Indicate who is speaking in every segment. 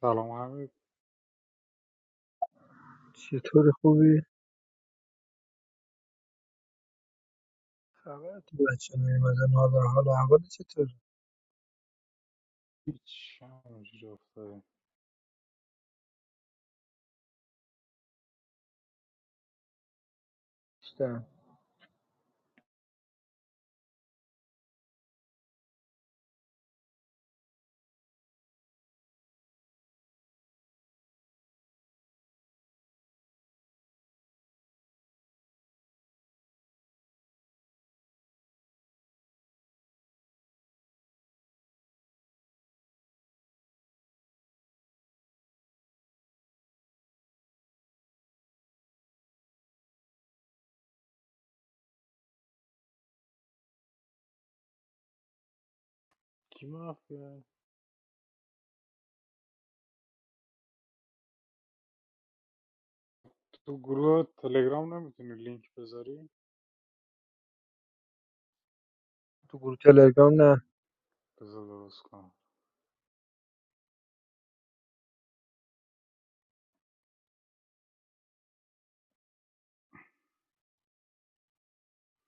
Speaker 1: سلام همه
Speaker 2: چطوری خوبی؟ خبر تو بچه نیومدن حالا حالا اول چطور؟
Speaker 1: پیچ همونجوری افتاده
Speaker 2: دیدم.
Speaker 1: کی مافیا تو گروه تلگرام نمیتونی لینک بذاری
Speaker 2: تو گروه تلگرام نه
Speaker 1: بذار درست کنم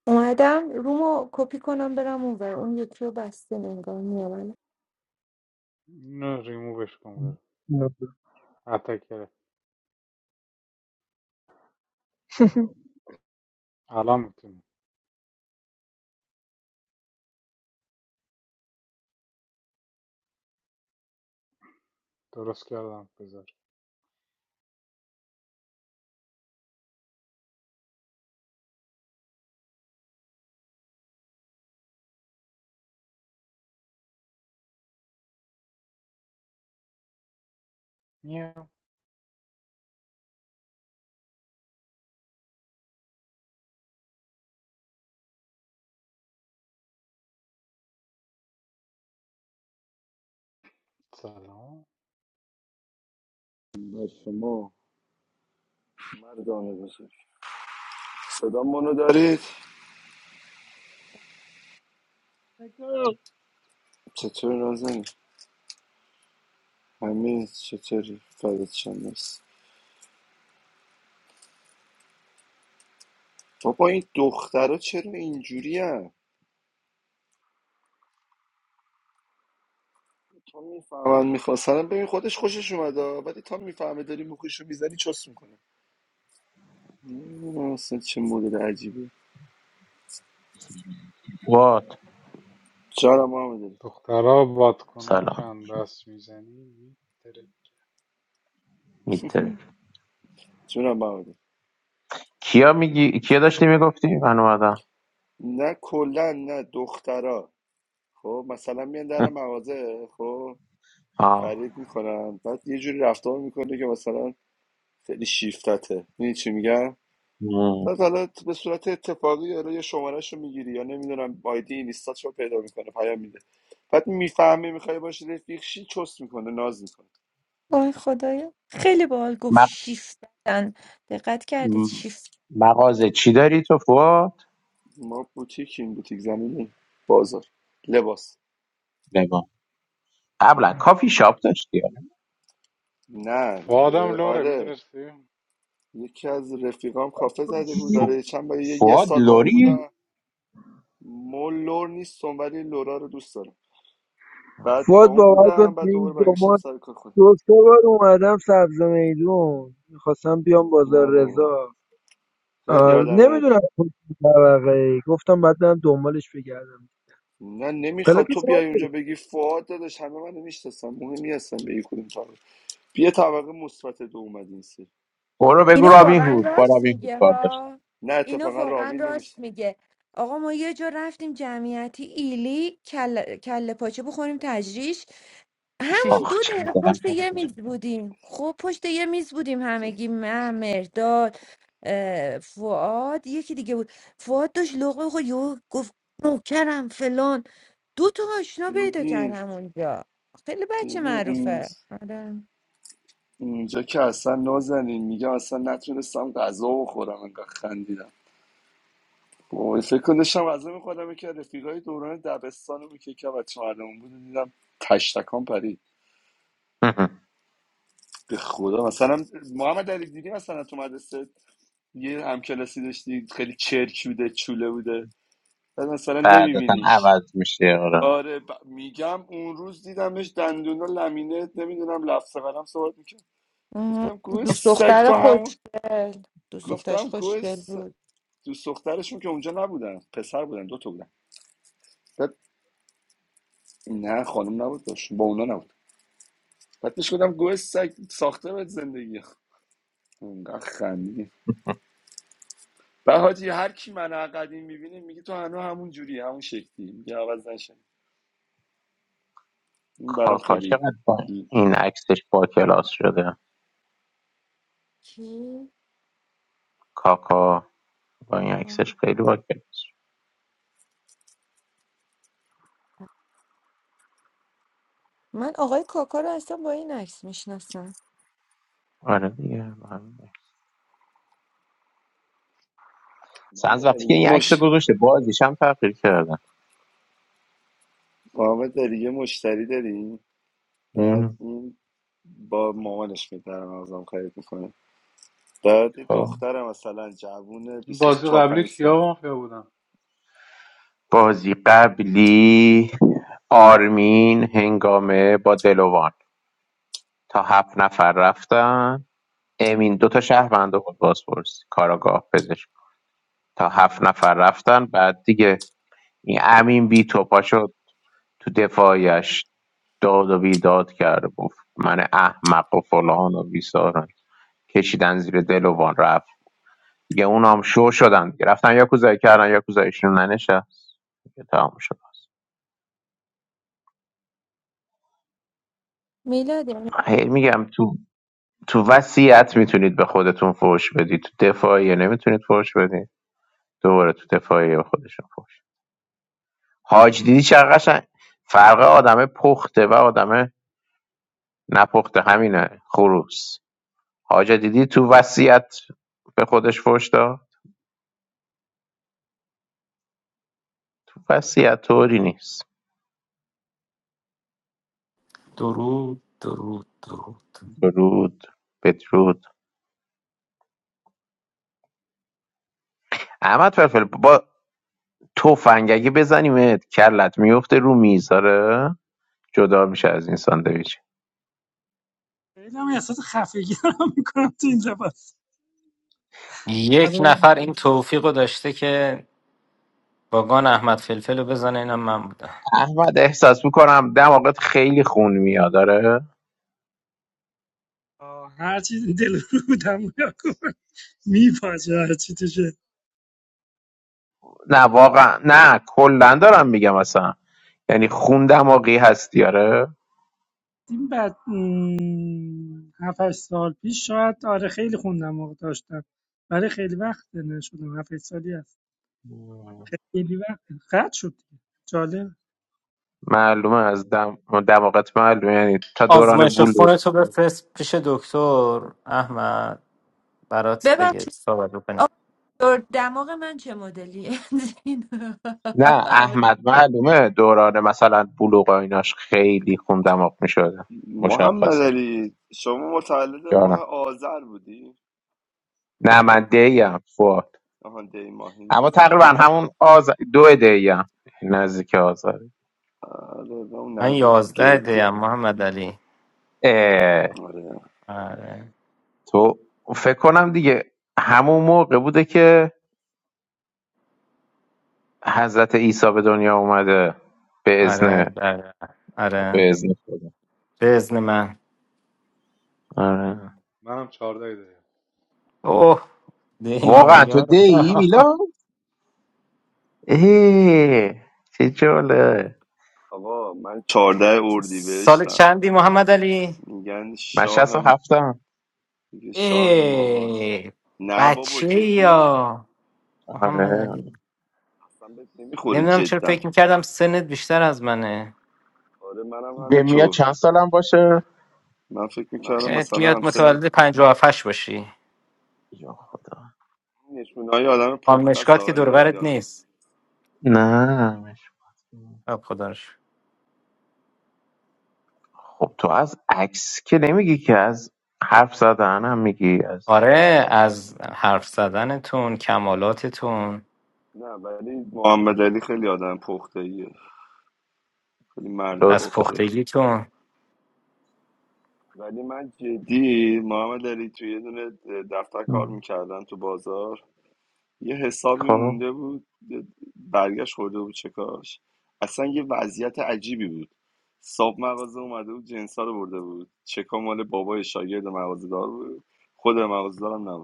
Speaker 3: اومدم رومو کپی کنم برم اونور اون یکی رو بسته نگاه میامنه
Speaker 1: نه ریمووش کن بره
Speaker 2: نه.
Speaker 1: اتکره الان میتونی درست کردم بذار میام سلام
Speaker 4: و شما مردان بزرگ صدا منو دارید
Speaker 5: خیلی
Speaker 4: چطور نازنین همین چطوری فردت شم مرسی بابا این دخترا چرا اینجوری هم تا میفهمن میخواستن ببین خودش خوشش اومده ولی تا میفهمه داری مخیشو میزنی چس میکنه نمیدونم اصلا چه مدل عجیبه
Speaker 6: وات
Speaker 4: جانم محمد علی
Speaker 1: دخترها
Speaker 6: سلام
Speaker 1: بادکنکن دست میزنی میتره
Speaker 6: میتره
Speaker 4: جونم محمد علی.
Speaker 6: کیا میگی کیا داشتی میگفتی من اومدم
Speaker 4: نه کلا نه دخترا خب مثلا میان در مغازه خب
Speaker 6: آه.
Speaker 4: خرید میکنن بعد یه جوری رفتار میکنه که مثلا خیلی شیفتته میدونی چی میگم بعد
Speaker 6: مم.
Speaker 4: حالا به صورت اتفاقی حالا یه شمارهش رو میگیری یا نمیدونم آیدی اینستا پیدا میکنه پیام میده بعد میفهمه میخوای باشی رفیقشی چست میکنه ناز میکنه
Speaker 3: وای خدایا خیلی باحال گفت
Speaker 6: مق...
Speaker 3: شیفت بدن دقت کردید
Speaker 6: م-
Speaker 3: شیفت
Speaker 6: مغازه چی داری تو فواد
Speaker 4: ما بوتیکیم بوتیک زمینی بازار لباس
Speaker 6: بگو قبلا کافی شاپ داشتی آره.
Speaker 4: نه ب-
Speaker 1: فادم لوره
Speaker 4: آره
Speaker 1: میدونستی
Speaker 4: یکی از رفیقام کافه زده بود
Speaker 6: فو...
Speaker 4: داره چند بار یه, یه
Speaker 6: فواد
Speaker 4: سال با اون
Speaker 6: لوری
Speaker 4: بودم مول لور نیستم ولی لورا رو دوست دارم بعد با
Speaker 2: واد
Speaker 4: اون
Speaker 2: باور کن
Speaker 4: بودم
Speaker 2: تو
Speaker 4: بعد دوباره
Speaker 2: این دو
Speaker 4: برگشتم
Speaker 2: ماه
Speaker 4: سر کار خودم
Speaker 2: دو سه بار اومدم سبز میدون میخواستم بیام بازار
Speaker 4: نه بابا
Speaker 2: رضا
Speaker 4: خیلی
Speaker 2: آره
Speaker 4: آدم
Speaker 2: نمیدونم طبقه ای گفتم بعد برم دنبالش بگردم
Speaker 4: نه
Speaker 2: پلاک
Speaker 4: نمیخواد تو بیای اونجا
Speaker 2: چنده
Speaker 4: بگی فواد داداش همه منو میشناسن مهمی هستن به یک کدوم طبقه بیا طبقه مثبت دو اومد این سری
Speaker 6: برو بگو
Speaker 3: اینو
Speaker 6: رابین
Speaker 3: واقعا
Speaker 6: هود با
Speaker 3: راست
Speaker 6: رابین هود
Speaker 3: میگه
Speaker 6: کار داشتم
Speaker 3: ها
Speaker 4: نه
Speaker 3: اینو
Speaker 4: اتفاقا
Speaker 3: واقعا
Speaker 4: راوین نمیشه
Speaker 3: راست میگه آقا ما یه جا رفتیم جمعیتی ایلی کل, کله پاچه بخوریم تجریش همون
Speaker 6: آخ
Speaker 3: دو
Speaker 6: چقدر
Speaker 3: دقیقه
Speaker 6: دلم
Speaker 3: پشت
Speaker 6: کرده
Speaker 3: یه میز
Speaker 6: بشه.
Speaker 3: بودیم خب پشت یه میز بودیم همگی من مرداد اه، فؤاد یکی دیگه بود فؤاد داشت لقمه خود یهو گفت نوکرم فلان دو تا آشنا پیدا
Speaker 4: ببین
Speaker 3: کردم اونجا خیلی بچه
Speaker 4: ببین اون
Speaker 3: معروفه آره
Speaker 4: اونجا که اصلا نازنین میگم اصلا نتونستم غذا بخورم انقدر خندیدم وای فکر کن داشتم غذا میخوردم که رفیقای دوران دبستانو که که بچه مردمون بود دیدم تشتکان پرید به خدا مثلا محمد علی دیدی مثلا تو مدرسه یه همکلاسی داشتی خیلی چرک بوده چوله بوده بعد مثلا
Speaker 6: بعدتا
Speaker 4: نمیبینیش
Speaker 6: عوض میشه آره
Speaker 4: آره ب- میگم اون روز دیدمش دندونا لمینه نمیدونم لفظ قلم صحبت میکرد
Speaker 3: آها.
Speaker 4: گفتم گوه
Speaker 3: دوست
Speaker 4: سگ
Speaker 3: دختر
Speaker 4: تو همون
Speaker 3: خوشگل دوست دخترش
Speaker 4: گفتم گوه
Speaker 3: خوشگل
Speaker 4: س...
Speaker 3: بود
Speaker 4: دوست دخترشون که اونجا نبودن پسر بودن دو تا بودن بعد نه خانم نبود داشت با اونا نبود بعد پیش گفتم گوه سگ ساخته بهت زندگی اونقدر خندیدیم بعد حاجی هر کی من قدیم میبینه میگه تو هنو همون جوری همون شکلی میگه عوض نشه این برام
Speaker 6: کاکا
Speaker 4: خیلی
Speaker 6: چقدر با این عکسش با کلاس شده
Speaker 3: کی
Speaker 6: کاکا با این
Speaker 3: آه.
Speaker 6: عکسش خیلی با کلاس شده.
Speaker 3: من آقای کاکا رو اصلا با این عکس میشناسم
Speaker 6: آره دیگه اصلا از
Speaker 4: محمد
Speaker 6: وقتی
Speaker 4: علی
Speaker 6: که این عکس
Speaker 4: مش
Speaker 6: رو گذاشته بازیش هم تغییر کرده
Speaker 4: محمد داری یه مشتری داری بعد این با مامانش میدارن ازم خرید میکنه بعد یه
Speaker 6: خب
Speaker 4: دختر مثلا جوونه
Speaker 1: این
Speaker 4: بیست و
Speaker 1: بازی
Speaker 4: چهار
Speaker 1: قبلی
Speaker 4: پنج سال
Speaker 1: کیا مافیا بودم
Speaker 6: بازی قبلی آرمین هنگامه با دلوان تا هفت نفر رفتن امین دو تا شهرونده بود بازپرس کاراگاه پزشک تا هفت نفر رفتن بعد دیگه این امین بی توپا شد تو دفاعیش داد و بیداد کرد و گفت من احمق و فلان و بیسارن کشیدن زیر دلوان رفتن دیگه اونا هم شو شدن دیگه رفتن یاکوزایی کردن یاکوزاییشون ننشست دیگه تمام شد
Speaker 3: میلاد یعنی-
Speaker 6: هی میگم تو تو وصیت میتونید به خودتون فوش بدید تو دفاعیه نمیتونید فوش بدید دوباره تو دفاعیه به خودشون فوش حاج دیدی چقدر قشنگ فرق آدم پخته و آدم نپخته همینه خروس حاج دیدی تو وصیت به خودش فوش داد تو وصیت طوری نیست
Speaker 7: درود درود درود
Speaker 6: درود بدرود احمد فلفل با تفنگ اگه بزنیمت کلت میفته رو میز آره جدا میشه از این ساندویچ
Speaker 5: هم احساس خفگی رو میکنم تو این لباس
Speaker 7: یک نفر
Speaker 5: آره
Speaker 7: این توفیق رو داشته که باگان احمد فلفل رو بزنه اینم من بودم
Speaker 6: احمد احساس میکنم دماغت خیلی خون میاد آره
Speaker 5: آه، هر چی دل رو بودم میپاچه هر چی توشه
Speaker 6: نه واقعا نه کلا دارم میگم اصلا یعنی خون دماغی هستی آره
Speaker 5: این بعد م، هفت هشت سال پیش شاید آره خیلی خوندم موقع داشتم برای خیلی وقت نشدم هفت هشت سالی هست خیلی وقت قد شد دیگه. جالب
Speaker 6: معلومه از دم... دماغت معلومه یعنی تا دوران
Speaker 7: آزمایش
Speaker 6: بلوغ
Speaker 7: خونتو تو بفرست پیش دکتر احمد برات بگه چی
Speaker 3: ببخشید
Speaker 7: صحبت بکنی
Speaker 3: آقا دماغ من چه مدلیه
Speaker 6: نه
Speaker 3: همه
Speaker 6: احمد معلومه دوران مثلا بلوغ و ایناش خیلی خون دماغ میشده
Speaker 4: محمد
Speaker 6: مشخصه
Speaker 4: علی شما متولد ماه
Speaker 6: جانم
Speaker 4: آذر بودی
Speaker 6: نه من دیم فو
Speaker 4: آها دی ماهی
Speaker 6: اما
Speaker 4: هستی
Speaker 6: تقریبا
Speaker 4: شما
Speaker 6: همون آز دو دی هم نزدیک آزار
Speaker 4: آره و اون
Speaker 7: من
Speaker 4: نزدیک
Speaker 7: یازده دیم
Speaker 4: گرفتی
Speaker 7: محمد علی
Speaker 6: اه،
Speaker 4: آره
Speaker 7: آره
Speaker 6: تو فکر کنم دیگه همون موقع بوده که حضرت عیسی به دنیا اومده به اذن
Speaker 7: آره آره
Speaker 6: به
Speaker 7: آره
Speaker 6: اذن خدا
Speaker 7: به ازن من
Speaker 6: آره.
Speaker 1: منم چهارده داریم
Speaker 7: اوه
Speaker 6: واقعا تو
Speaker 7: دیمایار
Speaker 6: دی میلا ای چه جاله
Speaker 4: آقا من 14
Speaker 7: سال
Speaker 4: اردیبهشتم
Speaker 7: چندی محمد علی
Speaker 4: میگن
Speaker 6: من 67
Speaker 4: شاه
Speaker 6: هفتم
Speaker 4: میگه شاه ماهاست
Speaker 7: ای
Speaker 4: نه بابا
Speaker 7: بچه
Speaker 4: جدی
Speaker 7: یا محمد
Speaker 6: آره
Speaker 7: علی
Speaker 4: اصلا بهت نمیخوره
Speaker 7: نمیدونم چرا
Speaker 4: جدا
Speaker 7: فکر میکردم سنت بیشتر از منه
Speaker 4: آره منم
Speaker 6: به میا
Speaker 4: همینطور
Speaker 6: چند سالم باشه
Speaker 4: من فکر میکردم
Speaker 7: ات
Speaker 4: مثلا
Speaker 7: میاد
Speaker 4: همسن
Speaker 7: متولد 57 باشی
Speaker 6: یا خدا
Speaker 4: نشونه های آدم
Speaker 7: خانم
Speaker 4: پخته است
Speaker 7: مشکات که
Speaker 4: آقای
Speaker 7: دورورت
Speaker 4: یاس
Speaker 7: نیست
Speaker 6: نه مش-
Speaker 7: خب خدا رو شکر.
Speaker 6: خب تو از عکس که نمیگی که از حرف زدن هم میگی از
Speaker 7: آره از حرف زدنتون کمالاتتون
Speaker 4: نه ولی محمد علی خیلی آدم پخته ایه خیلی مرد
Speaker 7: از
Speaker 6: لطف داری
Speaker 4: پخته
Speaker 7: پختگیتون
Speaker 4: ولی من جدی محمد علی توی یه دونه دفتر کار میکردم تو بازار یه حسابی
Speaker 6: خب
Speaker 4: مونده بود یه برگشت خورده بود چکاش اصلا یه وضعیت عجیبی بود صاحب مغازه اومده بود جنسا رو برده بود چکا مال بابای شاگرد مغازه دار بود خود مغازه دارم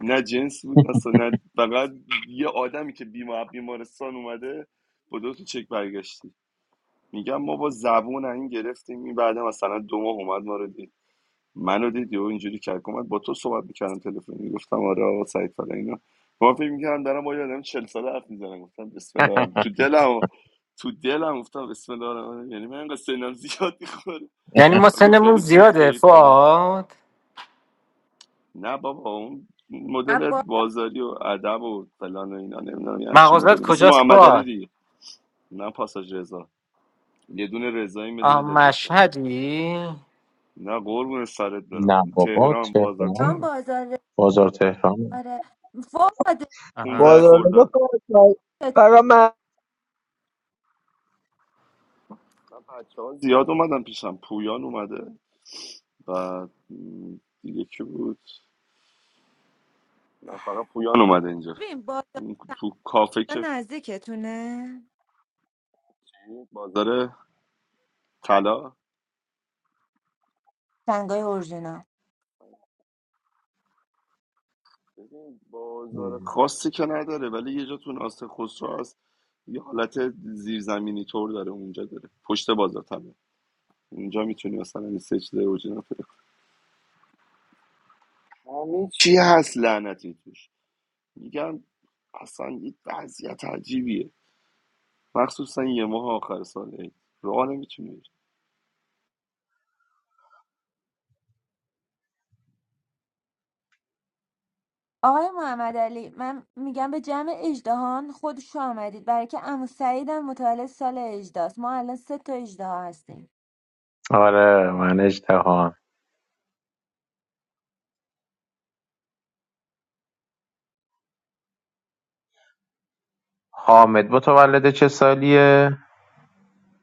Speaker 4: نه جنس بود اصلا نه فقط یه آدمی که بیمار بیمارستان اومده با دو تا چک برگشتی میگم ما با زبون این گرفتیم این بعد مثلا دو ماه اومد ما رو دید منو دید یهو اینجوری کرد اومد با تو صحبت میکردم تلفنی گفتم آره آقا سعید فلان اینا ما فکر میکردم دارم با یه آدم 40 ساله حرف میزنم گفتم بسم الله الرحمن- تو دلم تو دلم گفتم بسم الله الرحمن الرحیم. یعنی من انقدر سنم زیاد میخوره
Speaker 7: یعنی ما سنمون
Speaker 4: خیلی پخته
Speaker 7: زیاده
Speaker 4: ای فلان.
Speaker 7: فعاد
Speaker 4: نه بابا اون
Speaker 3: من
Speaker 4: مدل
Speaker 3: با
Speaker 4: بازاری و ادب و فلان و اینا نمیدونم یه همچین
Speaker 7: مغازت
Speaker 4: مدلی مثل
Speaker 7: کجاست
Speaker 4: محمد علی
Speaker 7: فعاد
Speaker 4: دیگه نه پاساژ رضا یه دونه رضاییم یه
Speaker 7: آه
Speaker 4: دونه دلگشا
Speaker 7: مشهدی
Speaker 4: نه قربون سرت برم
Speaker 6: نه بابا
Speaker 4: تهران بازار
Speaker 3: هم
Speaker 6: تهران
Speaker 4: تهران
Speaker 3: بازاره
Speaker 6: بازار تهران
Speaker 3: آره فاده
Speaker 7: آها.
Speaker 4: 15
Speaker 2: بازار رضا
Speaker 4: خرداد
Speaker 2: فقط فقط من
Speaker 4: من بچه ها زیاد اومدن پیشم پویان اومده بعد م، دیگه کی بود نه فقط پویان اومده اینجا
Speaker 3: ببین بازار
Speaker 4: اون تو کافه که
Speaker 3: سنگا نزدیکتونه
Speaker 4: بازار طلا
Speaker 3: سنگای اورژینا
Speaker 4: ببین بازار
Speaker 6: مم.
Speaker 4: خاصی که نداره ولی یه جا تو ناصر خسرو هست یه حالت زیرزمینی طور داره اونجا داره پشت بازار طبعا اونجا میتونی مثلا این سه چیز اورجینال همه چی هست لعنتی توش میگم اصلا یه وضعیت عجیبیه مخصوصا یه ماه آخر ساله راه نمیتونی بری.
Speaker 3: آقای محمد علی من میگم به جمع اژدهان خود شو آمدید برای که عمو سعیدم متولد سال اجداست ما الان سه تا اجده هستیم
Speaker 6: آره من اجتهام حامد متولد چه سالیه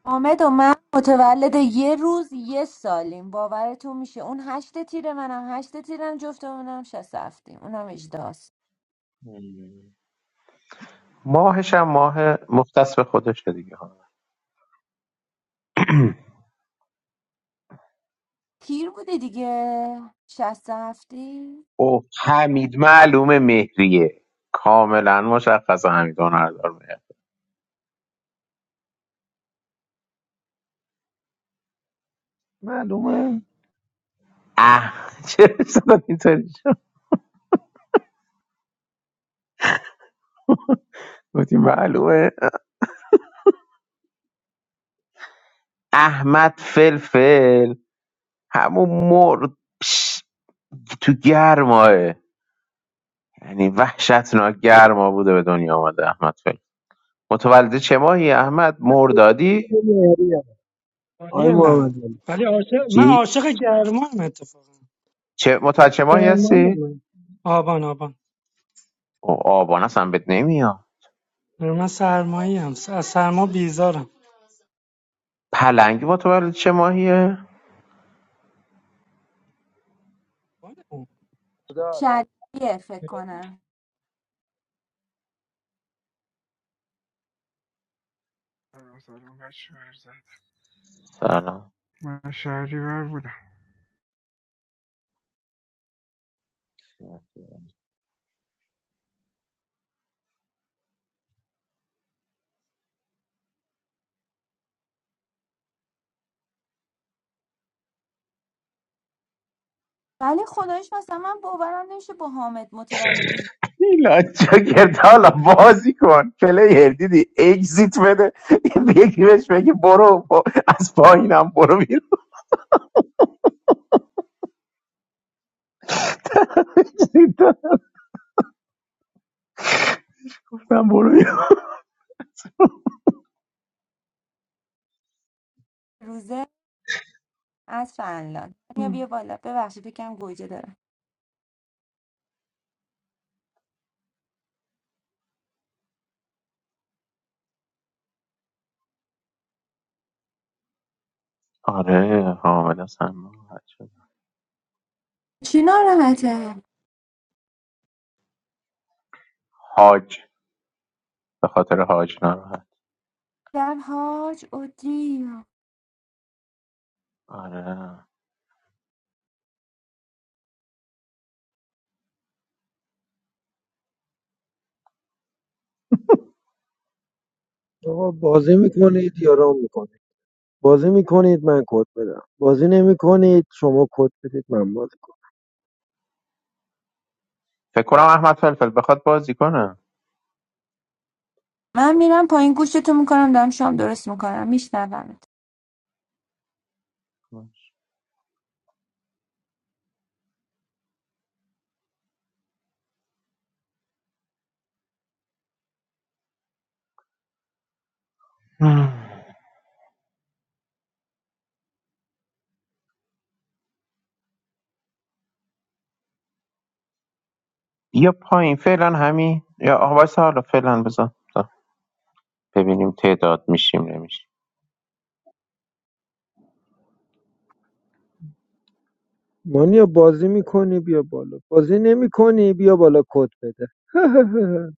Speaker 3: حامد و من متولد یه روز یه سالیم باورتون میشه اون هشت تیره منم هشت تیرم جفتمونم شست هفتیم اونم اجداست
Speaker 6: مم. ماهش هم ماه مختص به خودشه دیگه
Speaker 3: تیر بوده دیگه شست هفتی
Speaker 6: او حمید معلومه مهریه کاملا مشخص حمید هنردار مهر
Speaker 2: معلومه
Speaker 6: اه چه شد اینطوری شد گفتی معلومه احمد فلفل همون مر پش، تو گرماه یعنی وحشتناک گرما بوده به دنیا آمده احمد فل متولد چه ماهی احمد مردادی
Speaker 2: مهریه آقای
Speaker 5: آنی من
Speaker 2: محمد
Speaker 5: ولی عاشق من
Speaker 6: چی
Speaker 5: عاشق گرمام اتفاقا
Speaker 6: چه متولد چه ماهی
Speaker 5: سرمایه
Speaker 6: هستی
Speaker 5: من آبان آبان
Speaker 6: او آبان اصلا بهت نمیاد
Speaker 5: من سرمایه هم از سرما بیزارم
Speaker 6: پلنگ متولد چه ماهیه
Speaker 2: علی
Speaker 3: شلیه فکر کنم
Speaker 8: سلام سلام بچه زد
Speaker 6: سلام
Speaker 8: من شهریور بودم
Speaker 3: ولی خدایش مثلا من باورم نمیشه با حامد متولد یه
Speaker 6: لاجا گرد حالا بازی کن پلیر دیدی اگزیت بده این یکی بهش بگی برو با- از پایینم برو بیرون گفتم برو بیرون
Speaker 3: روزه از فنلاند یا بیا بالا ببخشید یکم گوجه دارم
Speaker 6: آره حامد اصلا ناراحت شد.
Speaker 3: چی ناراحته
Speaker 6: حاج به خاطر حاج ناراحت
Speaker 3: در حاج اودیا
Speaker 6: آره
Speaker 2: آقا بازی میکنید یا رام میکنید بازی میکنید من کد بدم بازی نمیکنید شما کد بدید من بازی کنم
Speaker 6: فکر کنم احمد فلفل بخواد بازی کنه
Speaker 3: من میرم پایین گوشتو میکنم دارم شام درست میکنم میشنومت
Speaker 6: یا پایین فعلا همین یا آقا وایسا حالا فعلا بذار بذار ببینیم تعداد میشیم نمیشیم
Speaker 2: مانیا بازی میکنی بیا بالا بازی نمیکنی بیا بالا کد بده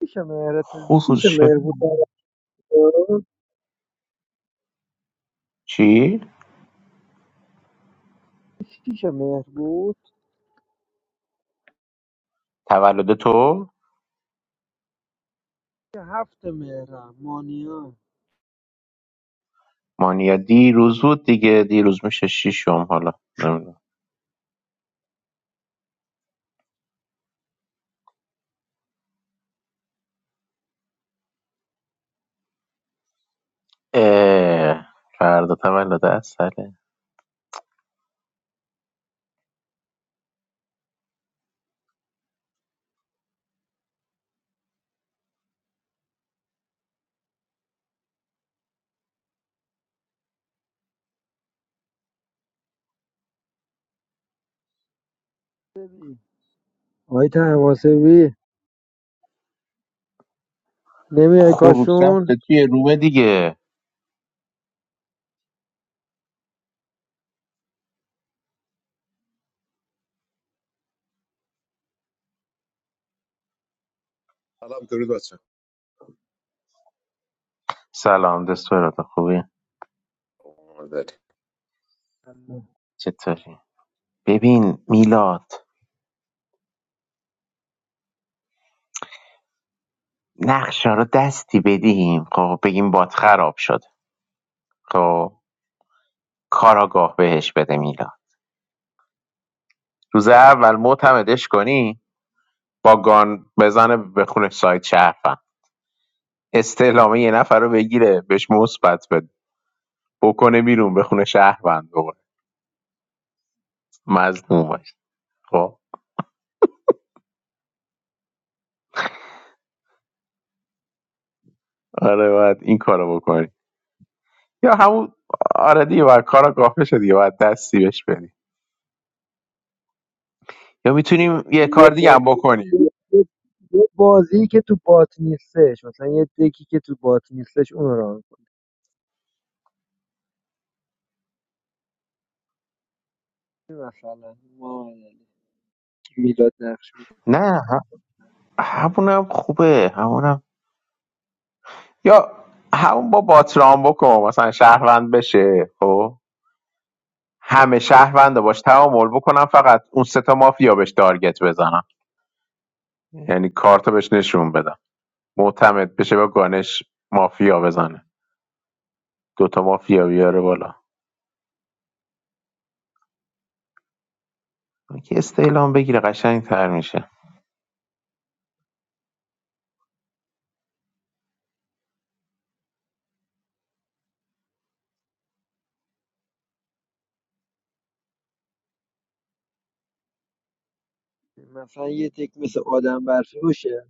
Speaker 2: شیش مهر
Speaker 6: خروز
Speaker 2: شیش
Speaker 6: شد
Speaker 2: مهر بود
Speaker 6: چی؟
Speaker 2: شیش مهر بود
Speaker 6: تولد تو؟
Speaker 2: هفت مهرم مانیا
Speaker 6: مانیا دیروز بود دیگه دیروز میشه شیشم حالا نمیدونم اه، فردا تولد اصله
Speaker 2: ببین. آقای تماسبی نمیای
Speaker 6: خروج
Speaker 2: کاشون
Speaker 6: رفته توی رومه دیگه
Speaker 9: سلام درود بچه
Speaker 6: سلام دستورات خوبی
Speaker 9: آماده
Speaker 6: چطوری؟ ببین میلاد نقشا رو دستی بدیم خب بگیم باد خراب شد خب کاراگاه بهش بده میلاد روز اول معتمدش کنی با گان بزنه به خونه سایت شهروند استعلامه یه نفر رو بگیره بهش مثبت بده بکنه بیرون به خونه شهروند دوباره مظلوم باشه. خب آره باید این کارو بکنی یا همون آره دیگه باید کاراگاه بشه دیگه باید دستی بهش بدی یا میتونیم
Speaker 2: یه
Speaker 6: یه
Speaker 2: یه
Speaker 6: کار دیگه
Speaker 2: با-
Speaker 6: هم بکنیم
Speaker 2: یه- یه- یه بازی که تو بات نیستش مثلا یه دکی که تو بات نیستش اون رو ران کنی مثلا ما میلاد نقش می‌کنه.
Speaker 6: نه ه- همونم خوبه همونم یا همون با باترام بکن مثلا شهروند بشه خب همه شهروند باش تعامل بکنم فقط اون سه تا مافیا بهش تارگت بزنم یعنی کارتو بهش نشون بدم معتمد بشه با گانش مافیا بزنه دوتا مافیا بیاره بالا که استعلام بگیره قشنگ تر میشه
Speaker 2: مثلا یه دک مثل آدم برفی باشه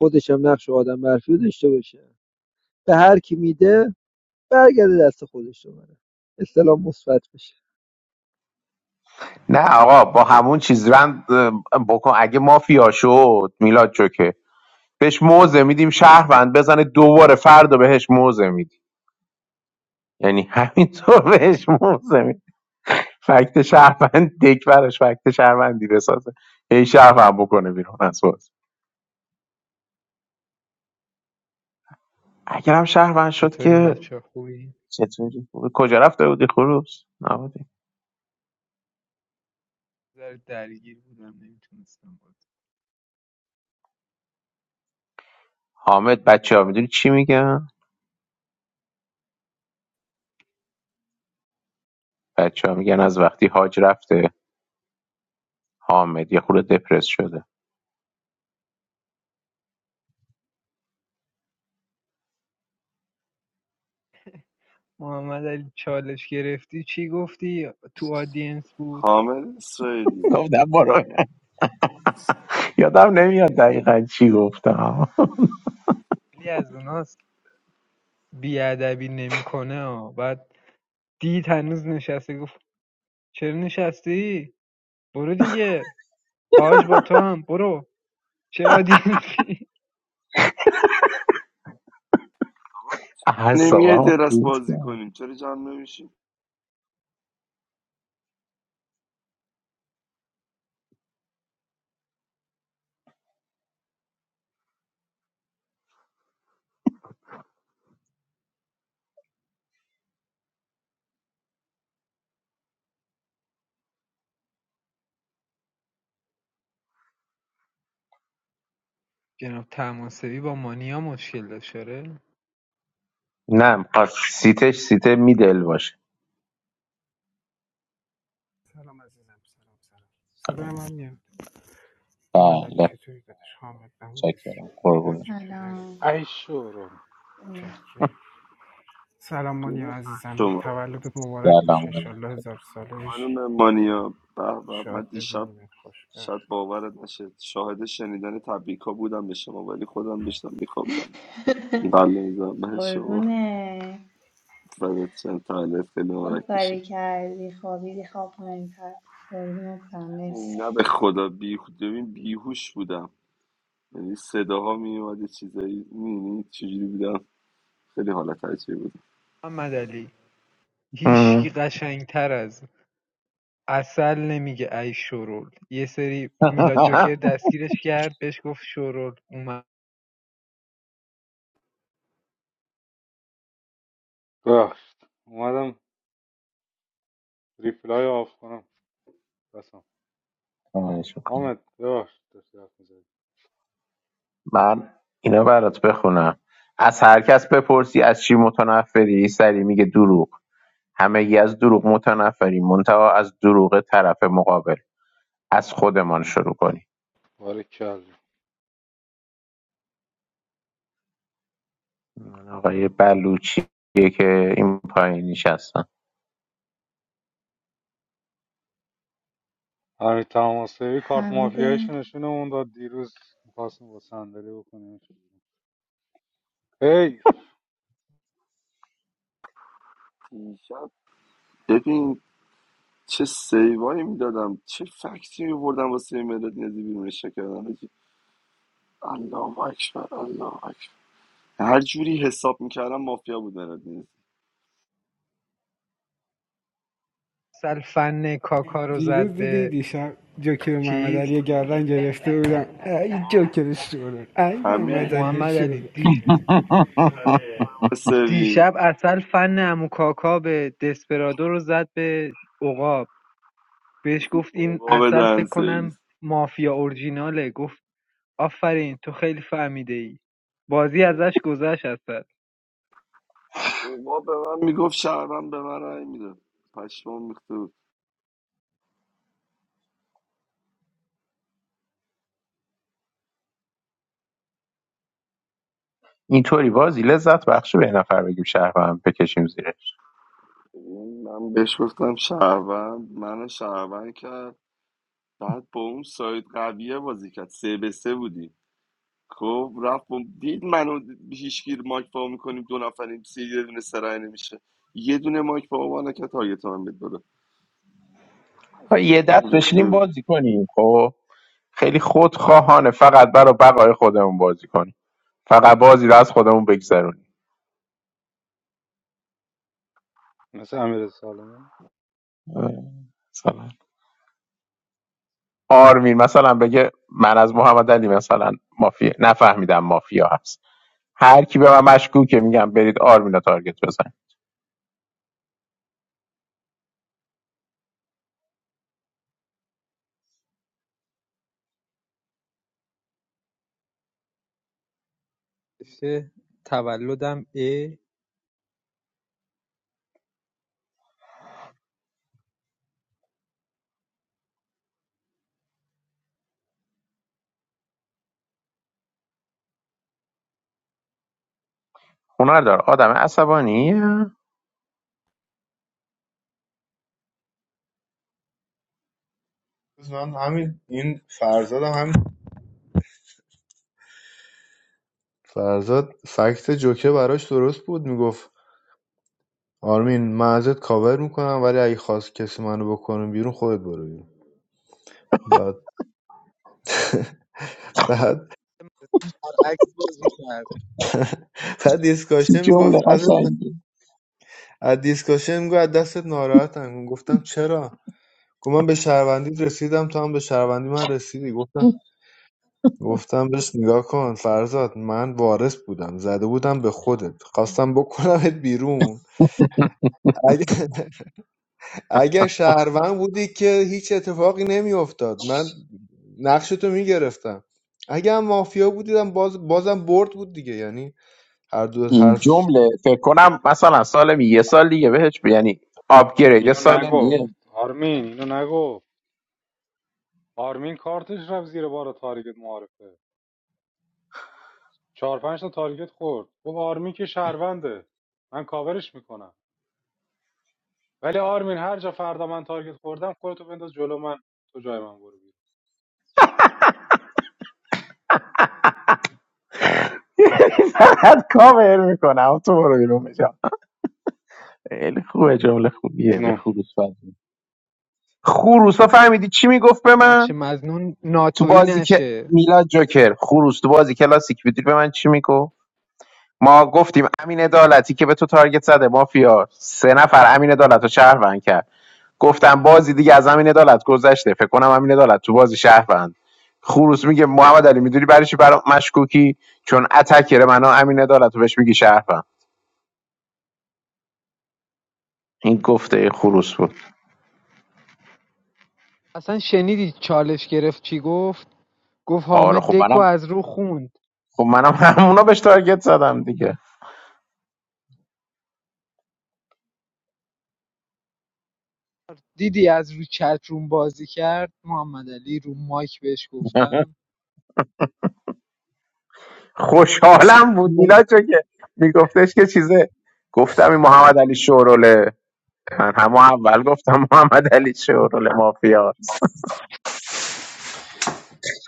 Speaker 2: خودش هم نقش آدم برفی رو داشته باشه به هر کی میده برگرده دست خودش رو بره اسلام مثبت بشه
Speaker 6: نه آقا با همون چیز رند بکن اگه مافیا شد میلاد جو که بهش موزه میدیم شهروند بزنه دوباره فردا بهش موزه میدیم یعنی همینطور بهش موزه فکت شهروند دک براش فکت شهروندی بسازه هی شهروند بکنه بیرون از باز اگرم شهروند شد
Speaker 10: چطورین
Speaker 6: که
Speaker 10: بچه ها، خوبین؟
Speaker 6: چطوری خوبه کجا رفته بودی خروس نبودی
Speaker 10: یه ذره درگیر بودم نمیتونستم بود
Speaker 6: حامد بچه ها میدونی چی میگن بچه ها میگن از وقتی حاج رفته حامد یه خورده دپرس شده
Speaker 10: محمد علی چالش گرفتی چی گفتی تو آدینس بود
Speaker 4: حامد اسرائیلی
Speaker 6: گفتم برو یادم نمیاد دقیقا چی گفتم
Speaker 10: علی از اوناست بیادبی نمیکنه ها بعد دید هنوز نشسته گفت چرا نشستی برو دیگه آج با تو هم برو چرا آدینسی
Speaker 4: نمیه
Speaker 6: اعصابم
Speaker 4: درست
Speaker 6: خورد
Speaker 4: بازی
Speaker 6: کرد
Speaker 4: کنیم چرا جمع نمیشیم
Speaker 10: جناب تماسبی با مانیا مشکل داشت آره
Speaker 6: نه می‌خواد سیتش سیت میدل باشه
Speaker 8: سلام عزیزم سلام سلام صدای من میاد محمد علی
Speaker 6: بله
Speaker 8: چطوری دادش حامد نبودی
Speaker 6: چکرم قربونه
Speaker 8: چکر همین
Speaker 11: سلام
Speaker 1: ای شورون
Speaker 8: چکر سلام مانیا
Speaker 4: درود بر
Speaker 8: عزیزم
Speaker 4: شما
Speaker 8: تولدت مبارک باشه
Speaker 6: سلام
Speaker 8: انشالله هزار ساله بشی
Speaker 4: خانم مانیا به به من
Speaker 8: شاد
Speaker 4: دیشب
Speaker 8: ببینیم خوشبخت
Speaker 4: شاید باورت نشه شاهد شنیدن تبریک ها بودم به شما ولی خودم داشتم میخوابیدم قلب میزم به شما
Speaker 11: قربونه
Speaker 4: بدت چند تولد خیلی مبارک
Speaker 11: خوب کاری
Speaker 4: بشه
Speaker 11: کردی خوابیدی خواب مهمتر قربونت برم مرسی
Speaker 4: ببین، نه به خدا بیهوش ببین بیهوش بودم یعنی صداها میومد یه چیزایی میبینی چجوری بودم خیلی حالت عجیبی بود
Speaker 10: محمد علی
Speaker 6: علیکم.
Speaker 10: هیچکی قشنگتر از عسل نمیگه ای شورول یه سری میلاد جوکر دستگیرش کرد بهش گفت شورول اومد
Speaker 1: ببخشید اومدم ریپلای آف کنم بس
Speaker 6: خواهش می‌کنم.
Speaker 1: حامد ببخشید داشت حرف می‌زدی
Speaker 6: من اینا برات بخونم از هر کس بپرسی از چی متنفری سری میگه دروغ همه ی از دروغ متنفریم منتها از دروغ طرف مقابل از خودمان شروع کنیم
Speaker 1: باریکلا
Speaker 6: من آقای بلوچیه که این پایین نشستن
Speaker 1: همین تماسبی کارت
Speaker 11: حمیده
Speaker 1: مافیاییشو نشونمون داد دیروز میخواستیم با صندلی بکنیم هی
Speaker 4: دیشب ببین چه سیوایی میدادم چه فکتی میبردم واسه مداد نیازی بیرونش کردم حاجی. الله اکبر الله اکبر هر جوری حساب میکردم مافیا بود مداد نیاز.
Speaker 10: عسل فن کاکا رو زد
Speaker 8: دیروز دیدی
Speaker 10: به
Speaker 8: دیشب جوکر محمد
Speaker 10: چیز
Speaker 8: علی گردن گرفته بودم ای جوکر شورون ای محمد
Speaker 4: همین
Speaker 8: علی
Speaker 10: محمد علی
Speaker 8: شورون
Speaker 10: دیش...
Speaker 4: سری
Speaker 10: دیشب عسل فن امو کاکا به دسپرادو رو زد به عقاب بهش گفت این
Speaker 4: اوقا
Speaker 10: عسل
Speaker 4: دهن
Speaker 10: فکر کنم
Speaker 4: سرویس
Speaker 10: مافیا اورجیناله گفت آفرین تو خیلی فهمیده ای بازی ازش گذشت عسل
Speaker 4: اوقا به من میگفت شهروند به من رأی میداد پشمام میخته بود
Speaker 6: اینطوری بازی لذت بخش به یه نفر بگیم شهروند بکشیم زیرش
Speaker 4: من بهش گفتم شهروند من شهروند کرد بعد با اون ساید قویه بازی کرد سه به سه بودیم خب رفت با- دید منو هیچگیر مایک پا میکنیم دو نفریم سی یه دونه سرعی نمیشه یه دونه مایک پا ما نکرد تارگت من بداره
Speaker 6: ها، یه
Speaker 4: پشمام
Speaker 6: دست
Speaker 4: ریخته
Speaker 6: بشینیم
Speaker 4: بود
Speaker 6: بازی کنیم خب خیلی خودخواهانه فقط برای بقای خودمون بازی کنیم فقط بازی رو از خودمون بگذرونیم
Speaker 1: مثل امیر سالمی
Speaker 6: مثلا آرمین مثلا بگه من از محمد علی مثلا مافیا نفهمیدم مافیا هست هر کی به من مشکوکه میگم برید آرمین رو تارگت بزن
Speaker 10: نوشته تولدم اه
Speaker 6: هنر دار آدم عصبانی
Speaker 12: من همین این فرزاد هم همین فرزاد فکت جوکه براش درست بود میگفت آرمین من ازت کاور میکنم ولی اگه خواست کسی منو بکنه بیرون خودت برو بیرون بعد بعد
Speaker 10: برعکس بازی کرد
Speaker 12: بعد
Speaker 6: چی
Speaker 12: دیسکاشن
Speaker 6: جمله
Speaker 12: میگفت از
Speaker 6: قشنگی
Speaker 12: از دیسکاشن میگفت از دستت ناراحتم گفتم چرا گفت من به شهروندی رسیدم تو هم به شهروندی من رسیدی گفتم گفتم بهش نگاه کن فرزاد من وارث بودم زده بودم به خودت خواستم بکنمت بیرون اگه اگر شهروند بودی که هیچ اتفاقی نمیافتاد من نقشتو میگرفتم اگه هم مافیا بودیدم باز بازم برد بود دیگه یعنی هر دو هر
Speaker 6: این
Speaker 12: س-
Speaker 6: جمله فکر کنم مثلا سالمی یه سال دیگه بهش ب- یعنی آپگرید
Speaker 1: اینو
Speaker 6: سالمیه
Speaker 1: نگفت آرمین اینو نگفت آرمین کارتش رفت زیر بار تارگت معارفه چهار پنج تا تارگت خورد گفت آرمین که شهرونده من کاورش میکنم ولی آرمین هر جا فردا من تارگت خوردم خودتو بنداز جلو من تو جای من برو
Speaker 6: بعد کاور میکنم تو برو بیرون میشم خیلی خوبه جمله خوبیه به
Speaker 1: بیرون
Speaker 6: خروس فهمیدی خروسا فهمیدی چی میگفت به من
Speaker 10: نقش مظنون
Speaker 6: تو
Speaker 10: ناتویی
Speaker 6: بازی که
Speaker 10: نشه
Speaker 6: میلاد جوکر خروس تو بازی کلاسیک بودی به من چی میگو ما گفتیم امین عدالتی که به تو تارگت زده مافیا سه نفر امین عدالت رو شهروند کرد گفتم بازی دیگه از امین عدالت گذشته فکر کنم امین عدالت تو بازی شهروند خروس میگه محمد علی میدونی برای چی برا مشکوکی چون اتکر منو امین عدالت رو بهش میگی شهروند این گفته خروس بود
Speaker 10: اصلا شنیدی چالش گرفت چی گفت گفت
Speaker 6: آره
Speaker 10: حامد
Speaker 6: خب
Speaker 10: دکو
Speaker 6: منم
Speaker 10: از رو خوند
Speaker 6: خب منم همونا بهش تارگت زدم دیگه
Speaker 10: دیدی از رو چت روم بازی کرد محمد علی رو مایک بهش گفتم
Speaker 6: خوشحالم بود میلا چون که میگفتش که چیزه گفتم این محمد علی شوروله من همه اول گفتم محمد علی شوروله مافیاست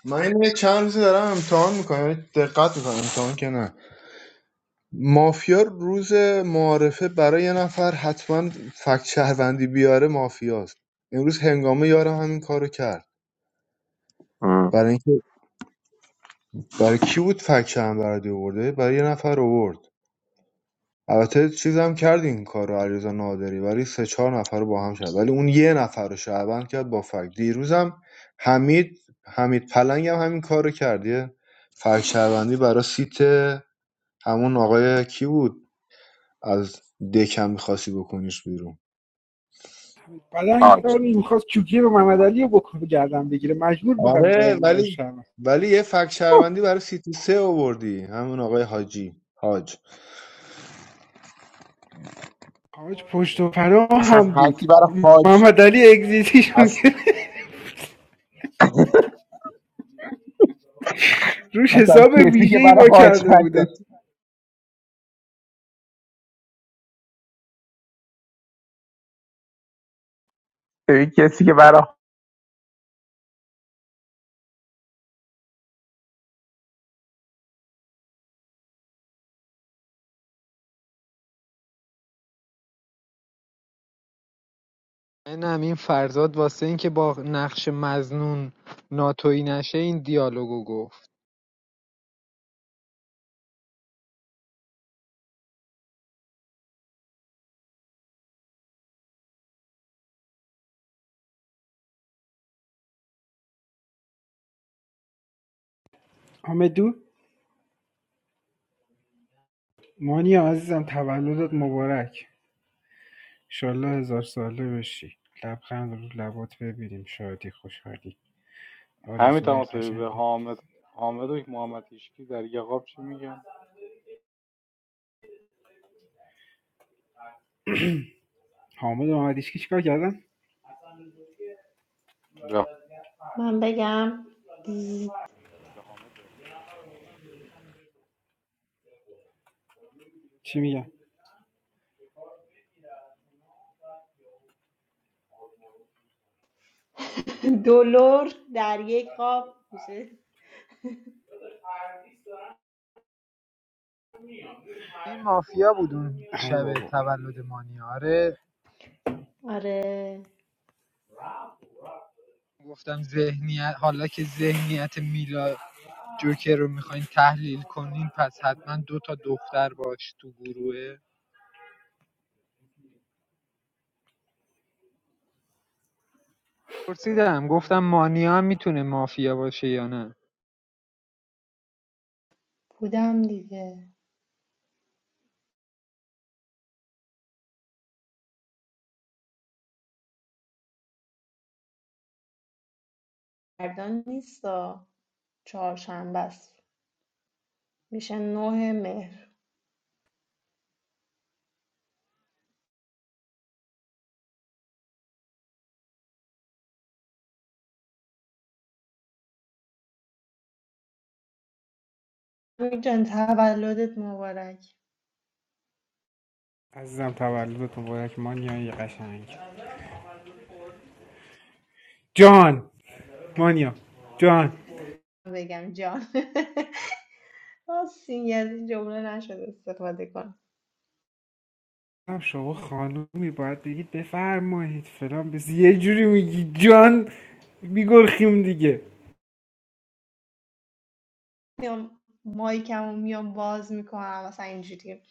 Speaker 12: من اینو چند روزی دارم امتحان میکنم یعنی دقت میکنم امتحان که نه مافیا روز معارفه برای یه نفر حتما فکت شهروندی بیاره مافیاست امروز هنگامه یارم همین کارو کرد
Speaker 6: ام.
Speaker 12: برای اینکه برای کی بود فکت شهروندی آورده برای یه نفر آورد البته چیزم کرد این کار رو علیرضا نادری ولی سه چهار نفر رو با هم شد ولی اون یه نفر رو شهروند کرد با فک دیروزم حمید حمید پلنگ هم همین کار رو کرد یه فک شهروندی برای سیت همون آقای کی بود از دکم میخواستی بکنیش بیرون
Speaker 8: پلنگ
Speaker 6: حاج
Speaker 8: یاری میخواست چوکی رو محمد علی بکنه گردن بگیره مجبور بودم برم
Speaker 12: آره
Speaker 8: اون
Speaker 12: ولی
Speaker 8: شهر
Speaker 12: ولی یه فک شهروندی برای سیت سه آوردی همون آقای حاجی حاج
Speaker 8: حاج پشت و پناه هم بود
Speaker 6: هرکی برای حاج
Speaker 8: محمد علی اگزیتیشون گرفت. روش
Speaker 6: مثلا
Speaker 8: حساب
Speaker 6: کسی که
Speaker 8: ویژه ای
Speaker 6: برای
Speaker 8: با
Speaker 6: حاج
Speaker 8: کرده بودم
Speaker 6: هستش این کسی که برای
Speaker 10: منم این فرزاد واسه این که با نقش مزنون ناتویی نشه این دیالوگو گفت
Speaker 8: حامدو مانی عزیزم تولدت مبارک انشالله هزار ساله بشی لبخند رو لبات ببینیم شادی خوشحالی
Speaker 1: همین
Speaker 8: آرزوهای
Speaker 1: تماس به
Speaker 8: قشنگت
Speaker 1: حامد حامد و محمد هیشکی در یقاب چی میگن
Speaker 8: حامد و محمد ایشکی چیکار کردن
Speaker 1: به
Speaker 11: من بگم
Speaker 8: چی میگن
Speaker 11: دلار در یک قاب میشه
Speaker 10: این مافیا بود اون
Speaker 8: ای
Speaker 10: شب
Speaker 8: بابا
Speaker 10: تولد مانیاره
Speaker 11: آره
Speaker 10: گفتم ذهنیت حالا که ذهنیت میلا جوکر رو میخواین تحلیل کنین پس حتما دو تا دختر باش تو گروهه پرسیدم گفتم مانیا هم میتونه مافیا باشه یا نه
Speaker 11: بودم دیگه فردا نیستا چهارشنبه است میشه نه مهر حمید جان تولدت مبارک
Speaker 8: عزیزم تولدت مبارک مانیا قشنگ جان مانیا جان
Speaker 11: بگم جان راستین از این جمله نشد استفاده کنم
Speaker 8: گفتم شما خانومی باید بگید بفرمایید فلان بس یه جوری میگی جان میگرخیم دیگه
Speaker 11: میام مایکمو میام باز میکنم مثلا اینجوری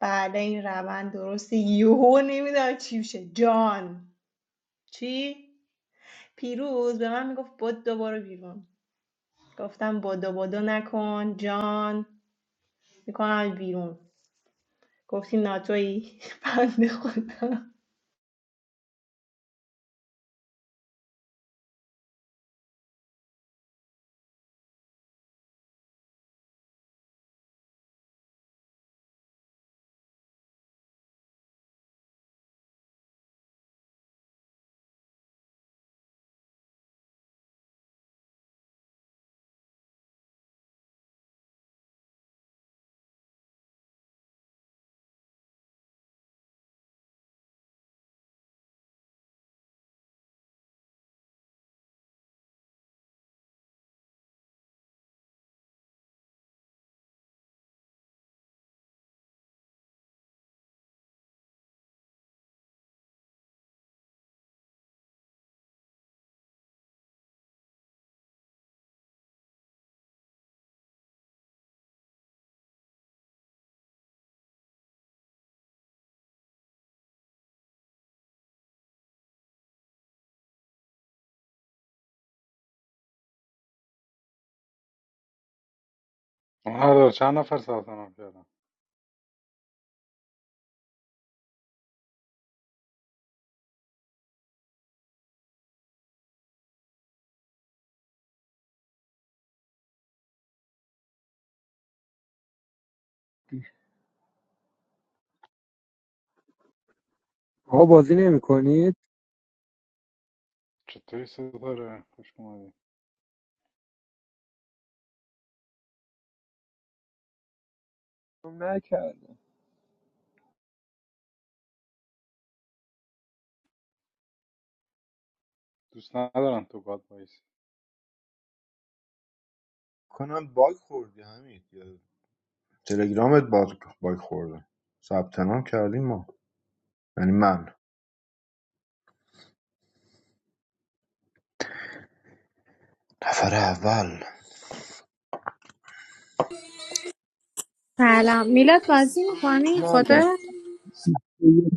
Speaker 11: بعد این روند درسته یهو نمیدونم چی میشه جان چی پیروز به من میگفت بود دوباره بیرون گفتم بدو بدو نکن جان میکنم بیرون گفتی ناتوی بنده خدا
Speaker 1: نداره چند نفر ثبت نام کردن
Speaker 2: آقا بازی نمی کنید؟
Speaker 1: چطوری صدا داره خوش اومدی
Speaker 2: نکردم
Speaker 1: دوست ندارن تو گاد وایسی
Speaker 12: کنم باگ خوردی حمید یا تلگرامت باگ باگ خورده ثبت نام کردیم ما یعنی من نفر اول
Speaker 13: سلام میلاد بازی میکنی
Speaker 2: ندم
Speaker 13: خودت
Speaker 2: یک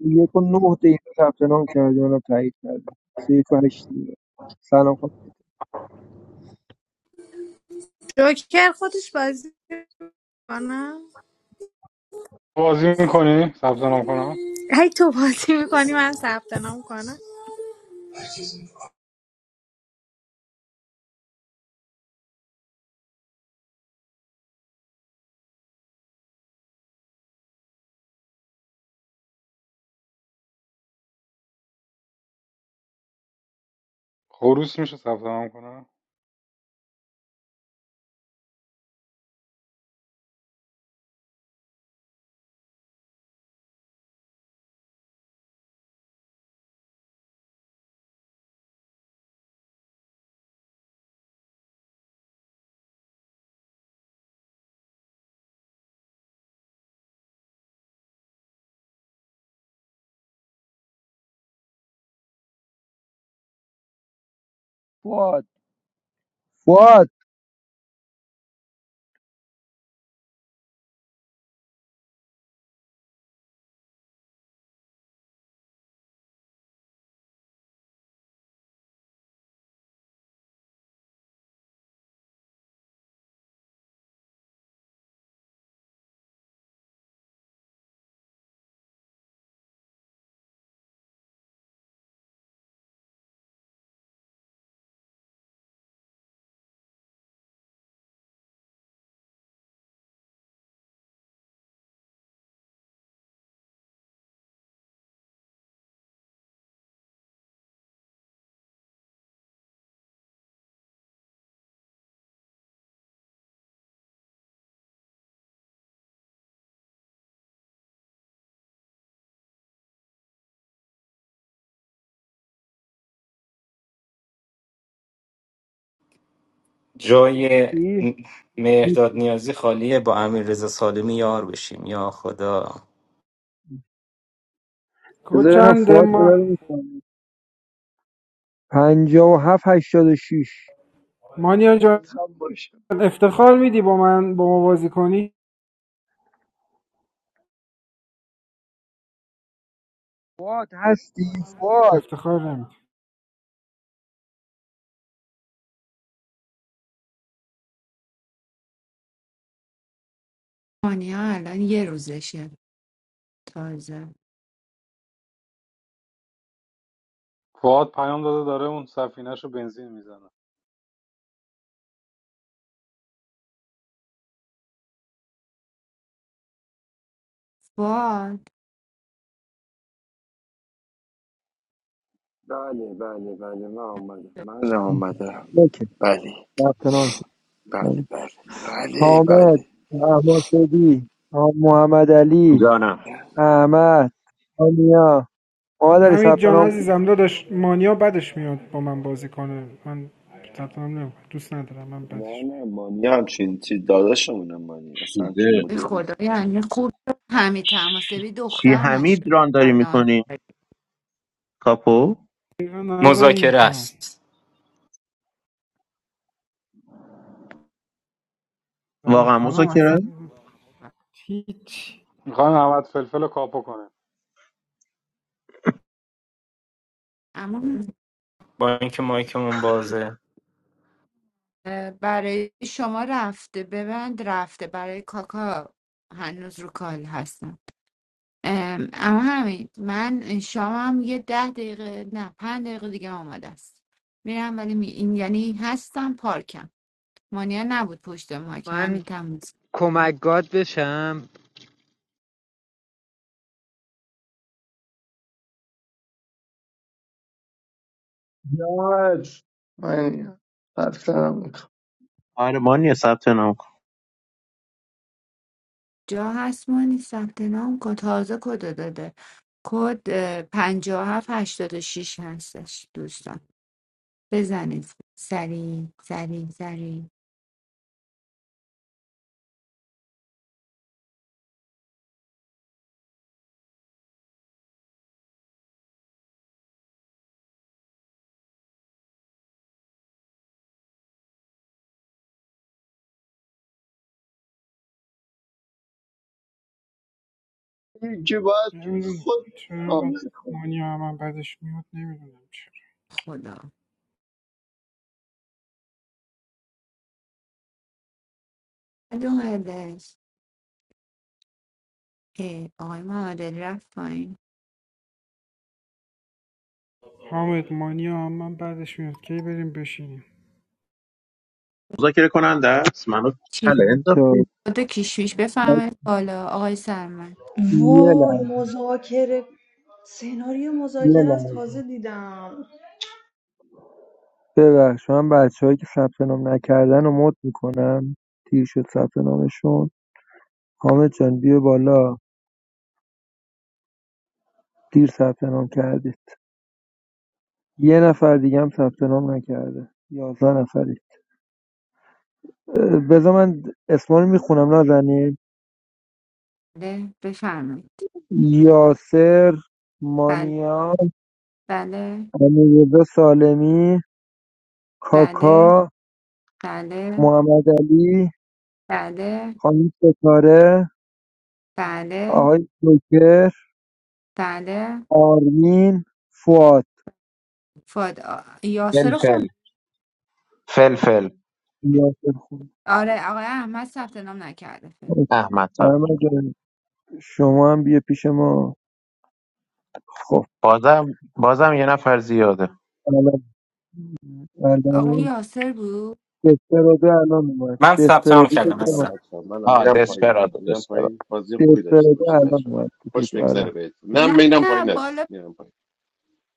Speaker 2: یک و نه دقیقه ثبت نام کردیم الان تایید کردیم سه یک و هشت دقیقه. سلام
Speaker 13: جوکر خودش بازی میکنه
Speaker 1: بازی میکنی ثبت نام کنم
Speaker 13: هی تو بازی میکنی من ثبت نام کنم
Speaker 1: خروس میشه ثبت نام کنم
Speaker 2: فواد فواد
Speaker 7: جای
Speaker 2: هستی؟
Speaker 7: مهرداد نیازی خالیه با امیر رضا سالمی یار بشیم یا خدا
Speaker 2: بذار ببینم
Speaker 8: کوچند
Speaker 2: فواد کجا
Speaker 8: ما
Speaker 2: رو می‌کنه. پنجاه و هفت هشتاد و شیش
Speaker 8: مانیا جان
Speaker 14: خداحافظ هم باشه
Speaker 8: افتخار میدی با من با ما بازی کنی
Speaker 2: فواد هستی فواد
Speaker 8: افتخار نمیدی
Speaker 3: مانیا الان یه روزشه تازه
Speaker 1: فواد پیام داده داره اون سفینهش رو بنزین میزنه
Speaker 3: باد
Speaker 4: بله بله بله من آمدم من آمدم
Speaker 2: اوکی
Speaker 4: بله
Speaker 2: ثبت نام
Speaker 4: بله
Speaker 2: کردم.
Speaker 4: بله بله
Speaker 2: حامد
Speaker 4: بله
Speaker 2: احمدی محمد علی
Speaker 6: جانم
Speaker 2: احمد آنیا محمد علی
Speaker 8: حمید
Speaker 2: ثبت
Speaker 8: جان
Speaker 2: نام کن.
Speaker 8: عزیزم داداش مانیا بدش میاد با من بازی کنه من تطمیم نمیکنم دوست ندارم من
Speaker 4: نه
Speaker 8: بدش میاد
Speaker 4: نه مانی همچین چی داداشمونه مانی اصلا همچین
Speaker 3: به
Speaker 4: مدل
Speaker 3: خدا
Speaker 4: نیست
Speaker 3: یعنی خوب شد همین تماسبی
Speaker 6: چی
Speaker 3: دختر
Speaker 6: حمید
Speaker 3: نشده
Speaker 6: ران داری
Speaker 3: الان
Speaker 6: میکنی کاپو
Speaker 8: دقیقا نظر این
Speaker 7: مذاکره
Speaker 8: خانم
Speaker 7: است
Speaker 8: این
Speaker 6: واقعا
Speaker 8: خانم اصلا
Speaker 6: مذاکره
Speaker 8: هیچ
Speaker 1: میخوام احمد فلفل رو کاپو کنه
Speaker 3: اما
Speaker 7: با اینکه مایکمون بازه
Speaker 3: برای شما رفته ببند رفته برای کاکا هنوز رو کال هستم ام، اما همین من شامم یه ده دقیقه نه پنج دقیقه دیگه آماده است میرم ولی می... این یعنی هستم پارکم مانیا نبود پشت ما که همین
Speaker 10: من
Speaker 3: تموز
Speaker 10: کمک گاد بشم
Speaker 14: جاج من رفتنم میکنم
Speaker 3: جا هست مانی ثبت نام کد تازه کد داده کد اه، 5786 هستش دوستان بزنید سریع سریع سریع
Speaker 14: یکی باید
Speaker 8: نمیدونم
Speaker 14: خود
Speaker 8: چرا اینقدر
Speaker 14: کامل کنه
Speaker 8: مانیا من بدش میاد نمیدونم چرا
Speaker 3: خدا دو ای، آقای معادل رفت پایین
Speaker 8: حامد مانیا من بعدش میاد کی بریم بشینیم
Speaker 6: مذاکره کننده است منو
Speaker 3: چی
Speaker 6: تله
Speaker 2: بچه‌ها،
Speaker 6: انداختی
Speaker 3: کد و کشمیش بفرمایید بالا آقای سرمد
Speaker 2: یه
Speaker 11: وای
Speaker 2: لحظه
Speaker 11: مذاکره سناریو
Speaker 2: یه
Speaker 11: مذاکره از
Speaker 2: لحظه
Speaker 11: تازه دیدم
Speaker 2: ببخش من بچه هایی که ثبت نام نکردن رو مد میکنم دیر شد ثبت نامشون حامد جان بیا بالا دیر ثبت نام کردی یه نفر دیگه هم ثبت نام نکرده یازده نفری اه، بذار من اسما رو میخونم نازنین
Speaker 3: بله بفرمایید
Speaker 2: یاسر
Speaker 3: بله
Speaker 2: مانیا
Speaker 3: بله
Speaker 2: امیررضا سالمی
Speaker 3: بله
Speaker 2: کاکا
Speaker 3: بله
Speaker 2: محمد علی
Speaker 3: بله
Speaker 2: خانم ستاره
Speaker 3: بله
Speaker 2: آقای جوکر
Speaker 3: بله
Speaker 2: آرمین فواد
Speaker 3: فاد آ- یاسر خون
Speaker 6: فلفل فلفل
Speaker 2: یاسر خون
Speaker 3: آره آقای احمد ثبت نام نکرده فکر.
Speaker 6: احمد صاحب.
Speaker 2: سلام جان. شما هم بیا پیش ما خب
Speaker 6: بازم بازم یه نفر زیاده
Speaker 2: الان
Speaker 3: آقای
Speaker 2: الان
Speaker 3: یاسر بود
Speaker 2: دسپرادو الان اومد
Speaker 7: من ثبت نام
Speaker 2: دسپرادو فکر
Speaker 9: منم
Speaker 7: کردم
Speaker 2: کنم
Speaker 9: منم
Speaker 7: عزیزم
Speaker 9: بچه منم
Speaker 6: آه
Speaker 9: میرم پایین بچه
Speaker 6: دسپرادو
Speaker 9: میرم پایین بازی خوبی داشته
Speaker 2: دسترده
Speaker 9: باشید
Speaker 2: الان
Speaker 9: بچه
Speaker 2: اومد تو
Speaker 9: خوش
Speaker 2: دک
Speaker 9: بگذره
Speaker 2: آره
Speaker 9: بهتون
Speaker 3: نه
Speaker 9: منم میرم
Speaker 3: نه
Speaker 9: پایین
Speaker 3: بالا
Speaker 9: از میرم پایین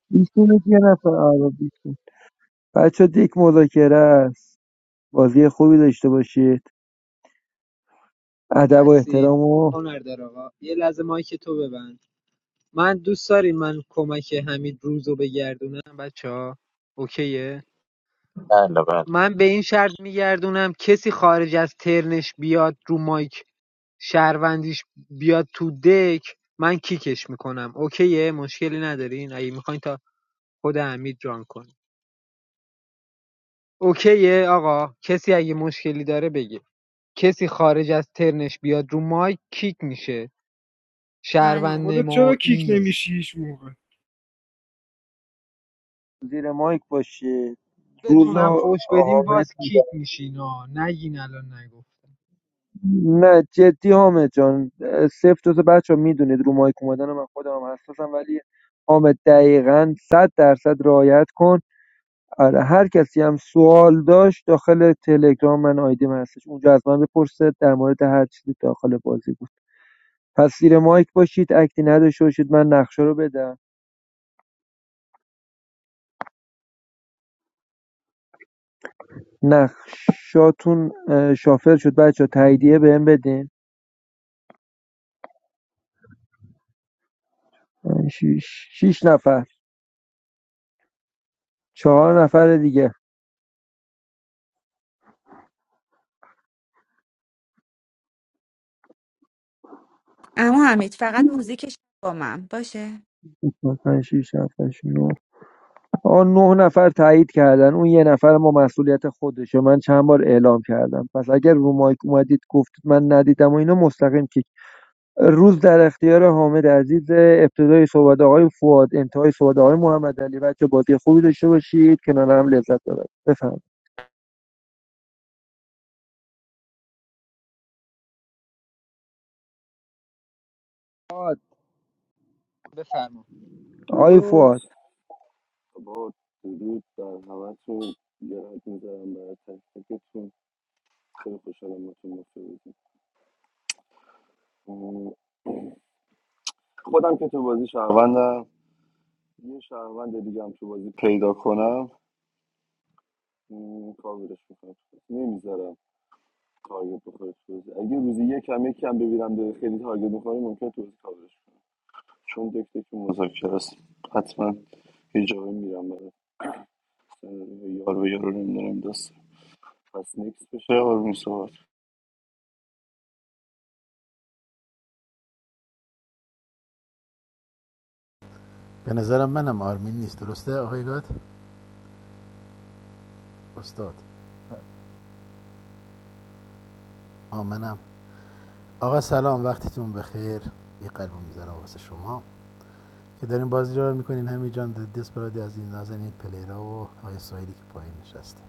Speaker 2: بیشونید یه نفر آره بیشون بچه دک مذاکره است بازی خوبی داشته باشید ادب و
Speaker 10: هستید
Speaker 2: احترام و
Speaker 10: هنردار آقا یه لحظه مایک تو ببند من دوست دارین من کمک حمید روز رو بگردونم بچه ها اوکیه
Speaker 6: بله بله
Speaker 10: من به این شرط میگردونم کسی خارج از ترنش بیاد رو مایک شهروندیش بیاد تو دک من کیکش میکنم اوکیه مشکلی ندارین اگه میخواین تا خود حمید ران کنیم اوکیه آقا کسی اگه مشکلی داره بگه کسی خارج از ترنش بیاد رو مایک کیک میشه
Speaker 3: بله
Speaker 10: شهروند
Speaker 8: خودت چرا کیک
Speaker 10: نمایی است
Speaker 8: نمیشی هیچ موقع
Speaker 2: زیر مایک باشید روز
Speaker 10: بتونم
Speaker 2: و
Speaker 10: فوش بدین
Speaker 2: حامد
Speaker 10: باز
Speaker 2: می‌گم.
Speaker 10: کیک میشین ها نگین الان نگفتم
Speaker 2: نه جدی حامد جان سفت تو بچه ها میدونید رو مایک اومدن من خودم هم حساسم ولی حامد دقیقا صد درصد رعایت کن آره هر کسی هم سوال داشت داخل تلگرام من آیدیم هستش اونجا از من بپرسه در مورد هر چیزی داخل بازی پس زیر مایک باشید اکتی نداشته باشید من نقشه رو بدم نقشاتون شافل شد بچه ها، تاییدیه بهم بدین پنج، شیش شیش نفر چهار نفر دیگه
Speaker 3: اما حمید فقط موزیکش با من باشه
Speaker 2: پنج شیش نفر هشت، آن نه نفر تایید کردن اون یه نفر ما مسئولیت خودشه من چند بار اعلام کردم پس اگر رو مایک اومدید گفتید من ندیدم و اینا مستقیم کیک روز در اختیار حامد عزیز ابتدای صحبت آقای فواد انتهای صحبت آقای محمد علی بچه بازی خوبی داشته باشید کنار هم لذت ببرید بفرمایید
Speaker 10: بفرما
Speaker 2: آقای
Speaker 4: درود
Speaker 2: فواد
Speaker 4: با درود بر همتون یه رد می‌ذارم برای تک تکتون خیلی خوشحالم باتون مفته بودیم خودم که تو بازی شهروندم یه شهروند دیگه هم تو بازی پیدا کنم م، کاورش میکنم نمیذارم تارگت بخوره تو بازی اگه روزی یکم یکم ببینم داره خیلی تارگت بخوره ممکن تو بازی کاورش کنم. چون دکتر که مذاکره است حتما یه جایی میرم برای یار به یارو نمیدونم دست پس نیکس بشه آروم صحبت
Speaker 15: به نظرم منم آرمین نیست درسته آقای گاد استاد آ منم آقا سلام وقتتون بخیر یه قلب میذارم واسه شما که دارین بازی رو میکنین همین جان دست برادی از این نازن این پلیرا و آقای سایلی که پایین نشسته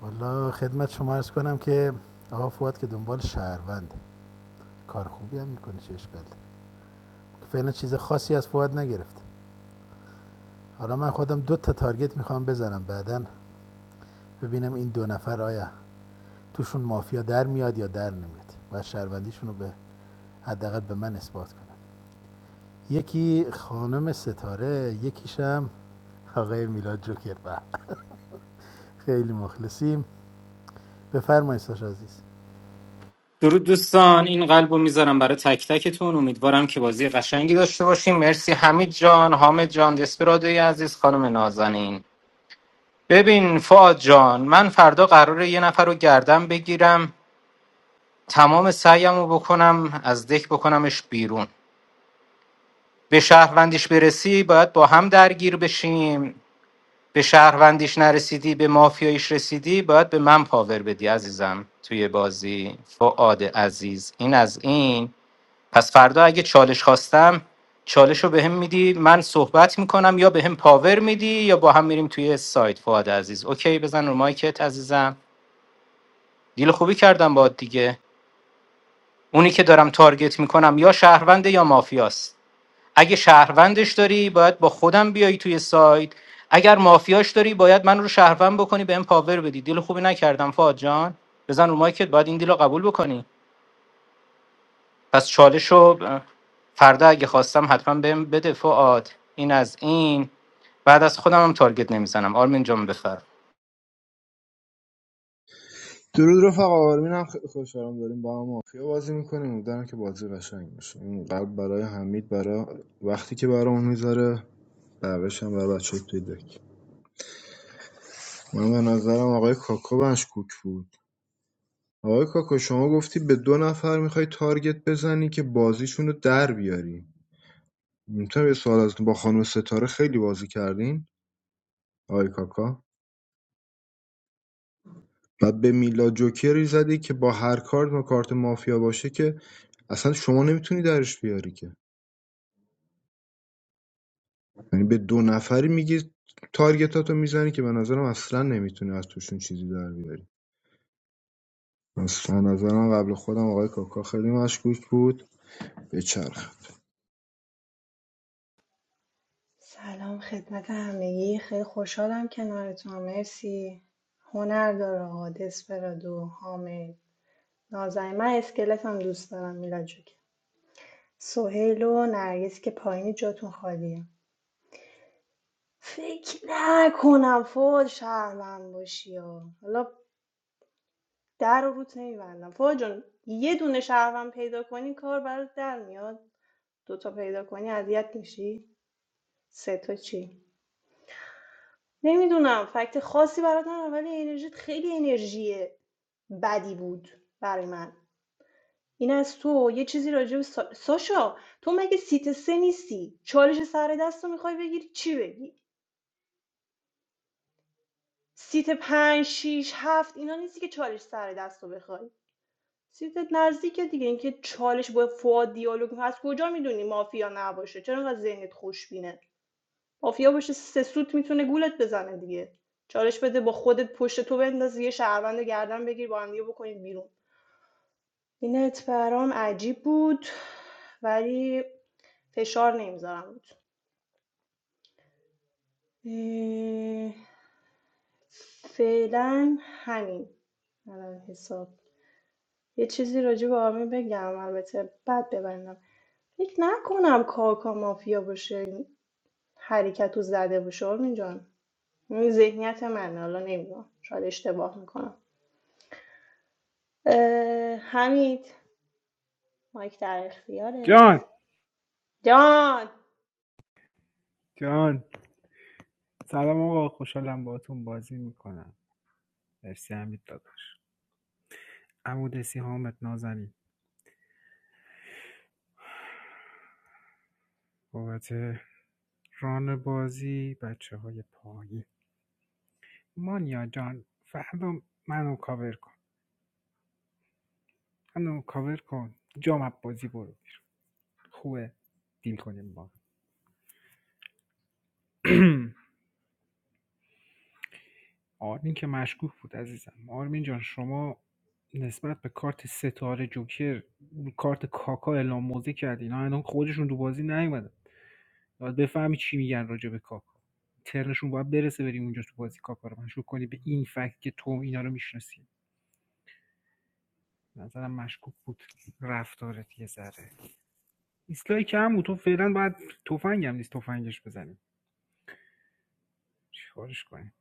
Speaker 15: والا خدمت شما عرض کنم که آقا فواد که دنبال شهروند کار خوبی هم میکنه چه اشکال فعلا چیز خاصی از فواد نگرفت حالا من خودم دو تا تارگت میخوام بزنم بعداً ببینم این دو نفر آیا توشون مافیا در میاد یا در نمیاد و شهروندیشون رو به حداقل به من اثبات کنن یکی خانم ستاره یکیشم آقای میلاد جوکر و خیلی مخلصیم بفرمایید ساش عزیز
Speaker 7: درود دوستان این قلب رو میذارم برای تک تکتون امیدوارم که بازی قشنگی داشته باشیم مرسی حمید جان حامد جان دسپرادوی عزیز خانم نازنین ببین فاد جان من فردا قراره یه نفر رو گردم بگیرم تمام سعیم رو بکنم از دک بکنمش بیرون به شهروندیش برسی باید با هم درگیر بشیم به شهروندیش نرسیدی به مافیاییش رسیدی باید به من پاور بدی عزیزم توی بازی فعاد عزیز این از این پس فردا اگه چالش خواستم چالش رو بهم میدی من صحبت میکنم یا بهم پاور میدی یا با هم میریم توی سایت فعاد عزیز اوکی بزن رو مایکت عزیزم دیل خوبی کردم باد دیگه اونی که دارم تارگت میکنم یا شهرونده یا مافیاست اگه شهروندش داری باید با خودم بیای توی سایت اگر مافیاش داری باید من رو شهروند بکنی به پاور بدی دیل خوبی نکردم فاد جان بزن رو مایکت باید این دیل رو قبول بکنی پس چالش رو فردا اگه خواستم حتما بهم بده فعاد این از این بعد از خودم هم تارگت نمیزنم آرمین جان بفر
Speaker 12: درود رفقا آرمین هم خیلی خوشحالم داریم با هم مافیا بازی میکنیم امیدوارم که بازی قشنگ باشه این قلب برای حمید برای وقتی که برامون میذاره بقیش هم برای بچه توی دک من به نظرم آقای کاکا مشکوک بود آقای کاکا شما گفتی به دو نفر میخوای تارگت بزنی که بازیشون رو در بیاری میتونم یه سوال از با خانم ستاره خیلی بازی کردین آقای کاکا بعد به میلاد جوکری زدی که با هر کارت و کارت مافیا باشه که اصلا شما نمیتونی درش بیاری که یعنی به دو نفری میگی تارگتاتو میزنی که به نظرم اصلا نمیتونی از توشون چیزی در بیاری اصلا نظرم قبل خودم آقای کاکا خیلی مشکوک بود به چرخ
Speaker 11: سلام خدمت همگی خیلی خوشحالم کنارتون مرسی هنر داره آقا دسپرادو حامد نازنین من اسکلت هم دوست دارم میلاد جوکر سهیل و نرگس که پایینی جاتون خالیه فکر نکنم فوج شهروند باشی ها. حالا در رو روت نمیبندم فوج جان یه دونه شهروند پیدا کنی کار برات در میاد دوتا پیدا کنی اذیت میشی سه تا چی نمیدونم فکت خاصی برات ندارم ولی انرژیت خیلی انرژی بدی بود برای من این از تو یه چیزی راجع به سا... ساشا تو مگه سیت سه نیستی چالش سر دست رو میخوای بگیری چی بگی سیت پنج شیش هفت اینا نیستی که چالش سر دست رو بخوای سیتت نزدیکه دیگه اینکه چالش با فواد دیالوگ هست کجا میدونی مافیا نباشه چرا انقدر ذهنت خوشبینه مافیا باشه سه سوت میتونه گولت بزنه دیگه چالش بده با خودت پشت تو بنداز یه شهروند گردن بگیر با هم دیگه بکنید بیرون این ات برام عجیب بود ولی فشار نمیذارم بود فعلا همین الان حساب یه چیزی راجع به آرمین بگم البته بعد ببندم فکر نکنم کاکا مافیا باشه این حرکت رو زده باشه آرمین جان این ذهنیت منه حالا نمیدونم شاید اشتباه میکنم اه، حمید مایک در
Speaker 8: جان
Speaker 11: اختیارت جان
Speaker 8: جان سلام آقا خوشحالم باهاتون بازی میکنم مرسی حمید داداش عمودسی حامد نازنین بابت ران بازی بچه های پایین مانیا جان فردا منو کاور کن منو کاور کن جام بازی برو بیرون. خوبه دیل کنیم با آرمین که مشکوک بود عزیزم آرمین جان شما نسبت به کارت ستاره جوکر کارت کاکا اعلام موضع کردی اینا الان خودشون تو بازی نیومدن باید بفهمی چی میگن راجع به کاکا ترنشون باید برسه بریم اونجا تو بازی کاکا رو مشکوک کنی به این فکت که تو اینا رو میشناسی نظرم مشکوک بود رفتارت یه ذره ایستگاهی کم بود تو فعلا باید تفنگم نیست تفنگش بزنیم چیکارش کنیم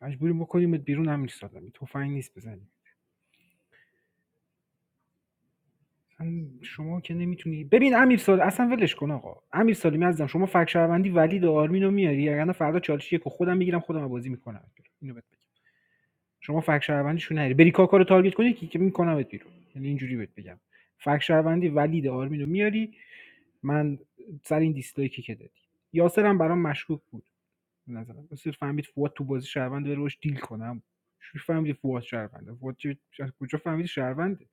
Speaker 8: مجبوریم بکنیمت بیرون هم نیست آدمی تفنگ نیست بزنی ام، شما که نمیتونی ببین امیرسال اصلا ولش کن آقا امیر سالمی عزیزم شما فک شهروندی ولید و آرمین رو میاری اگر نه فردا چالش یک خودم میگیرم خودم بازی میکنم اینو بهت بگم شما فک شهروندیشو نری بری کاکا رو تارگت کنی که که میکنمت بیرون یعنی اینجوری بهت بگم فک شهروندی ولید آرمین رو میاری من سر این دیسلایکی که دادی یاسرم برام مشکوک بود نظرم مثل فهمید فواد تو بازی شهروند بره باش دیل کنم چی فهمیدی فواد شهرونده فواد چه- از کجا فهمیدی شهرونده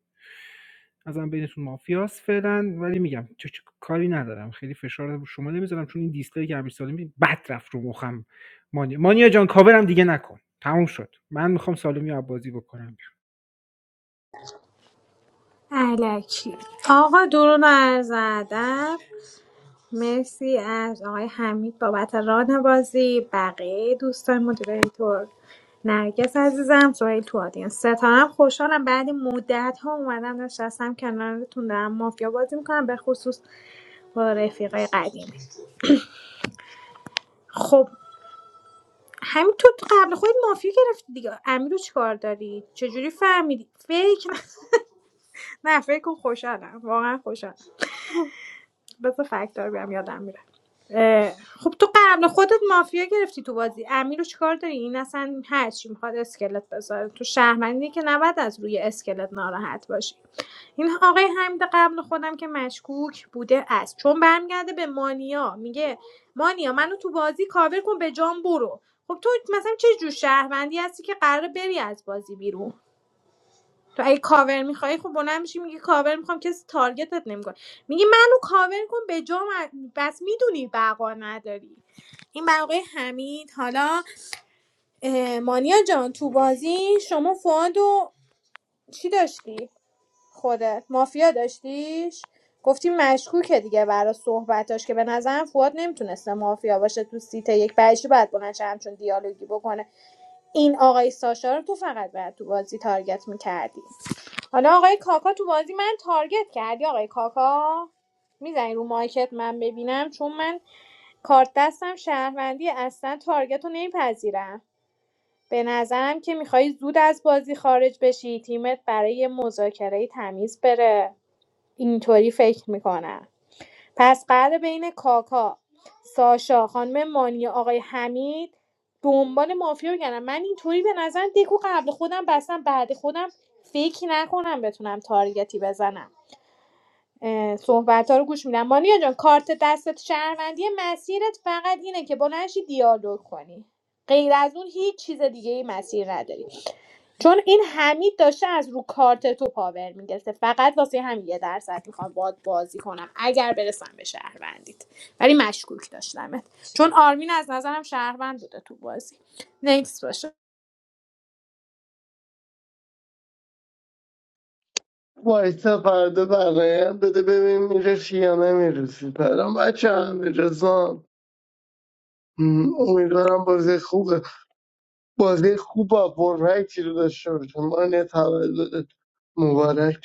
Speaker 8: ازم بینتون مافیاس فعلا ولی میگم چه, چه کاری ندارم خیلی فشار رو شما نمیذارم چون این دیسپلی که امیر سالمی بد رفت رو مخم مانیا مانیا جان کاورم دیگه نکن تموم شد من میخوام سالمی رو بازی بکنم
Speaker 13: الکی آقا درون از ادب مرسی از آقای حمید بابت ران بازی بقیه دوستان مدیریتور نرگس عزیزم سوهیل تو آدینس ستارم خوشحالم بعد مدت ها اومدم نشستم کنارتون دارم مافیا بازی میکنم به خصوص با رفیقای قدیمی خب همین تو قبل خود مافیا گرفتی دیگه امیر رو چیکار داری چجوری فهمیدی فکر نه فکر کن خوشحالم واقعا خوشحالم بذار فکتار بیام یادم میره اه، خب تو قبل خودت مافیا گرفتی تو بازی امیر رو چیکار داری این اصلا هرچی میخواد اسکلت بذاره تو شهرمندی که نباید از روی اسکلت ناراحت باشی این آقای حمید قبل خودم که مشکوک بوده است چون برمیگرده به مانیا میگه مانیا منو تو بازی کاور کن به جام برو خب تو مثلا چه جور شهروندی هستی که قراره بری از بازی بیرون تو اگه کاور میخوای خب بلند میشی میگی کاور میخوام کسی تارگتت نمیکنه میگی منو کاور کن به جام بس میدونی بقا نداری این بقای حمید حالا اه، مانیا جان تو بازی شما فواد و چی داشتی خودت مافیا داشتیش گفتی مشکوکه دیگه برای صحبتاش که به نظرم فواد نمیتونسته مافیا باشه تو سیت یک بعدش باید بلند شه همچون دیالوگی بکنه این آقای ساشا رو تو فقط باید تو بازی تارگت میکردی حالا آقای کاکا تو بازی من تارگت کردی آقای کاکا میزنی رو مایکت من ببینم چون من کارت دستم شهروندی اصلا تارگت رو نمیپذیرم به نظرم که میخوای زود از بازی خارج بشی تیمت برای یه مذاکره تمیز بره اینطوری فکر میکنم پس قراره بین کاکا ساشا خانم مانی آقای حمید دنبال مافیا بگردم من اینطوری به نظر دکو قبل خودم بستم بعد خودم فکر نکنم بتونم تارگتی بزنم صحبت ها رو گوش میدم مانیا جان کارت دستت شهروندی مسیرت فقط اینه که بلنشی دیالوگ کنی غیر از اون هیچ چیز دیگه ای مسیر نداری چون این حمید داشته از رو کارت تو پاور میگرفته فقط واسه همین یه درصد میخوام باد بازی کنم اگر برسم به شهروندیت ولی مشکوک داشتمت چون آرمین از نظرم شهروند بوده تو بازی نکس باشه
Speaker 14: وایسا فردا بقیه بده ببین میرسی یا نمیرسی پرام بچه همه رزان امیدوارم بازی خوبه بازی خوب با پرفکتی رو داشته باشم من یه تولدت مبارک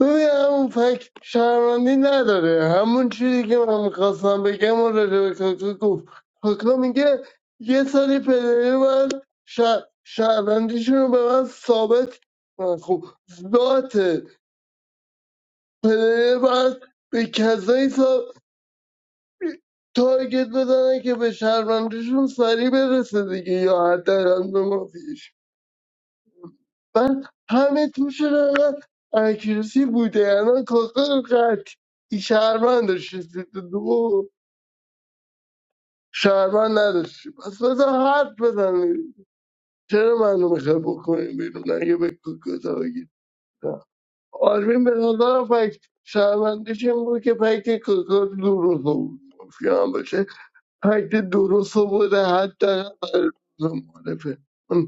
Speaker 14: ببین همون فکت شهروندی نداره همون چیزی که من میخواستم بگم و راجع به کاکا گفت کاکا میگه یه سری پلیری باید شه- شهروندیشون رو به من ثابت کنن. خب ذات پلیری باید به کسایی ثابت تارگت بزنه که به شهروندیشون سریع برسه دیگه یا حداقل به مافیش من همه توشون انقدر اکیرسی بوده الان کاکا قطعی شهرمند داشتی سیت دو شهرمند نداشتی پس بذار حرف بزنیم چرا منو میخوای بکنیم بیرون اگه به کاکا تاگید آرمین به نظرم فکت شهرمندش این بود که فکت کاکا درست بود مافیا هم باشه فکت درست بوده حتی برای روز معرفه من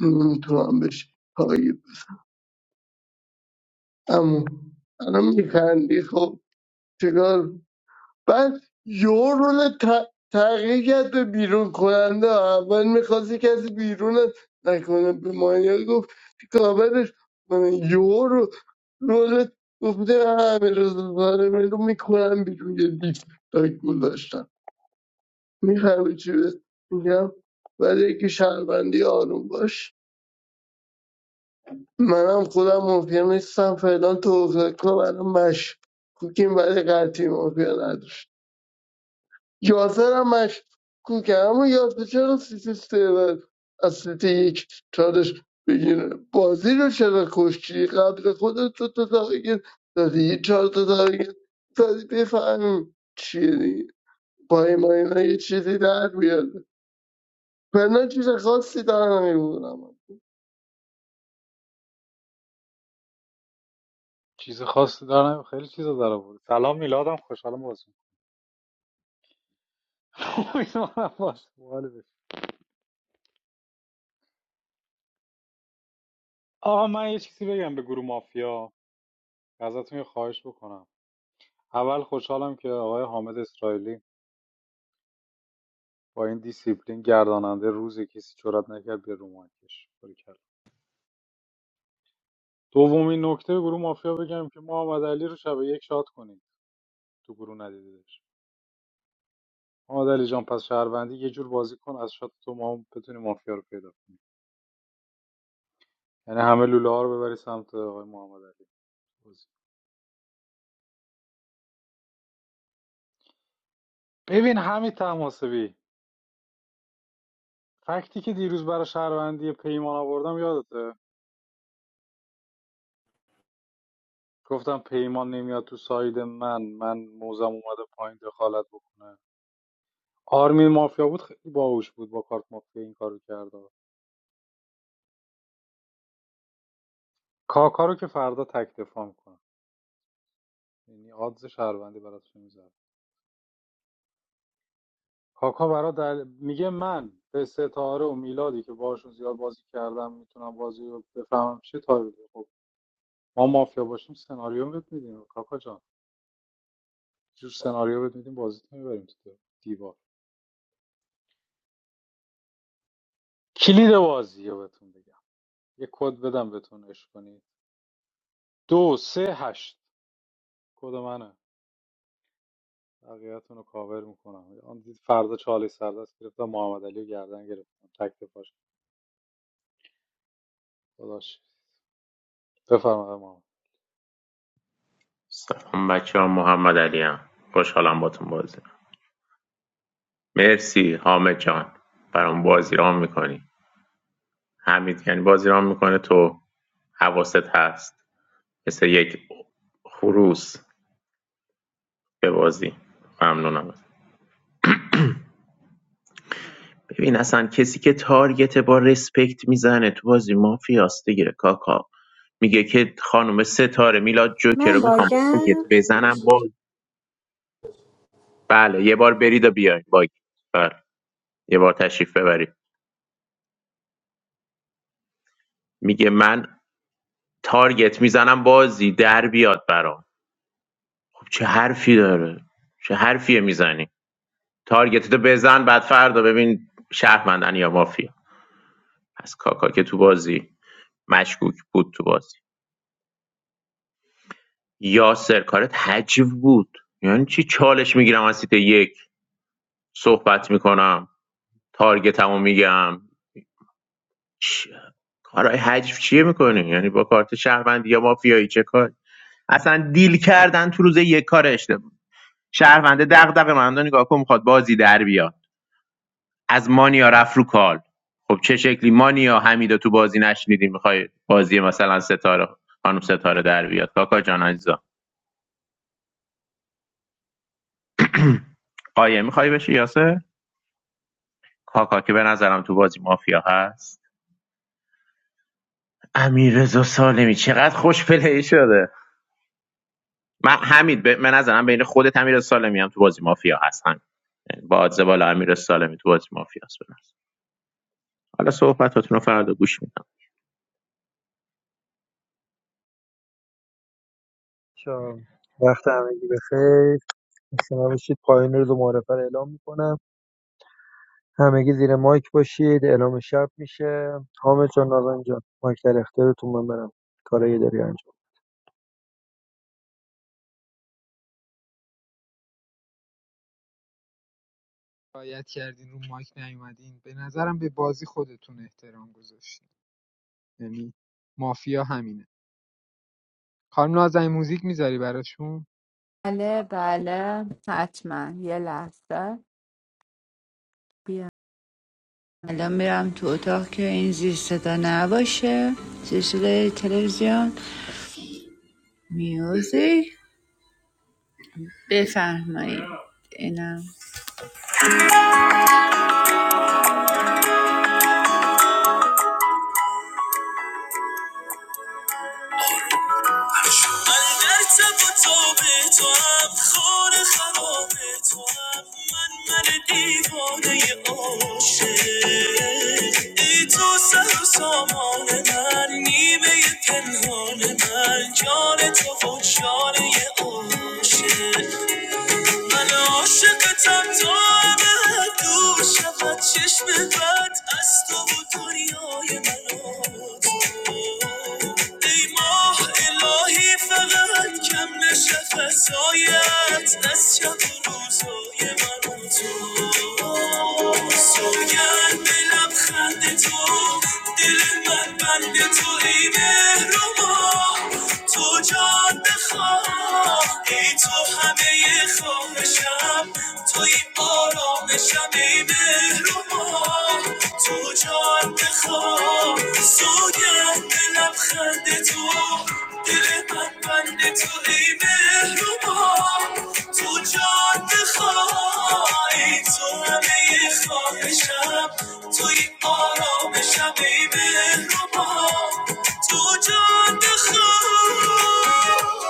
Speaker 14: نمیتونم بشه تاگید اما الان میخندی خب چیکار بعد یه رول ت- تغییر کرد به بیرون کننده اول میخواستی کسی بیرون نکنه به مانیا گفت کابرش یو رو رول گفته همه روز داره بیرون میکنم بیرون یه دیستاک گذاشتم میخوای چی بهت میگم ولی که شهروندی آروم باش منم خودم مافیا نیستم فعلا تو اوزاکا برام مش کوکیم ولی قطعی مافیا نداشت یاسر هم مشکوکه اما یاسر چرا سیتی سیون از سیتی یک چارش بگیره بازی رو چرا کشتی قبل خودت تو تا تغییر دادی یه چهار تا تغییر دادی بفهمیم چیه دیگه با این ما اینا یه چیزی در بیاد من چیز خاصی در نمیبودم
Speaker 1: چیز خاصی داره خیلی چیزا داره بود سلام میلادم خوشحالم بازی می‌کنم. باش. باز باحال آقا من یه چیزی بگم به گروه مافیا ازتون یه خواهش بکنم اول خوشحالم که آقای حامد اسرائیلی با این دیسیپلین گرداننده روزی کسی جرأت نکرد به رو مایکش باری کرد دومین نکته گروه مافیا بگم که محمد علی رو شب یک شات کنید تو گروه ندیدش محمد علی جان پس شهروندی یه جور بازی کن از شات تو ما هم بتونی مافیا رو پیدا کنیم یعنی همه لوله ها رو ببری سمت آقای محمد علی بازی. ببین همین تماسبی فکتی که دیروز برای شهروندی پیمان آوردم یادته گفتم پیمان نمیاد تو ساید من من موزم اومده پایین دخالت بکنه آرمین مافیا بود خیلی باهوش بود با کارت مافیا این کارو کرده کاکا رو که فردا تک دفاع میکنم یعنی آدز شهروندی براش میذارم کاکا برا دل... میگه من به ستاره و میلادی که باشون زیاد بازی کردم میتونم بازی رو بفهمم چه تایپی خب ما مافیا باشیم سناریو بهت میدیم کاکا جان جور سناریو بهت میدیم بازی تو میبریم تو دیوار کلید بازی رو بهتون بگم یه کد بدم بهتون عشق کنید دو سه هشت کد منه بقیه‌تون رو کاور میکنم آن دید فردا چالی سردست گرفتم محمد علی رو گردن گرفتم تک تفاش. داداش بفرمایید آقای محمد
Speaker 6: سلام بچه ها محمد علی هم. خوشحالم باتون بازی مرسی حامد جان برام بازی رام میکنی حمید یعنی بازی رام میکنه تو حواست هست مثل یک خروس به بازی ممنونم ازت. ببین اصلا کسی که تارگت با رسپکت میزنه تو بازی مافیاست دیگه کاکا میگه که خانم ستاره میلاد جوکر رو
Speaker 13: من
Speaker 6: میخوام تارگت
Speaker 13: باگم
Speaker 6: بزنم با بله یه بار برید و بیاین با بله. یه بار تشریف ببرید میگه من تارگت میزنم بازی در بیاد برام خب چه حرفی داره چه حرفیه میزنی تارگتتو بزن بعد فردا ببین شهرمندن یا مافیا پس کاکا که تو بازی مشکوک بود تو بازی یاسر کارت حجیب بود یعنی چی چالش میگیرم از سیت یک صحبت میکنم تارگتمو میگم چ- کارهای حجیب چیه میکنی یعنی با کارت شهروندی یا مافیایی چه کار اصلا دیل کردن تو روز یک کار اشتباه شهرونده دغدغه مهندو نگاه کن میخواد بازی در بیاد از مانیا رفت رو کال خب چه شکلی مانیا حمیدا تو بازی نشنیدیم میخوای بازی مثلا ستاره خانم ستاره در بیاد کاکا جان عزیزم قایم میخوای بشی یاسر کاکا که به نظرم تو بازی مافیا هست امیر رضا سالمی چقدر خوش پلی شده من حمید به من نظرم بین خودت امیر رضا سالمی هم تو بازی مافیا هستن. همین. یعنی با آدز بالا امیر سالمی تو بازی مافیا هست به نظر. حالا صحبتاتون رو فردا گوش میدم
Speaker 2: شام، وقت همگی بخیر خسته نباشید پایان روز معرفه رو اعلام میکنم همگی زیر مایک باشید اعلام شب میشه حامد جان نازم جان مایک در اختیارتون من برم کارایی داری انجام
Speaker 10: رایت کردین رو مایک نیومدین به نظرم به بازی خودتون احترام گذاشتین یعنی مافیا همینه خانم نازنین موزیک میذاری براشون
Speaker 3: بله بله حتما یه لحظه الان میرم تو اتاق که این زیر صدا نباشه زیر صدای تلویزیون میوزیک بفرمایید اینم من من عاشقتم تا همه دور شود چشم بد از تو و دنیای من و تو ای ماه الهی فقط کم نشه فضایت از شب و روزای من و تو سوگند به لبخند تو دل من بند تو ای مهربا تو جان بخواه ای تو همه خواهشم تو این آرامشم ای مهربا تو جان بخواه سوگند به لبخند تو دل من بند تو ای مهربان تو جان خواهی تو همه خواهشم توی آرامشم ای مهربان تو جان خواهی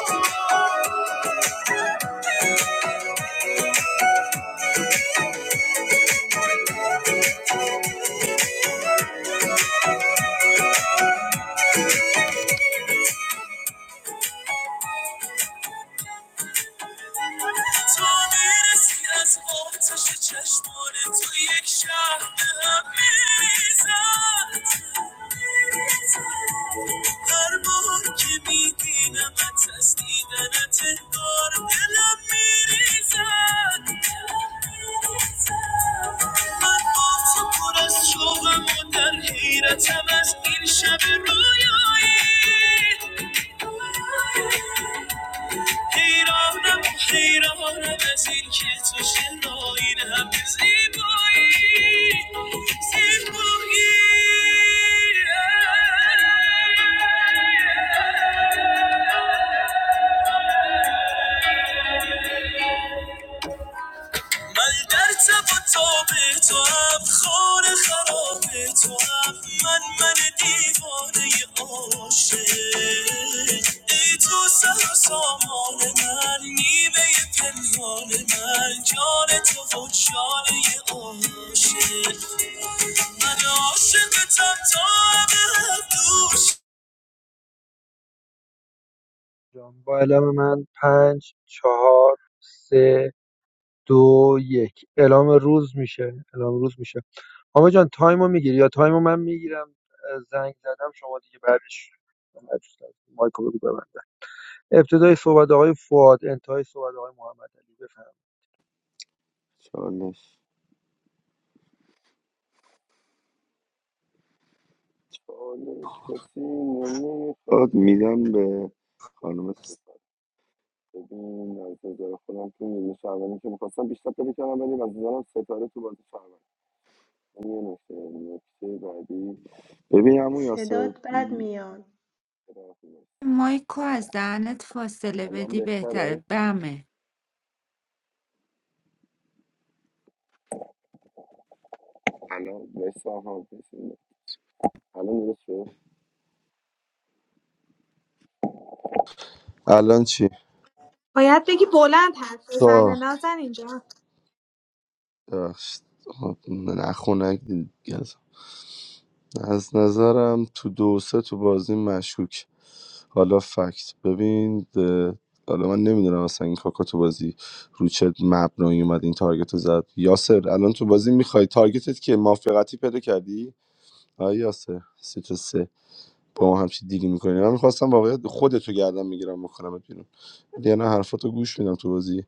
Speaker 3: تو میرسی از آتش چشمان تو یک شهر به هم میریزد هر بار که میبینمت از دیدنت انگار دلم میریزد من با تو پر از شوقم و در حیرتم از این شب رویایی حیرانم حیرانم از این که تو چرا این همه زیبایی زیبایی من در تب و تاب تو هم خانه خراب تو هم من من دیوانه عاشق ای تو سر و سامان من نیمه پنهان من جان تو و جانه عاشق من عاشقتم تا ابد دوش
Speaker 2: جان با اعلام من پنج چهار سه دو یک اعلام روز میشه اعلام روز میشه حامد جان تایم رو میگیری یا تایم رو من میگیرم زنگ زدم شما دیگه بعدش مایک رو بگو ببند. ابتدای صحبت آقای فواد انتهای صحبت آقای محمد علی بفرمایید
Speaker 4: چالش چالش کسی نمیخواد داد میدم به خانم ستاره ببین از نظر خودم که نیمه شهروندی که میخواستم بیشتر پیدا کردم ولی از نظرم ستاره تو بازی شهروند این یه نکته نکته بعدی ببین عمو یاسر
Speaker 11: صدات بد
Speaker 4: م،
Speaker 11: میاد
Speaker 3: مایکو از دهنت فاصله
Speaker 4: الان
Speaker 3: بدی بهتره
Speaker 4: بهتره
Speaker 3: بمه
Speaker 4: الان ویسا ها الان درست شد الان چی؟
Speaker 13: باید بگی بلند حرف
Speaker 4: تا
Speaker 13: بزنه نازن اینجا
Speaker 4: ببخشید خب، نه خنک گز از نظرم تو دو سه تو بازی مشکوک حالا فکت ببین اه، حالا من نمیدونم اصلا این کاکا تو بازی رو چه مبنایی اومد این تارگت رو زد یاسر الان تو بازی میخوای تارگتت که موافقتی پیدا کردی آیا یاسر سه تا سه با ما همچی دیلی میکنی من میخواستم واقعا خودتو گردم میگیرم میکنم بیرون ولی نه حرفاتو گوش میدم تو بازی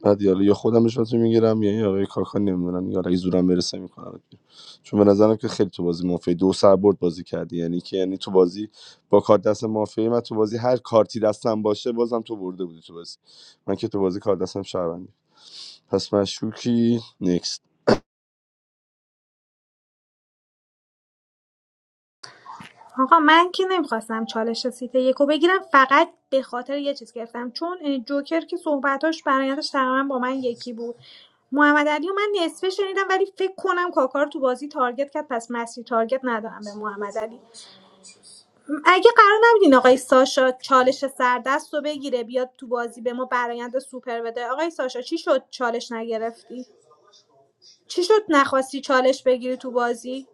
Speaker 4: بعد حالا یا خودم رشوتو میگیرم یا این آقای کاکا نمیدونم یا اگه زورم برسه میکنم چون به نظرم که خیلی تو بازی مافیا دو سر برد بازی کردی یعنی که یعنی تو بازی با کارت دست مافیا من تو بازی هر کارتی دستم باشه بازم تو برده بودی تو بازی من که تو بازی کارت دستم شهروندی پس مشکوکی نکست
Speaker 13: آقا من که نمیخواستم چالش سیت یکو بگیرم فقط به خاطر یه چیز گرفتم چون اه، جوکر که صحبتاش برایتش تقریبا با من یکی بود محمد علی و من نصفه شنیدم ولی فکر کنم کاکار تو بازی تارگت کرد پس مسیر تارگت ندارم به محمد علی اگه قرار نبودین آقای ساشا چالش سردست رو بگیره بیاد تو بازی به ما برایند سوپر بده آقای ساشا چی شد چالش نگرفتی چی شد نخواستی چالش بگیری تو بازی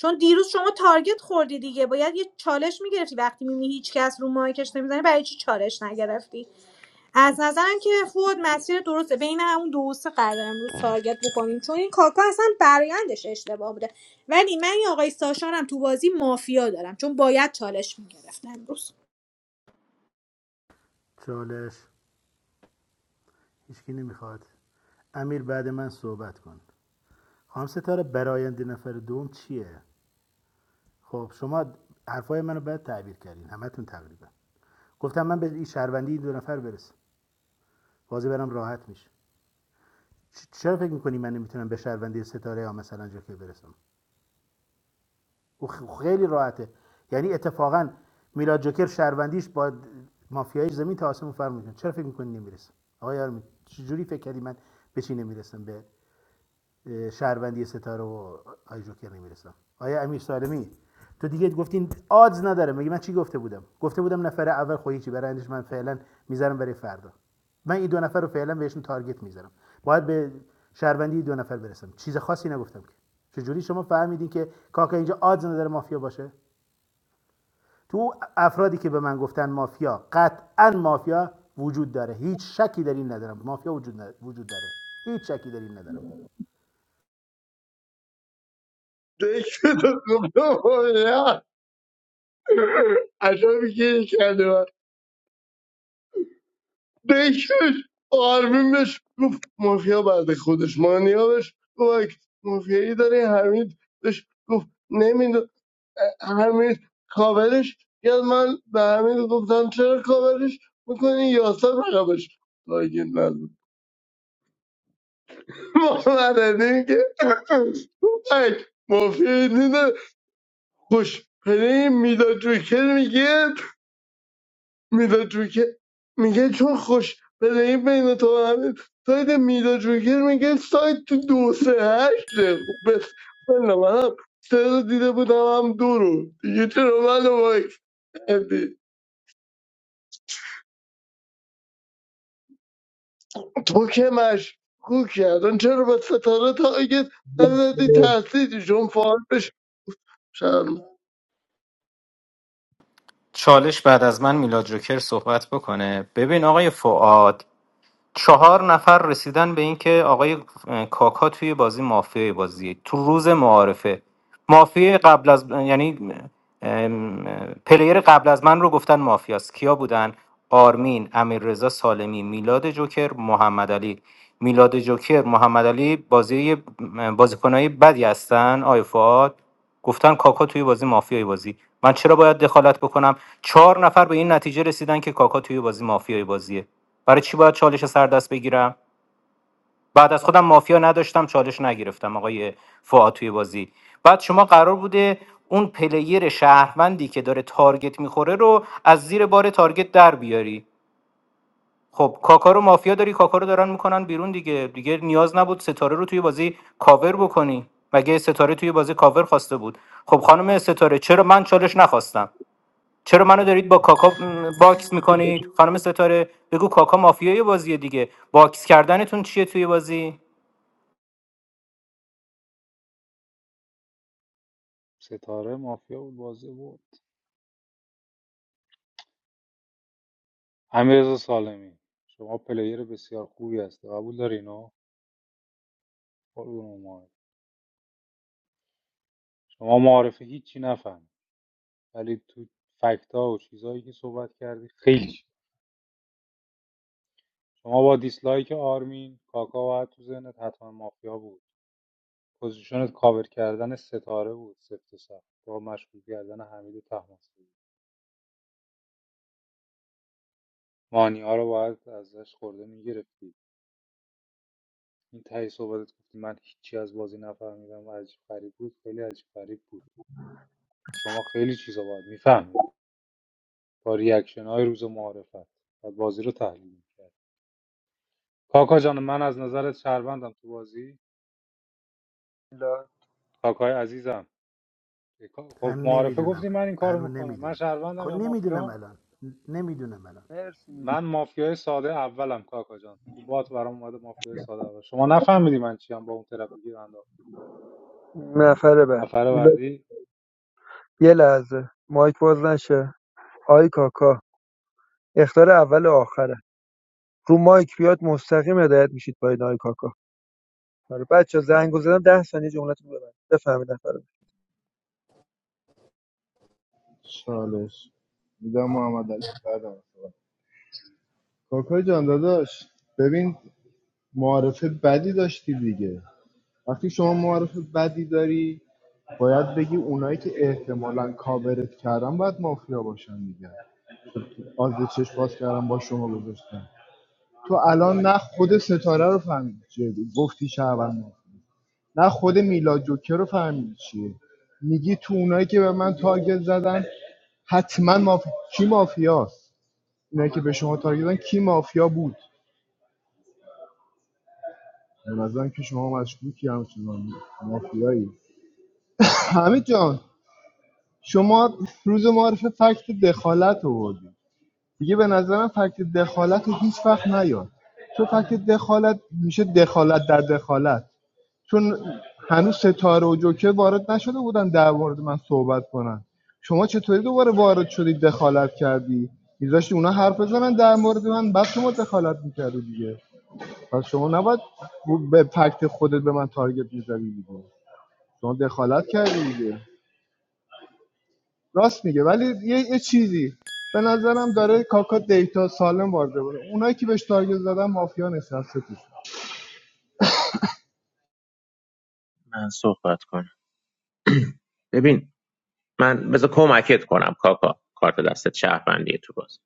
Speaker 13: چون دیروز شما تارگت خوردی دیگه باید یه چالش میگرفتی وقتی میبینی هیچ کس رو مایکش نمیزنه برای چی چالش نگرفتی از نظرم که فود مسیر درسته بین همون دو سه قرار امروز تارگت بکنیم چون این کاکا اصلا برایندش اشتباه بوده ولی من این آقای ساشارم تو بازی مافیا دارم چون باید چالش میگرفت امروز
Speaker 15: چالش هیچکی نمیخواد امیر بعد من صحبت کن خانم ستاره براینده نفر دوم چیه خب شما حرفای منو بعد تعبیر کردین همتون تقریبا گفتم من به این شهروندی این دو نفر برسم بازی برم راحت میشه چ- چرا فکر میکنی من نمیتونم به شهروندی ستاره یا مثلا جوکر برسم او خیلی راحته یعنی اتفاقا میلاد جوکر شهروندیش با مافیای زمین تا آسمون فرق میکنه چرا فکر میکنی نمیرسه آقا یارمی چجوری فکر کردی من به چی نمیرسم به شهروندی ستاره و آی نمیرسم آیا امیر سالمی تو دیگه گفتین آدز نداره مگه من چی گفته بودم گفته بودم نفر اول خودی چی برندش من فعلا میذارم برای فردا من این دو نفر رو فعلا بهشون تارگت میذارم باید به شهروندی دو نفر برسم چیز خاصی نگفتم که چجوری شما فهمیدین که کاکا اینجا آدز نداره مافیا باشه تو افرادی که به من گفتن مافیا قطعا مافیا وجود داره هیچ شکی در این ندارم مافیا وجود, وجود داره هیچ شکی در این ندارم
Speaker 14: دیگه تو گفتم عجبی که کرده بکش آرمین بهش گفت مافیا بعد خودش مانیا بهش گفت مافیایی داری حمید بهش گفت نمیدون حمید کاورش یاد من به حمید گفتم چرا کاورش میکنی یاسر رقبش تاگیر نزد محمد علی که بک مافیایی دیده خوش پلی میداد جوکر میگه میلا جوکر میگه چون خوش پلی بین تو و همه سایت میلا جوکر میگه سایت تو دو سه هشته خب بس بله من هم سه رو دیده بودم هم دو رو دیگه چرا من رو باید کردی تو که مشکوک کردن چرا به ستاره تا تارگت نزدی
Speaker 2: میلاد.
Speaker 14: تحصیلی چون فعال بشه شرم
Speaker 7: چالش بعد از من میلاد جوکر صحبت بکنه ببین آقای فعاد چهار نفر رسیدن به اینکه آقای اه، کاکا توی بازی مافیای بازیه تو روز معارفه مافیای قبل از یعنی ام، پلیر قبل از من رو گفتن مافیاست کیا بودن آرمین امیررضا سالمی میلاد جوکر محمد علی میلاد جوکر محمد علی بازی بازیکنای بدی هستن آی فؤاد گفتن کاکا توی بازی مافیای بازی من چرا باید دخالت بکنم چهار نفر به این نتیجه رسیدن که کاکا توی بازی مافیای بازیه برای چی باید چالش سر دست بگیرم بعد از خودم مافیا نداشتم چالش نگرفتم آقای فعاد توی بازی بعد شما قرار بوده اون پلیر شهروندی که داره تارگت میخوره رو از زیر بار تارگت در بیاری خب کاکارو مافیا داری کاکارو دارن میکنن بیرون دیگه دیگه نیاز نبود ستاره رو توی بازی کاور بکنی مگه ستاره توی بازی کاور خواسته بود خب خانم ستاره چرا من چالش نخواستم چرا منو دارید با کاکا باکس میکنید خانم ستاره بگو کاکا مافیای بازیه دیگه باکس کردنتون چیه توی بازی
Speaker 1: ستاره مافیا بود بازی بود امیرزا سالمی شما پلیر بسیار خوبی هستی قبول داری اینو قربون ما شما معارفه هیچی نفهم ولی تو فکتا و چیزهایی که صحبت کردی خیلی چیز. شما با دیسلایک آرمین کاکا باید تو ذهنت حتما مافیا بود پوزیشنت کاور کردن ستاره بود سفت و سخت با مشغول کردن حمید طهماسبی مانی ها رو باید ازش خورده میگرفتی این تهی صحبتت گفتی من هیچی از بازی نفهمیدم عجیب غریب بود خیلی عجیب غریب بود شما خیلی چیزا باید میفهمیدی با ریاکشن های روز معارفت و بازی رو تحلیل میکرد کاکا جان من از نظرت شهروندم تو بازی کاکای عزیزم خب
Speaker 15: من
Speaker 1: معارفه
Speaker 15: نمیدونم
Speaker 1: گفتی من این کارو
Speaker 15: هنوز
Speaker 1: میکنم من
Speaker 15: نمیدونم خب
Speaker 1: شهروندم یا
Speaker 15: نمیدونم
Speaker 1: مافیا
Speaker 15: الان نمیدونم الان
Speaker 2: مرسی
Speaker 1: من مافیای ساده اولم کاکا جان تو بات برام اومده مافیای ساده اول شما نفهمیدی من چیم با اون ترافیکی رو انداخت
Speaker 2: میلاد. نفر بعد
Speaker 1: نفر
Speaker 2: میلاد
Speaker 1: بعدی
Speaker 2: یه لحظه مایک باز نشه آی کاکا اختار اول و آخره رو مایک بیاد مستقیم هدایت میشید پایین آی کاکا آره بچه زنگو زدم ده ثانیه جملتون ببند بفهمید نفر بعد.
Speaker 12: چالش میدم محمد علی بعد من کاکا جان داداش ببین معارفه بدی داشتی دیگه وقتی شما معارفه بدی داری باید بگی اونایی که احتمالاً کاورت کردن باید مافیا باشن دیگه آز چشم باز کردن با شما گذاشتن تو الان نه خود ستاره رو فهمیدی چیه گفتی شهروند نه خود میلاد جوکر رو فهمیدی چیه میگی تو اونایی که به من تارگت زدن حتما مافیا کی مافیاست اونایی که به شما تارگت زدن کی مافیا بود به نظرم که شما مشکوکی همچنان مافیایی حمید جان شما روز معرف فکت دخالت آوردی دیگه به نظرم فکت دخالت رو هیچ وقت نیار چون فکت دخالت میشه دخالت در دخالت چون هنوز ستاره و جوکر وارد نشده بودن در مورد من صحبت کنن شما چطوری دوباره وارد شدی دخالت کردی میذاشتی اونا حرف بزنن در مورد من بعد شما دخالت میکردی دیگه پس شما نباید به فکت خودت به من تارگت میزدی دیگه شما دخالت کردی دیگه راست میگه ولی یه, یه چیزی به نظرم داره کاکا دیتا سالم وارد بره اونایی که بهش تارگت زدن مافیا نشسته توش
Speaker 6: من صحبت کنم ببین من بذار کمکت کنم کاکا کارت دستت شهروندیه تو باز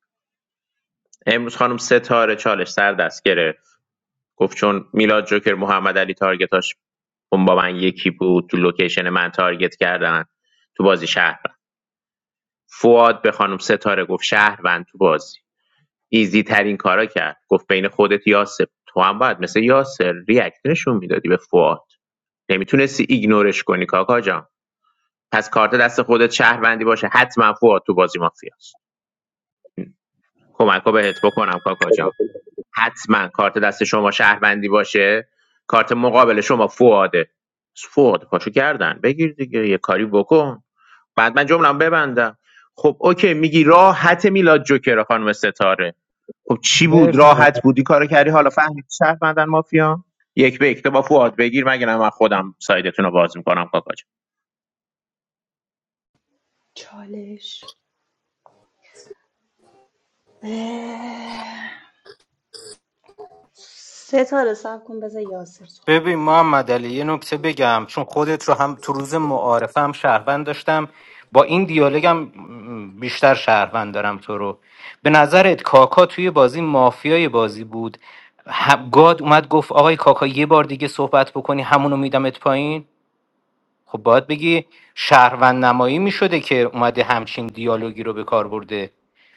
Speaker 6: امروز خانم ستاره چالش سر دست گرفت گفت چون میلاد جوکر محمد علی تارگتاش اون با من یکی بود تو لوکیشن من تارگت کردن تو بازی شهروند فواد به خانم ستاره گفت شهروند تو بازی ایزی ترین کارا کرد گفت بین خودت یاسر تو هم باید مثل یاسر ریاکت نشون میدادی به فواد نمیتونستی ایگنورش کنی کاکا جان پس کارت دست خودت شهروندی باشه حتما فواد تو بازی مافیاست کمک بهت بکنم کاکا جان حتما کارت دست شما شهروندی باشه کارت مقابل شما فواده فواد پاشو کردن بگیر دیگه یه کاری بکن بعد من جملم ببندم خب اوکی میگی راحت میلاد جوکر خانم ستاره خب چی بود
Speaker 2: مرسی محمد
Speaker 6: راحت بودی کارو کردی حالا فهمیدی شهروندن مافیا یک به یک با فواد بگیر مگه نه من خودم سایدتون رو باز میکنم کاکا جان
Speaker 11: چالش اه، سه تا حساب کن بذار یاسر صحبت
Speaker 7: ببین محمد علی یه نکته بگم چون خودت رو هم تو روز معارفه هم شهروند داشتم با این دیالوگم م، بیشتر شهروند دارم تو رو به نظرت کاکا توی بازی مافیای بازی بود ه- گاد اومد گفت آقای کاکا یه بار دیگه صحبت بکنی همونو میدمت پایین خب باید بگی شهروند نمایی می شده که اومده همچین دیالوگی رو به کار برده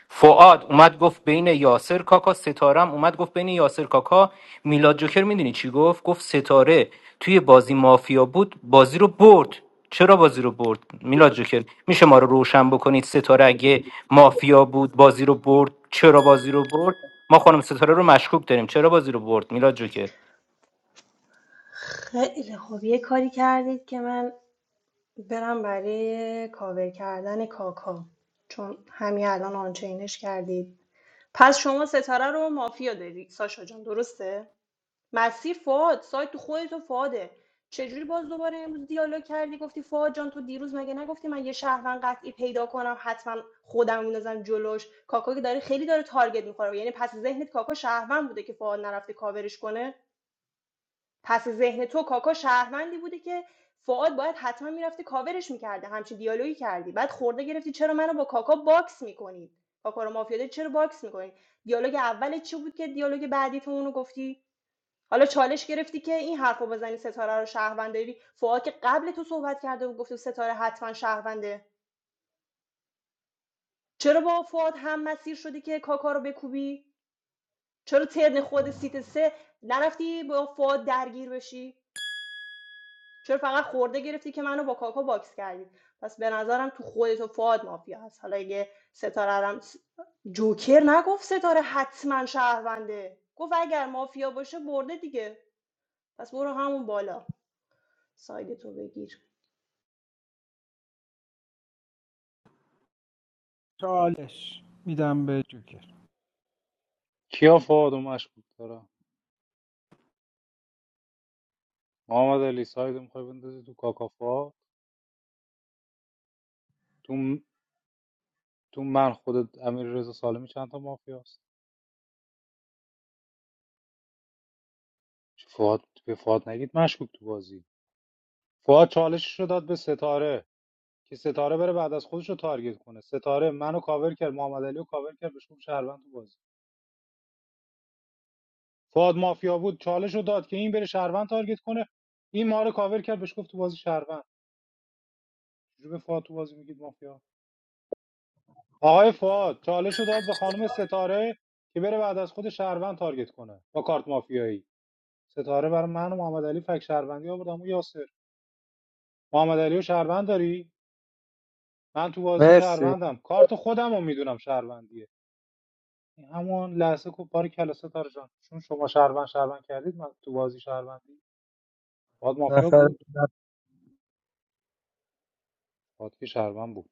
Speaker 7: فعاد اومد گفت بین یاسر کاکا ستارم اومد گفت بین یاسر کاکا میلاد جوکر میدونی چی گفت گفت ستاره توی بازی مافیا بود بازی رو برد چرا بازی رو برد میلاد جوکر میشه ما رو روشن بکنید ستاره اگه مافیا بود بازی رو برد چرا بازی رو برد ما خانم ستاره رو مشکوک داریم چرا بازی رو برد میلاد جوکر
Speaker 11: خیلی خوب یه کاری کردید که من برم برای کاور کردن کاکا چون همین الان آنچینش کردید پس شما ستاره رو مافیا داری ساشا جان درسته مسیر فاد سایت تو خودت و فاده چجوری باز دوباره امروز دیالوگ کردی گفتی فاد جان تو دیروز مگه نگفتی من یه شهروند قطعی پیدا کنم حتما خودم میندازم جلوش کاکا که داره خیلی داره تارگت میخوره یعنی پس ذهنت کاکا شهروند بوده که فاد نرفته کاورش کنه پس ذهن تو کاکا شهروندی بوده که فعاد باید حتما میرفته کاورش میکرده همچین دیالوگی کردی بعد خورده گرفتی چرا منو با کاکا باکس میکنید کاکا رو مافیا داری، چرا باکس میکنید دیالوگ اول چی بود که دیالوگ بعدی تو اونو گفتی حالا چالش گرفتی که این حرف رو بزنی ستاره رو شهروند داری فواد که قبل تو صحبت کرده و گفته ستاره حتما شهرونده چرا با فواد هم مسیر شدی که کاکا رو بکوبی چرا ترن خود سیت سه نرفتی با فواد درگیر بشی چرا فقط خورده گرفتی که منو با کاکا باکس کردی پس به نظرم تو خودت و فواد مافیا هست حالا اگه ستاره رو هم جوکر نگفت ستاره حتما شهرونده گفت اگر مافیا باشه برده دیگه پس برو همون بالا سایدتو بگیر
Speaker 8: چالش میدم به جوکر
Speaker 1: کیا فوادو مشکوک دارم محمد علی سایدو میخوای بندازی تو کاکا فواد تو م- تو من خودت امیر رضا سالمی چند تا مافیاست چه فواد به فواد نگید مشکوک تو بازی فواد چالشش رو داد به ستاره که ستاره بره بعد از خودش رو تارگت کنه ستاره منو کاور کرد محمد علی رو کاور کرد بهش گفت شهروند تو بازی فواد مافیا بود چالش رو داد که این بره شهروند تارگت کنه این ما رو کاور کرد بهش گفت تو بازی شهروند چجوری به فواد تو بازی میگید مافیا آقای فعاد چالش رو داد به خانم ستاره که بره بعد از خود شهروند تارگت کنه با کارت مافیایی ستاره برای من و محمد علی فک شهروندی آوردم و یاسر محمد علی و شهروند داری من تو بازی
Speaker 2: مرسی
Speaker 1: شهروندم کارت خودم رو میدونم شهروندیه این همون لحظه که باری کلا ستاره جان چون شما شهروند شهروند کردید من تو بازی شهروندی فعاد مافیا
Speaker 2: نفر
Speaker 1: بود
Speaker 2: نفر-
Speaker 1: فعاد که شهروند بود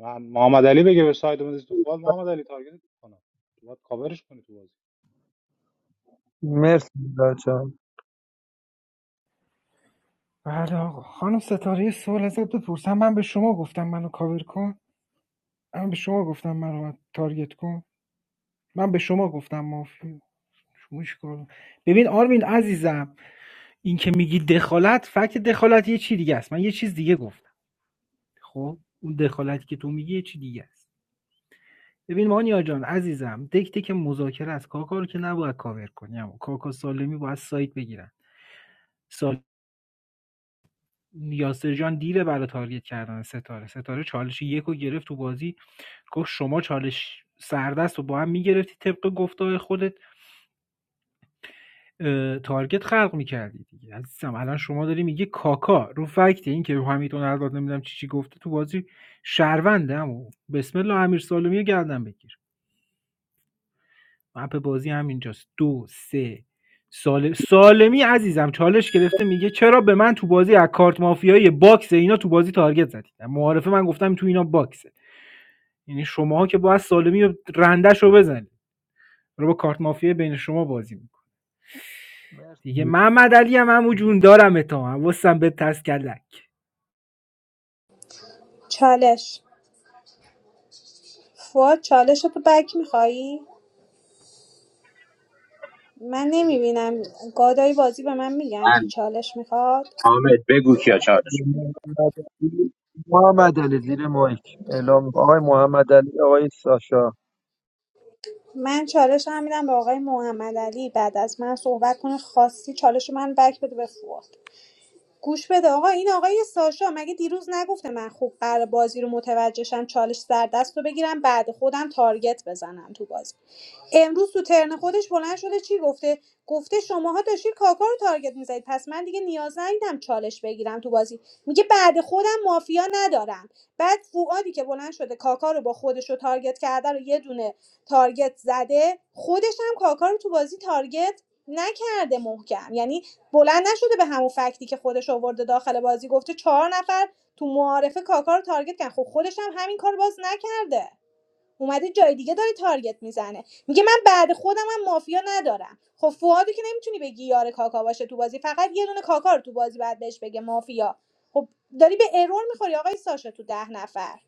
Speaker 1: من محمد علی بگه به ساید من تو فعاد محمد علی تارگت کنه تو باید کاورش کنی تو بازی
Speaker 2: مرسی میلاد جان
Speaker 8: بله آقا خانم ستاره یه سوال ازت بپرسم من به شما گفتم منو کاور کن من به شما گفتم منو تارگت کن من به شما گفتم مافیا شما ببین آرمین عزیزم این که میگی دخالت فکت دخالت یه چی دیگه است من یه چیز دیگه گفتم خب اون دخالتی که تو میگی یه چی دیگه است ببین مانیا جان عزیزم دکته که مذاکره است کاکا رو که نباید کاور کنی اما کاکا سالمی باید سایت بگیرن سال یاسر جان دیره برای تارگت کردن ستاره ستاره چالش یکو گرفت تو بازی گفت شما چالش سردست رو با هم میگرفتی طبق گفته خودت آآ، تارگت خلق میکردی دیگه عزیزم الان شما داری میگی کاکا رو فکت این که حمیدون الان نمی‌دونم چی چی گفته تو بازی شهرونده عمو بسم الله امیر سالمی رو گردن بگیر مپ بازی همینجاست ۲ 3 سال سالمی عزیزم چالش گرفته میگه چرا به من تو بازی از کارت مافیایی باکس اینا تو بازی تارگت زدید معارفه من گفتم تو اینا باکسه یعنی شماها که باید سالمی رندش رو رنده‌شو بزنید داره با کارت مافیایی بین شما بازی دیگه
Speaker 2: مرسی
Speaker 8: محمد علی هم همو جون دارم تا هم وستم به تست کلک
Speaker 13: چالش فواد چالش تو بک میخوایی؟ من نمیبینم گادای بازی به من میگن که
Speaker 6: من
Speaker 13: چالش میخواد
Speaker 6: حامد بگو کیا چارش
Speaker 2: محمد علی زیر مایک اعلام آقای محمد علی آقای ساشا
Speaker 13: من چالش هم میدم به آقای محمد علی بعد از من صحبت کنه خواستی چالش رو من بک بده به فواد گوش بده آقا این آقای ساشا مگه دیروز نگفته من خوب قرار بازی رو متوجهشم چالش سر دست رو بگیرم بعد خودم تارگت بزنم تو بازی امروز تو ترن خودش بلند شده چی گفته گفته شماها داشتید کاکا رو تارگت میزدید پس من دیگه نیاز ندیدم چالش بگیرم تو بازی میگه بعد خودم مافیا ندارم بعد فوادی که بلند شده کاکا رو با خودش رو تارگت کرده رو یه دونه تارگت زده خودش هم کاکا رو تو بازی تارگت نکرده محکم یعنی بلند نشده به همون فکتی که خودش آورده داخل بازی گفته چهار نفر تو معارفه کاکا رو تارگت کردن خب خودش هم همین کار باز نکرده اومده جای دیگه داره تارگت میزنه میگه من بعد خودم هم مافیا ندارم خب فوادو که نمیتونی بگی یار کاکا باشه تو بازی فقط یه دونه کاکا رو تو بازی بعد بهش بگه مافیا خب داری به ارور میخوری آقای ساشا تو ده نفر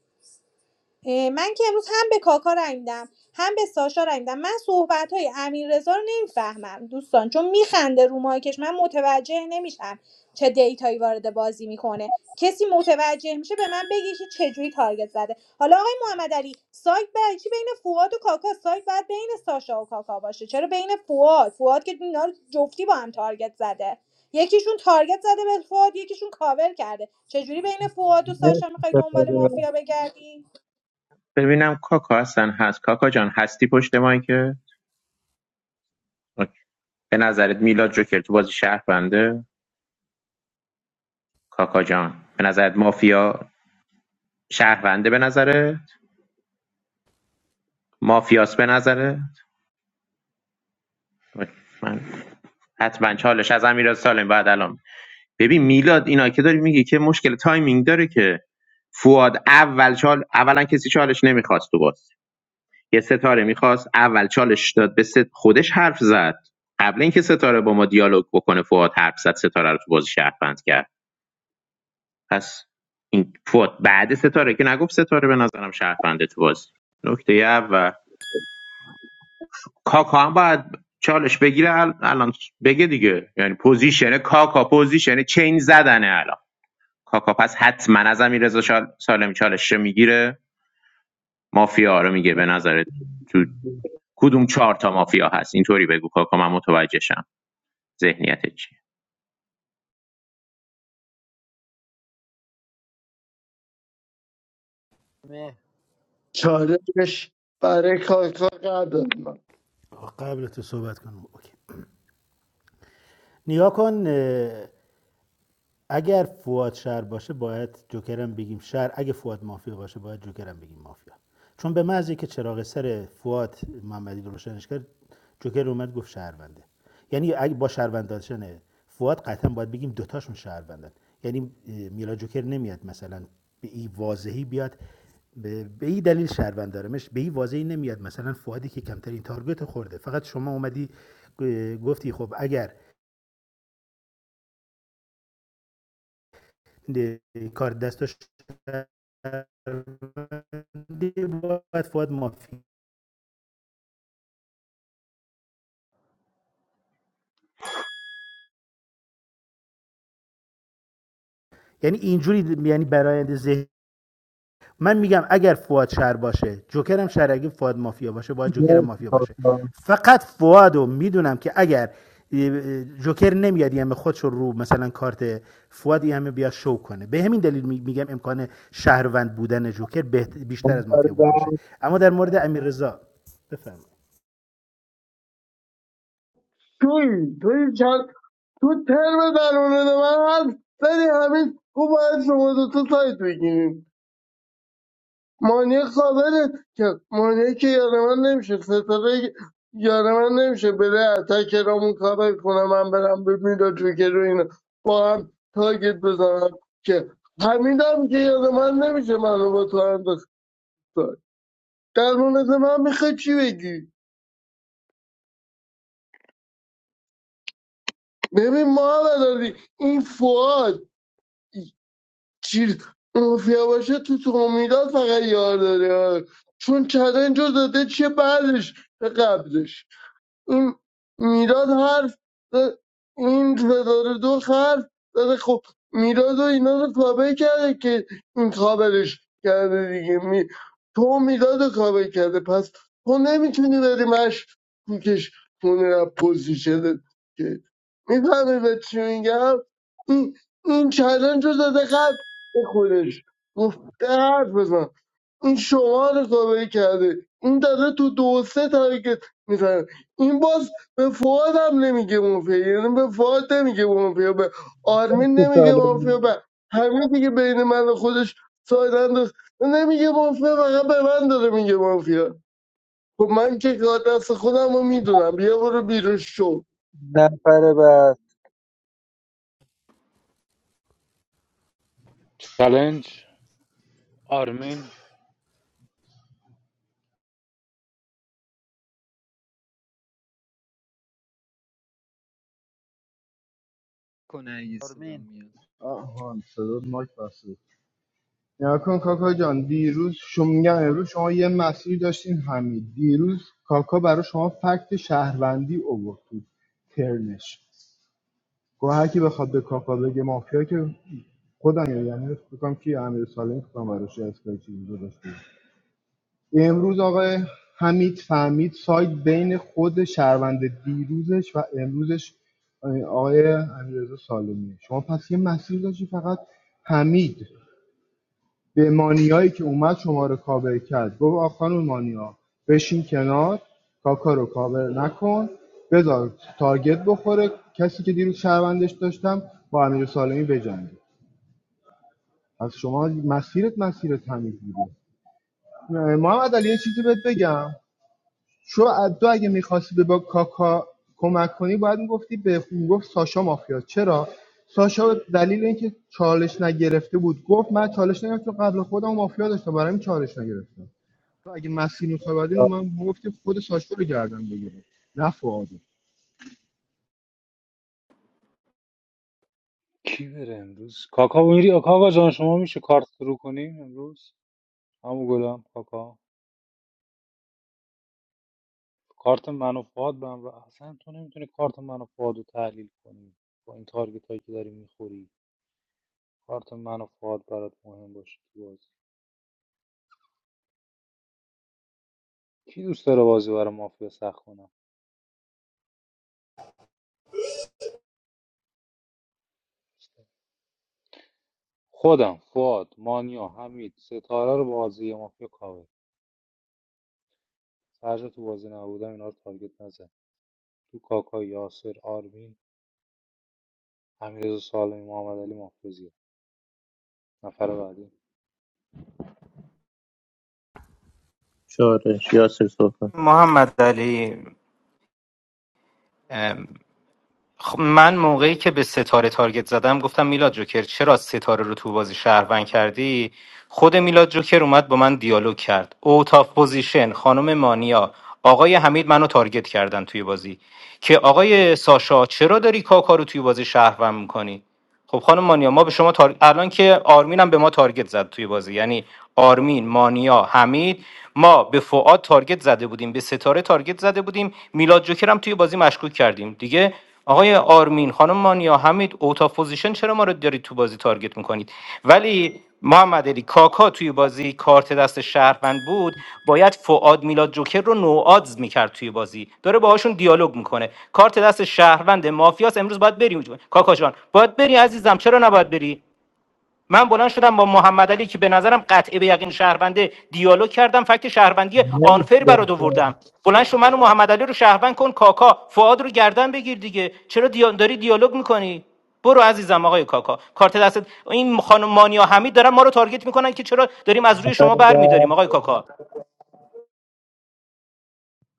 Speaker 13: اه، من که امروز هم به کاکا رای میدم هم به ساشا رای میدم من صحبت های امیر رو نمیفهمم دوستان چون میخنده رو مایکش من متوجه نمیشم چه دیتایی وارد بازی میکنه کسی متوجه میشه به من بگه که چجوری تارگت زده حالا آقای محمد علی سایت برای چی بین فواد و کاکا سایت باید بین ساشا و کاکا باشه چرا بین فواد فواد که اینا رو جفتی با هم تارگت زده یکیشون تارگت زده به فواد یکیشون کاور کرده چجوری بین فواد و ساشا
Speaker 2: مرسی
Speaker 13: میخوای دنبال
Speaker 2: ستاره
Speaker 13: مافیا بگردی
Speaker 6: ببینم کاکا هستن هست کاکا جان هستی پشت مایکه به نظرت میلاد جوکر تو بازی شهرونده کاکا جان به نظرت مافیا شهرونده به نظرت مافیاس به نظرت وای، من حتما چالش از امیر سالم بعد الان ببین میلاد اینا که داری میگی که مشکل تایمینگ داره که فواد اول چال اولا کسی چالش نمیخواست تو باز یه ستاره میخواست اول چالش داد به ست خودش حرف زد قبل اینکه ستاره با ما دیالوگ بکنه فواد حرف زد ستاره رو تو بازی شهروند کرد پس این فوت بعد ستاره که نگفت ستاره به نظرم شهرفنده تو بازی نکته اول کاکا هم باید چالش بگیره الان بگه دیگه یعنی پوزیشن کاکا پوزیشن چین زدنه الان کاکا پس حتما از امیر رضا شال- سالمی چالش میگیره مافیا رو میگه به
Speaker 2: مرسی
Speaker 6: نظرت تو کدوم چهار تا مافیا هست اینطوری بگو کاکا من متوجهشم ذهنیت چیه
Speaker 2: مه.
Speaker 14: چارش برای کار کار قدر من
Speaker 15: آقا قبل تو صحبت کنم اوکی نیا کن اگر فواد شهر باشه باید جوکرم بگیم شهر اگه فواد مافیا باشه باید جوکرم بگیم مافیا چون به محض که چراغ سر فواد محمدی رو روشنش کرد جوکر اومد گفت شهرونده یعنی اگه با شهروند داشتن فواد قطعا باید بگیم دوتاشون شهروندن یعنی اه، میلا جوکر نمیاد مثلا به این واضحی بیاد به این دلیل شهروند دارمش به این واضحی نمیاد مثلا فوادی که کمترین تارگت خورده فقط شما اومدی گفتی خب اگر de کار دست و شهروندی باید فواد مافی یعنی اینجوری یعنی برایند ذهن من میگم اگر فواد شهر باشه جوکرم شهر اگه فواد مافیا باشه باید جوکرم
Speaker 2: مرسی
Speaker 15: مافیا باشه
Speaker 2: پاسدار.
Speaker 15: فقط فوادو میدونم که اگر جوکر نمیاد یعنی خودش رو مثلا کارت فواد یعنی بیا شو کنه به همین دلیل میگم امکان شهروند بودن جوکر بهت- بیشتر از
Speaker 2: نفر
Speaker 15: مافیا
Speaker 2: بعد
Speaker 15: بودنشه اما در مورد امیر رضا
Speaker 14: توی توی تو ترم در مورد من حرف زدی همین گو باید شما دوتا سایت بگیریم مانیه قابله که مانیه که یار من نمیشه ستاره یار من نمیشه بره اتک رامون کابل کنه من برم به میلاد جوکر رو اینا با هم تاگت بزنم که همین هم که یار من نمیشه منو با تو انداخت در مورد من میخوای چی بگی ببین ما این فواد چیز مافیا باشه تو تومیدات فقط یار داره چون چلنج رو داده چه بعدش به قبلش این میلاد حرف زد- این ستاره دو حرف زده خب میلاد و اینا رو کابل کرده که این کابلش کرده دیگه می... تو میلاد رو کابل کرده پس تو نمیتونی بری مش کوکش کنی از پوزیشنت که میفهمی به چی میگم این این چلنج رو داده قبل به خودش گفته حرف بزن این شما رو کابل کرده این داره تو دو و سه تارگت میزنه این باز به فواد هم نمیگه مافیا یعنی به فواد نمیگه مافیا به آرمین
Speaker 2: تو
Speaker 14: نمیگه مافیا
Speaker 2: سالمی
Speaker 14: به همه دیگه بین من و خودش ساید انداخت نمیگه مافیا فقط به من داره میگه مافیا خب من که کار دست خودم رو میدونم بیا برو بیرون شو
Speaker 2: نفر بعد
Speaker 1: چالش آرمین
Speaker 10: کنه اگه صدام
Speaker 2: آرمین
Speaker 10: میاد
Speaker 12: آهان صدا ماک بسته نیا کن کاکا جان دیروز شما میگم امروز شما یه مسیری داشتین همین دیروز کاکا برای شما فکت شهروندی اوورد تو ترنش گوه هر کی بخواد به کاکا بگه مافیا که خودم یعنی فکر کنم که امیر سالم فکر کنم براش اسکای چیزی گذاشته امروز آقای حمید فهمید سایت بین خود شهروند دیروزش و امروزش آقای امیررضا سالمیه شما پس یه مسیر داشتی فقط حمید به مانیایی که اومد شما رو کاور کرد گفت آ خانم مانیا بشین کنار کاکا رو کاور نکن بذار تارگت بخوره کسی که دیروز شهروندش داشتم با امیر سالمی بجنگه پس شما مسیرت مسیرت حمید بوده محمد علی یه چیزی بهت بگم چون تو اگه میخواستی به با کاکا کمک کنی باید میگفتی به میگفت ساشا مافیا چرا ساشا دلیل اینکه چالش نگرفته بود گفت من چالش نگرفتم چون قبل خودم مافیا داشتم برای این چالش نگرفتم تو اگه مسیر میخوای من گفتی خود ساشا رو گردن بگیره نه فعاده
Speaker 1: کی بره امروز کاکا میری کاکا جان شما میشه کارت رو کنیم امروز همو گلم کاکا کارت من و فواد به هم راه- اصلا تو نمیتونی کارت من و فواد رو تحلیل کنی با این تارگت هایی که داری میخوری کارت من و فواد برات مهم باشه تو بازی کی دوست داره بازی برای مافیا سخت کنم خودم فواد مانیا حمید ستاره رو بازی مافیا کاور فرض تو بازی نبودم اینا رو تارگت نزن تو کاکا یاسر آرمین امیررضا سالمی محمد علی مافیا زیاد. نفر بعدی
Speaker 6: چالش یاسر صحبت
Speaker 7: محمد علی خب من موقعی که به ستاره تارگت زدم گفتم میلاد جوکر چرا ستاره رو تو بازی شهروند کردی خود میلاد جوکر اومد با من دیالوگ کرد اوت آف پوزیشن خانم مانیا آقای حمید منو تارگت کردن توی بازی که آقای ساشا چرا داری کاکا رو توی بازی شهروند میکنی خب خانم مانیا ما به شما تار... الان که آرمین هم به ما تارگت زد توی بازی یعنی آرمین مانیا حمید ما به فعاد تارگت زده بودیم به ستاره تارگت زده بودیم میلاد جوکر هم توی بازی مشکوک کردیم دیگه آقای آرمین خانم مانیا حمید اوتا پوزیشن چرا ما رو دارید تو بازی تارگت میکنید ولی محمد علی کاکا توی بازی کارت دست شهروند بود باید فعاد میلاد جوکر رو نوآدز میکرد توی بازی داره باهاشون دیالوگ میکنه کارت دست شهروند مافیاس امروز باید بریم کاکا جان باید بری عزیزم چرا نباید بری من بلند شدم با محمد علی که به نظرم قطعه به یقین شهربنده دیالوگ کردم فکت شهربندی آنفر
Speaker 2: مرسی
Speaker 7: برات
Speaker 2: آسان.
Speaker 7: آوردم بلند شو منو محمد علی رو شهروند کن کاکا فعاد رو گردن بگیر دیگه چرا دیا- داری دیالوگ میکنی برو عزیزم آقای کاکا کارت دست این خانم مانیا حمید دارن ما رو تارگت میکنن که چرا داریم از روی
Speaker 2: نفر
Speaker 7: شما برمیداریم
Speaker 2: بعد
Speaker 7: آقای کاکا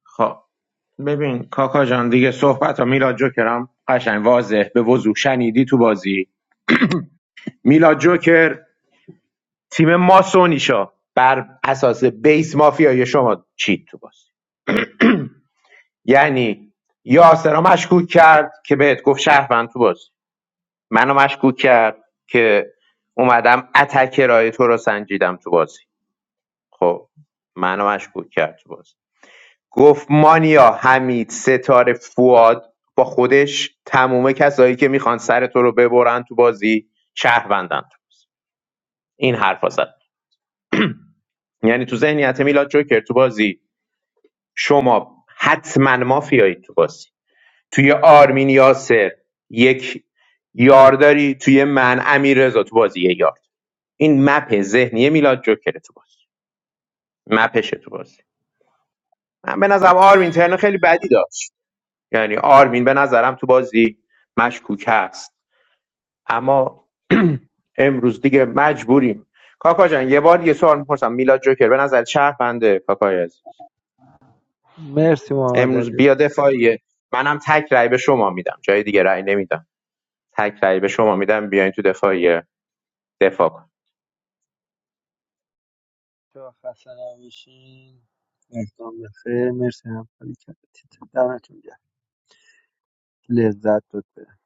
Speaker 6: خب ببین کاکا جان دیگه صحبت ها میلاد جوکرم قشنگ واضح به وضوح شنیدی تو بازی میلاد جوکر تیم ماسونیشا بر اساس بیس مافیای شما چید تو بازی یعنی یاسر را مشکوک کرد که بهت گفت شهروند تو بازی منو مشکوک کرد که اومدم اتک رای تو رو سنجیدم تو بازی خب منو مشکوک کرد تو بازی گفت مانیا حمید ستاره فواد با خودش تموم کسایی که میخوان سر تو رو ببرن تو بازی شهروندن تو بازی. این حرفا زد یعنی تو ذهنیت میلاد جوکر تو بازی شما حتما مافیایی تو بازی توی آرمین یاسر یک یار داری توی من امیر رضا تو بازی یه یار این مپ ذهنی میلاد جوکر تو بازی مپشه تو بازی من به نظرم آرمین ترن خیلی بدی داشت یعنی آرمین به نظرم تو بازی مشکوک هست اما امروز دیگه مجبوریم کاکا جان یه بار یه سوال میپرسم میلاد جوکر به نظر شهرونده کاکای عزیز
Speaker 2: مرسی محمد
Speaker 6: امروز
Speaker 2: علی
Speaker 6: بیا دفاعیه منم تک رأی به شما میدم جای دیگه رأی نمیدم تک رأی به شما میدم بیاین تو دفاعیه دفاع کن
Speaker 2: شاه خسته نباشین مردم بخیر مرسی همکاری کردید دمتون گرم لذت داد بره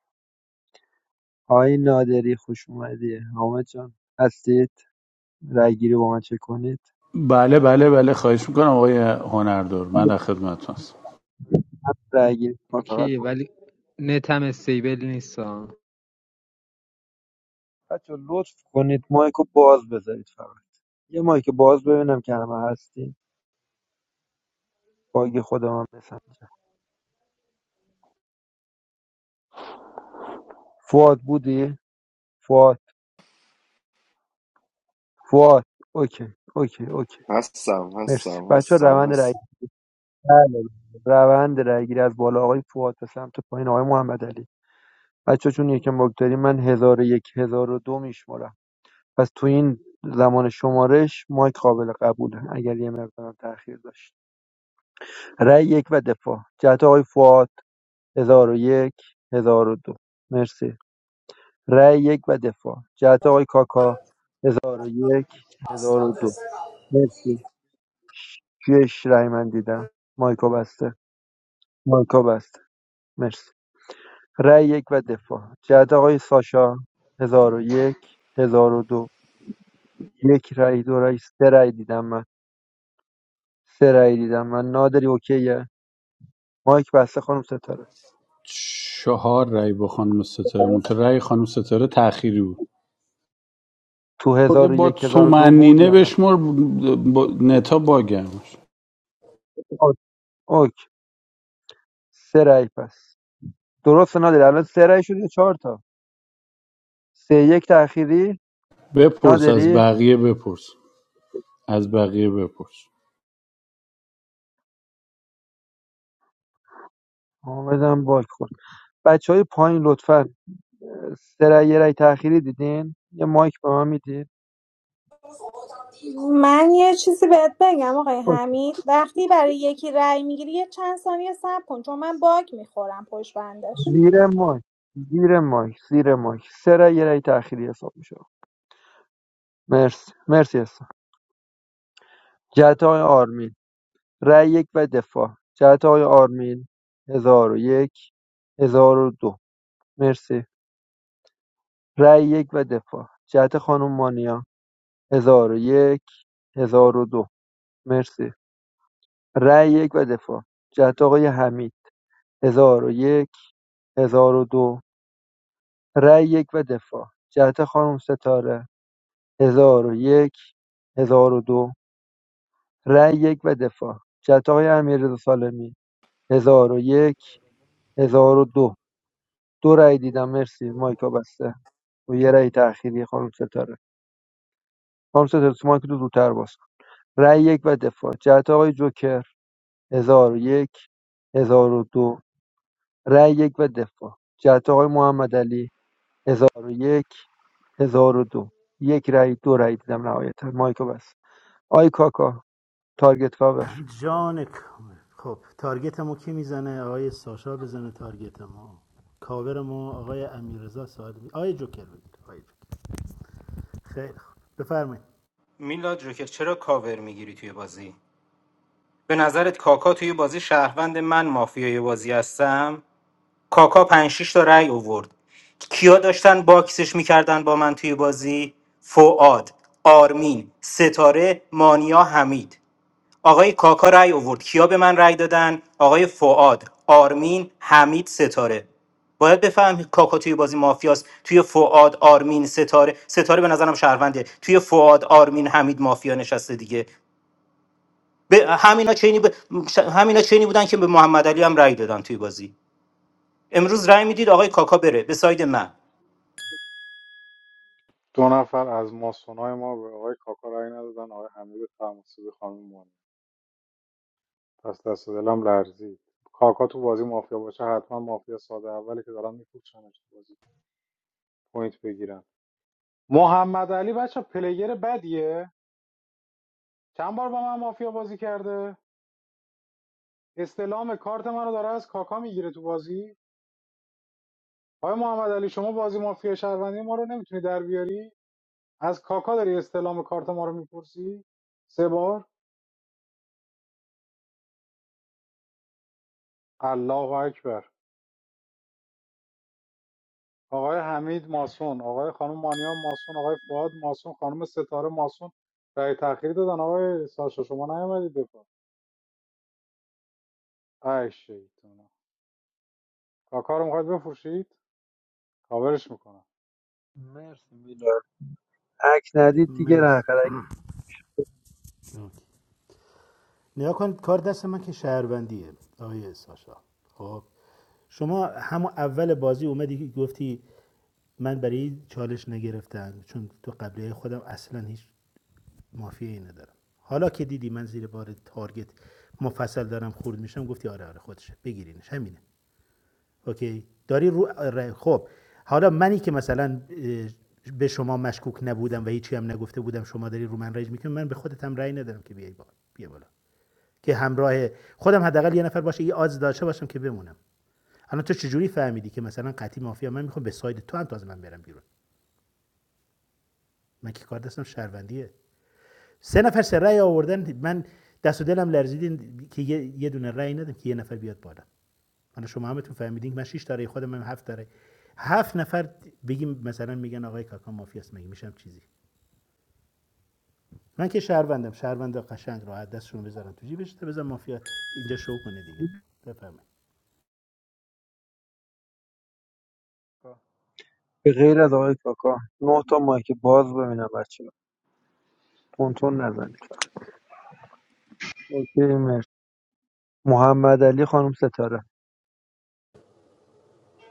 Speaker 2: آقای نادری خوش اومدی حامد جان هستید رای گیری با من چه کنید
Speaker 16: بله بله بله خواهش میکنم آقای هنردار من در خدمتتون هستم
Speaker 2: رای گیری ما فقط
Speaker 10: اوکی
Speaker 2: با-
Speaker 10: ولی نتم استیبل نیست ها
Speaker 2: بچه‌ها لطف کنید مایکو باز بذارید فقط یه مایک باز ببینم که همه هستیم باگ خودم هم بسنجم فواد بودی فواد فواد اوکی اوکی اوکی
Speaker 4: هستم
Speaker 2: مرسی
Speaker 4: هستم
Speaker 2: بچه
Speaker 4: هستم
Speaker 2: روند رای
Speaker 4: هستم
Speaker 2: بله. روند رای گیری از بالا آقای فواد به سمت پایین آقای محمد علی بچه چون یکم باگ داریم من هزار و یک هزار و دو میشمارم پس تو این زمان شمارش مایک قابل قبوله اگر یه مقدارم تاخیر داشت رای یک و دفاع جهت آقای فواد هزار و یک هزار و دو مرسی رای یک و دفاع جهت آقای کاکا 1001 1002 مرسی شش رای من دیدم مایکا بسته مایکا بسته مرسی رای یک و دفاع جهت آقای ساشا 1001 1002 یک هزار و دو. یک رأی دو رأی سه رأی دیدم من سه رأی دیدم من نادری اوکیه مایک بسته خانم ستاره
Speaker 16: چهار رأی با خانم ستاره مونتا رأی خانم ستاره تأخیری بود
Speaker 2: تو
Speaker 16: خورده با
Speaker 2: 1001 1002 بود
Speaker 16: تومنینه
Speaker 2: یا نه
Speaker 16: بشمر با نتا باگم
Speaker 2: اوک اوک. سه رأی پس درست نادری الان سه رأی شد یا چهار تا سه یک تأخیری
Speaker 16: بپرس از
Speaker 2: نادری
Speaker 16: بقیه بپرس از بقیه بپرس
Speaker 2: حامدم باک خورد بچه های پایین لطفا سه رای یه رأی تأخیری دیدین یه مایک به من میدید
Speaker 13: من یه چیزی بهت بگم آقای
Speaker 2: اوکی.
Speaker 13: حمید وقتی برای یکی رأی میگیری یه چند ثانیه صبر کن چون من باگ میخورم پشت بندش
Speaker 2: زیر مایک زیر مایک زیر مایک سه رای یه رأی تأخیری حساب میشه مرسی مرسی هستم جهت های آرمین رأی یک و دفاع جهت های آرمین هزار و یک هزار و دو مرسی رای یک و دفاع جهت خانم مانیا هزار و یک هزار و دو مرسی رای یک و دفاع جهت آقای حمید هزار و یک هزار و دو رای یک و دفاع جهت خانم ستاره هزار و یک هزار و دو رای یک و دفاع جهت آقای امیررضا سالمی هزار و یک هزار و دو دو رای دیدم مرسی مایکا بسته و یه رای تأخیری خانم ستاره خانم ستاره تو مایک رو زودتر باز کن رای یک و دفاع جهت آقای جوکر هزار و یک هزار و دو رای یک و دفاع جهت آقای محمد علی هزار و یک هزار و دو یک رای دو رای دیدم نهایتا مایکو بس آی کاکا تارگت کاور
Speaker 15: جان کامل. خب تارگت ما کی میزنه آقای ساشا بزنه تارگت ما کاور ما آقای امیرزا سوال می آقای جوکر بگیر آقای جوکر خیلی خوب بفرمایید
Speaker 7: میلاد جوکر چرا کاور میگیری توی بازی به نظرت کاکا توی بازی شهروند من مافیای بازی هستم کاکا 5 6 تا رأی آورد کیا داشتن باکسش میکردن با من توی بازی فعاد آرمین ستاره مانیا حمید آقای کاکا رأی آورد کیا به من رأی دادن آقای فعاد آرمین حمید ستاره باید بفهم کاکا توی بازی مافیاست توی فعاد آرمین ستاره ستاره به نظرم شهرونده توی فعاد آرمین حمید مافیا نشسته دیگه به همینا چینی ب... ش- همینا چینی بودن که به محمد علی هم رأی دادن توی بازی امروز رأی میدید آقای کاکا بره به ساید من
Speaker 1: دو نفر از ماسونای ما به آقای کاکا رأی ندادن آقای حمید فرماسبی خانم مانی پس دست و دلم لرزید کاکا تو بازی مافیا باشه حتما مافیا ساده اولی که دارن میفروشنش تو بازی پوینت بگیرن محمد علی بچه پلیر بدیه چند بار با من مافیا بازی کرده استلام کارت منو داره از کاکا میگیره تو بازی آقای محمد علی شما بازی مافیا شهروندی ما رو نمیتونی در بیاری از کاکا داری استلام کارت ما رو میپرسی سه بار الله اکبر آقای حمید ماسون آقای خانم مانیا ماسون آقای فؤاد ماسون خانم ستاره ماسون رأی تأخیری دادن آقای ساشا شما نیومدید دفاع ای شیطانا کاکا رو میخواید بفروشید کاورش میکنم
Speaker 2: مرسی میلاد عکس ندید دیگه
Speaker 15: مرسی
Speaker 2: رنخرک
Speaker 15: اوکی. کنید کار دست من که شهروندیه آقای ساشا خب شما همون اول بازی اومدی گفتی من برای چالش نگرفتم چون تو قبلی خودم اصلا هیچ مافیایی ندارم حالا که دیدی من زیر بار تارگت مفصل دارم خورد میشم گفتی آره آره خودشه بگیرینش همینه اوکی داری رو ر- خب حالا منی که مثلا به شما مشکوک نبودم و هیچی هم نگفته بودم شما داری رو من رج میکنی من به خودت هم رأی ندارم که بیای بالا بیا بالا که همراه خودم حداقل یه نفر باشه یه آز داشته باشم که بمونم الان تو چجوری فهمیدی که مثلا قطعی مافیا من میخوام به ساید تو هم تازه من برم بیرون من که کار دستم شهروندیه سه نفر سه رأی آوردن من دست و دلم لرزید که یه, یه دونه رأی ندم که یه نفر بیاد بالا حالا شما همتون فهمیدین من 6 داره خودم هم 7 داره هفت نفر بگیم مثلا میگن آقای کاکا مافیاست مگه میشم چیزی من که شهروندم شهروند قشنگ راحت دستشون بذارم تو جیبش تا بزن مافیا اینجا شو کنه دیگه بفهمه
Speaker 2: به غیر از آقای کاکا نه تا مایک باز ببینم بچه تونتون نزنید اوکی مرسی محمد علی خانم ستاره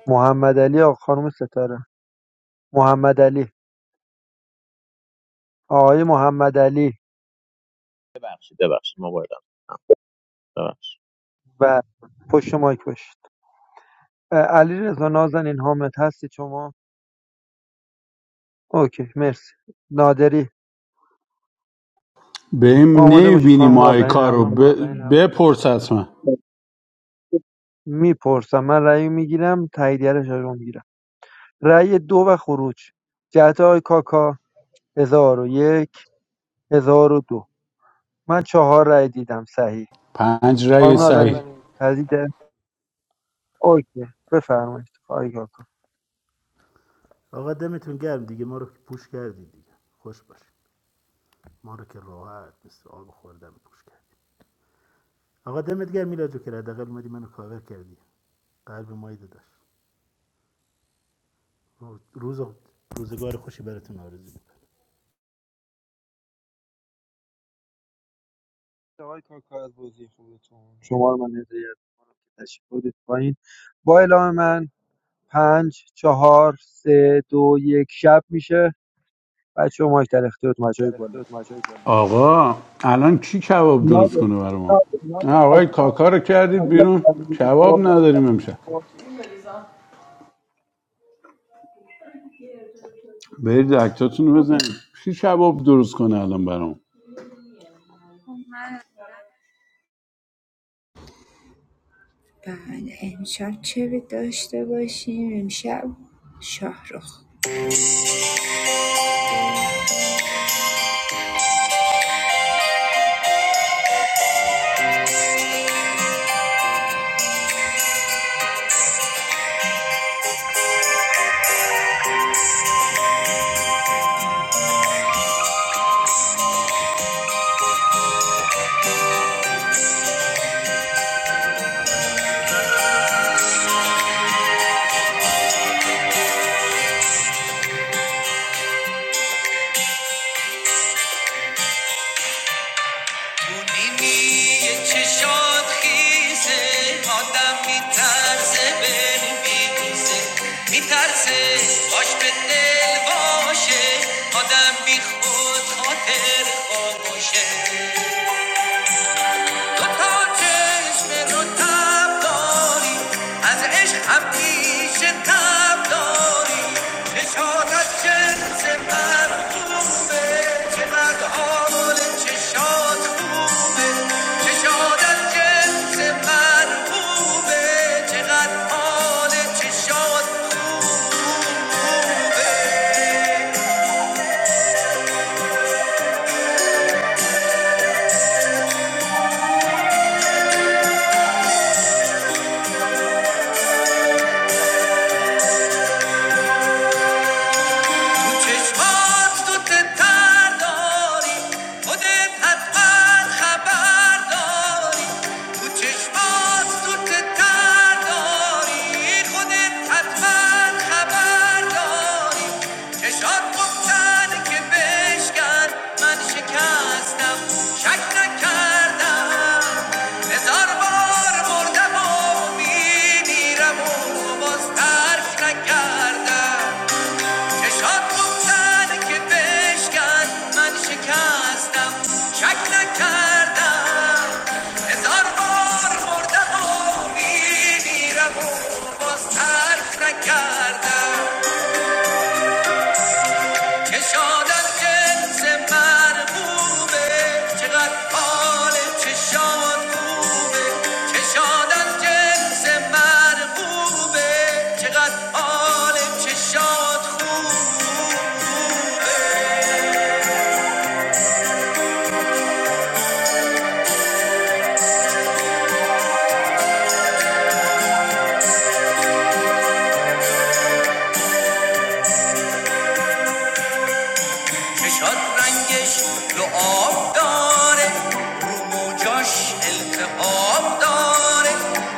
Speaker 2: محمد علی آقا خانم ستاره محمد علی آقای محمد علی
Speaker 6: ببخشید ببخشید موبایلم ببخشید
Speaker 2: و پشت مایک باشید علی رضا نازنین حامد هستی شما اوکی مرسی نادری
Speaker 16: بهم
Speaker 2: آماده باشید
Speaker 16: نمیبینی
Speaker 2: خانم نازنین
Speaker 16: مایکا رو
Speaker 2: هم
Speaker 16: ب... بپرس از من
Speaker 2: میپرسم من رأی میگیرم تاییدیه‌اش رو میگیرم رأی دو و خروج جهت آقای کاکا هزار و یک هزار و دو من چهار رأی دیدم صحیح
Speaker 16: پنج رأی
Speaker 2: خانم
Speaker 16: صحیح
Speaker 2: نازنین تایید اوکی بفرمایید آقای کاکا
Speaker 15: آقا دمتون گرم دیگه ما رو که پوش کردید دیگه خوش باش ما رو که راحت مثل آب خوردم پوش کردید آقا دمت گرم میلاد جو که حداقل اومدی منو کاور کردی قلب مایی داشت روز روزگار خوشی براتون آرزو میکنم
Speaker 2: آقای کاکا از بازی خودتون شما رو من هدایت کنم که تشریف بودید پایین با اعلام من پنج چهار سه دو یک شب میشه بچه مایک در اختیارتون بچه‌های بالا
Speaker 16: آقا الان کی کباب درست کنه برای ما نه آقای کاکا رو کردید بیرون کباب نداریم امشب برید اکتاتون رو بزنید کی کباب درست کنه الان برام
Speaker 3: بله امشب چه داشته باشیم امشب شاهرخ تو نیمی چشات خیزه آدم میترسه بر میریزه میترسه باش به دل باشه آدم بی خود خاطر خاموشه تو تا چشم رو تب داری از عشق همیشه تب داری چشات از جنس مرغوبه چقدر حال چشات خوبه چشات از جنس مرغوبه چقدر حال چشات خوبه تو چشمات تو که داری خودت حتما خبر داری تو چشمات تو که داری خودت حتما خبر داری چشات گفتن که بشکن من شکستم شک نکردم هزار بار مردم و میمیرم و باز ترک نکردم چشات بود زده که بشکن من شکستم شک نکردم هزار بار مردم و میمیرم و باز ترک نکردم چشات از جنس من بومه چقدر حال چشات بومه چشات از جنس من بومه چقدر حال چشات خوبه چشاد رنگش دو آب داره رو موجاش التهاب داره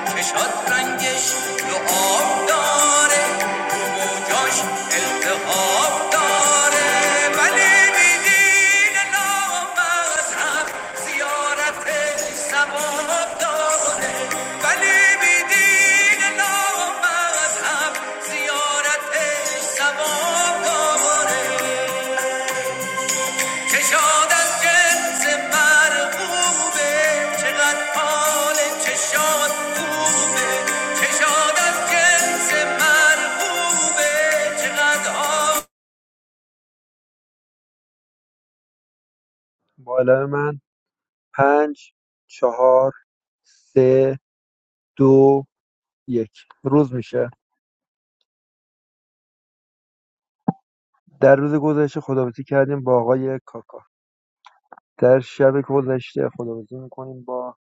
Speaker 3: چشاد رنگش دو آب داره رو موجاش التهاب داره ولی بیدین نامذهب زیارت ثواب داره ولی بیدین نامذهب زیارت ثواب داره کشاد از جنس مرغوبه چقدر حال چشاد خوبه کشاد از جنس مرغوبه چقدر حال
Speaker 2: بالا من پنج چهار سه دو یک روز میشه در روز گذشته خداحافظی کردیم با آقای کاکا در شب گذشته خداحافظی میکنیم با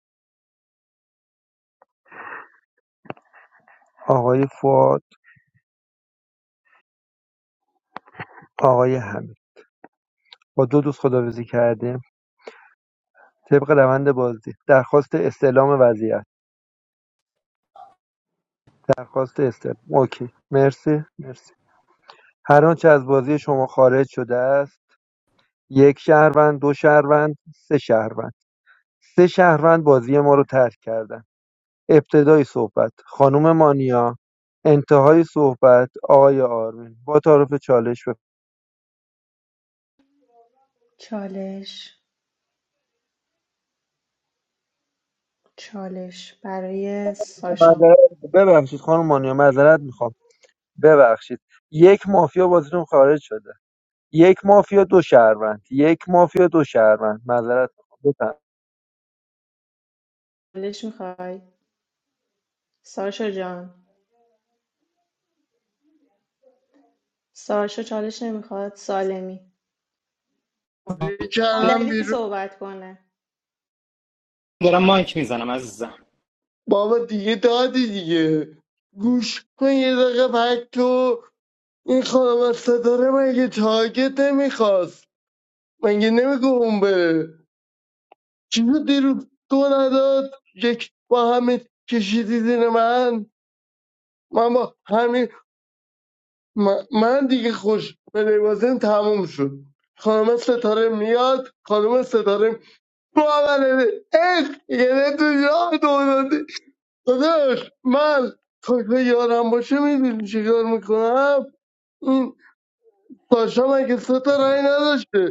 Speaker 2: آقای فواد آقای حمید با دو دوست خداحافظی کردیم طبق روند بازی درخواست استعلام وضعیت درخواست استعلام اوکی مرسی مرسی هر آنچه از بازی شما خارج شده است یک شهروند دو شهروند سه شهروند سه شهروند بازی ما رو ترک کردن ابتدای صحبت خانم مانیا انتهای صحبت آقای آرمین با تعارف چالش
Speaker 11: چالش چالش برای ساشا
Speaker 2: بفرمایید. ببخشید خانم مانیا معذرت میخوام ببخشید یک مافیا بازیتون خارج شده یک مافیا دو شهروند یک مافیا دو شهروند معذرت میخوام بفرمایید.
Speaker 11: چالش میخوای ساشا جان ساشا چالش نمیخواد سالمی
Speaker 14: مافیا کردم
Speaker 11: مادری
Speaker 14: بیرون
Speaker 11: صحبت کنه
Speaker 7: دارم مایک میزنم عزیزم
Speaker 14: بابا دیگه دادی دیگه گوش کن یه دقیقه تو این خانم از ستاره مگه تاگت نمیخواست مگه نمیگه اون بره چیزو دیروز تو نداد یک با همه کشیدی زیر من من با همین من من دیگه خوش به لباسم تموم شد خانم ستاره میاد خانم ستاره باوره اخ یه تو جا دوزده داداش من تو که یارم باشه میدونی چیکار میکنم این ساشا مگه سه تا رای نداشته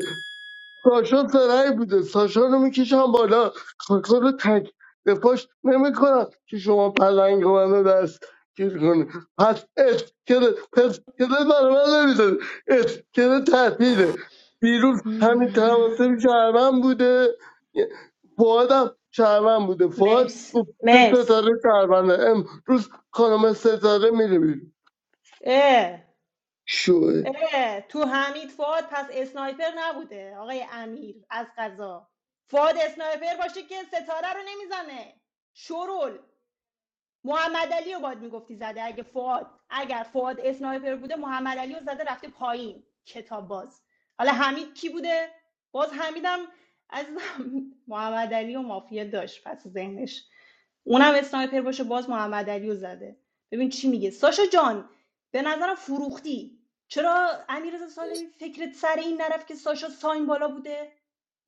Speaker 14: ساشا زرنگ بوده ساشا رو میکشم بالا کاکا رو تک دفاش نمیکنم که شما پلنگ منو دست گیر کنی پس اتکره پس کره برای من نمیزنی اتکره تحتیله دیروز همین تماسه شهرم بوده فواد هم شهرم بوده فواد
Speaker 11: مرس
Speaker 14: گفته
Speaker 11: مرس
Speaker 14: ستاره شهرمنده امروز خانم ستاره میره بیرون
Speaker 11: اه
Speaker 14: شوه
Speaker 11: اه تو حمید فاد پس اسنایپر نبوده آقای امیر از قضا فاد اسنایپر باشه که ستاره رو نمیزنه شرول محمد علی رو باید میگفتی زده اگه فواد اگر فواد اسنایپر بوده محمد علی رو زده رفته پایین کتاب باز حالا حمید کی بوده باز حمیدم از محمد علی و مافیا داشت پس ذهنش اونم اسنایپر باشه باز محمد علی رو زده ببین چی میگه ساشا جان به نظرم فروختی چرا امیرزا سالمی فکرت سر این نرفت که ساشا ساین بالا بوده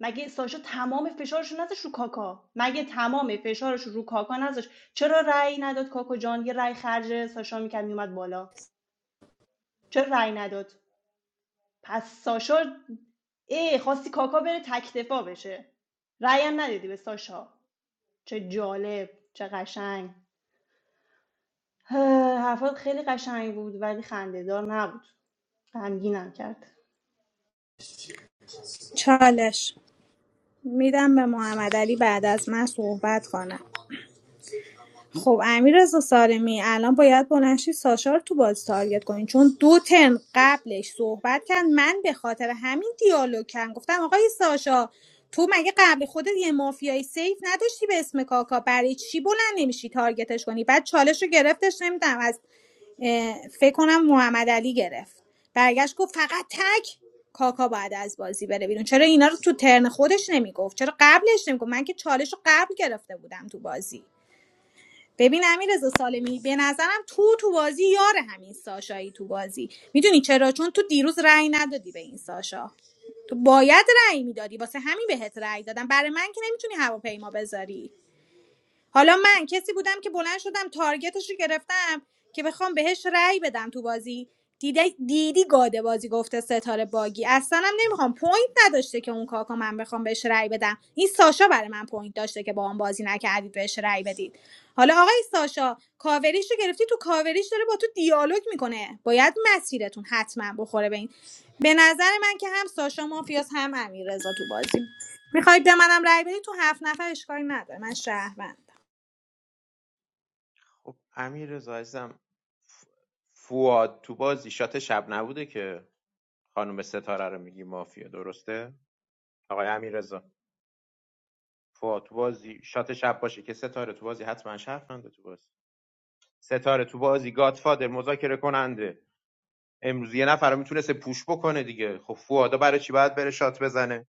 Speaker 11: مگه ساشا تمام فشارش رو نذاشت رو کاکا مگه تمام فشارش رو کاکا نذاشت چرا رأی نداد کاکو جان یه رأی خرج ساشا میکرد میومد بالا چرا رأی نداد پس ساشا ای خواستی کاکا بره تک دفاع بشه رأی هم ندادی به ساشا چه جالب چه قشنگ هه، حرفات خیلی قشنگ بود ولی خندهدار نبود غمگینم کرد
Speaker 13: چالش میدم به محمد علی بعد از من صحبت کنم خب امیررضا سالمی الان باید بلند شی ساشا رو تو بازی تارگت کنین چون دو ترم قبلش صحبت کرد من به خاطر همین دیالوگ کردم گفتم آقای ساشا تو مگه قبل خودت یه مافیای سیف نداشتی به اسم کاکا برای چی بلند نمیشی تارگتش کنی بعد چالش رو گرفتش نمیدونم از اه، فکر کنم محمد علی گرفت برگشت گفت فقط تک کاکا باید از بازی بره بیرون چرا اینا رو تو ترن خودش نمیگفت چرا قبلش نمیگفت من که چالش رو قبل گرفته بودم تو بازی ببین امیررضا سالمی به نظرم تو تو بازی یار همین ساشایی تو بازی میدونی چرا چون تو دیروز رأی ندادی به این ساشا تو باید رأی میدادی واسه همین بهت رأی دادم برای من که نمیتونی هواپیما بذاری حالا من کسی بودم که بلند شدم تارگتش رو گرفتم که بخوام بهش رأی بدم تو بازی دیدی, دیدی گاده بازی گفته ستاره باگی اصلا هم نمیخوام پوینت نداشته که اون کاکا من بخوام بهش رأی بدم این ساشا برای من پوینت داشته که با هم بازی نکردید بهش رأی بدید حالا آقای ساشا کاوریش رو گرفتی تو کاوریش داره با تو دیالوگ میکنه باید مسیرتون حتما بخوره به این به نظر من که هم ساشا مافیاس هم امیررضا تو بازی میخواید به منم رأی بدید تو هفت نفر اشکالی نداره من شهروند
Speaker 6: خب امیر رضا عزیزم ف- فواد تو بازی شات شب نبوده که خانم ستاره رو میگی مافیا درسته آقای امیر فا تو بازی شات شب باشه که ستاره تو بازی حتما شرفنده تو بازی ستاره تو بازی گادفادر مذاکره کننده امروز یه نفر میتونسته پوش بکنه دیگه خب فوادا برای چی باید بره شات بزنه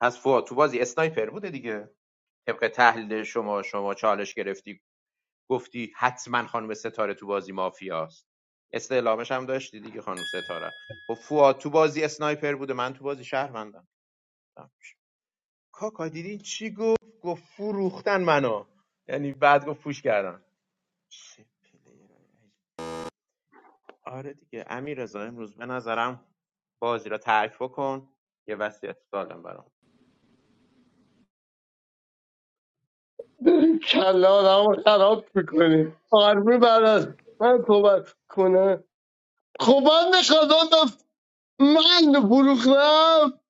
Speaker 6: پس فواد تو بازی اسنایپر بوده دیگه طبق تحلیل شما شما چالش گرفتی گفتی حتما خانم ستاره تو بازی مافیاست استعلامش هم داشتی دیگه خانم ستاره خب فواد تو بازی اسنایپر بوده من تو بازی شهروندم کاکا دیدی چی گفت گفت فروختن منو یعنی بعد گفت پوش کردن چه پلیر آره دیگه امیر رضا امروز به نظرم بازی را تعریف کن یه وصیت سالم برام
Speaker 14: کله آدم رو خراب میکنید آرمی بعد از من صحبت کنه خب من به خدام من فروختم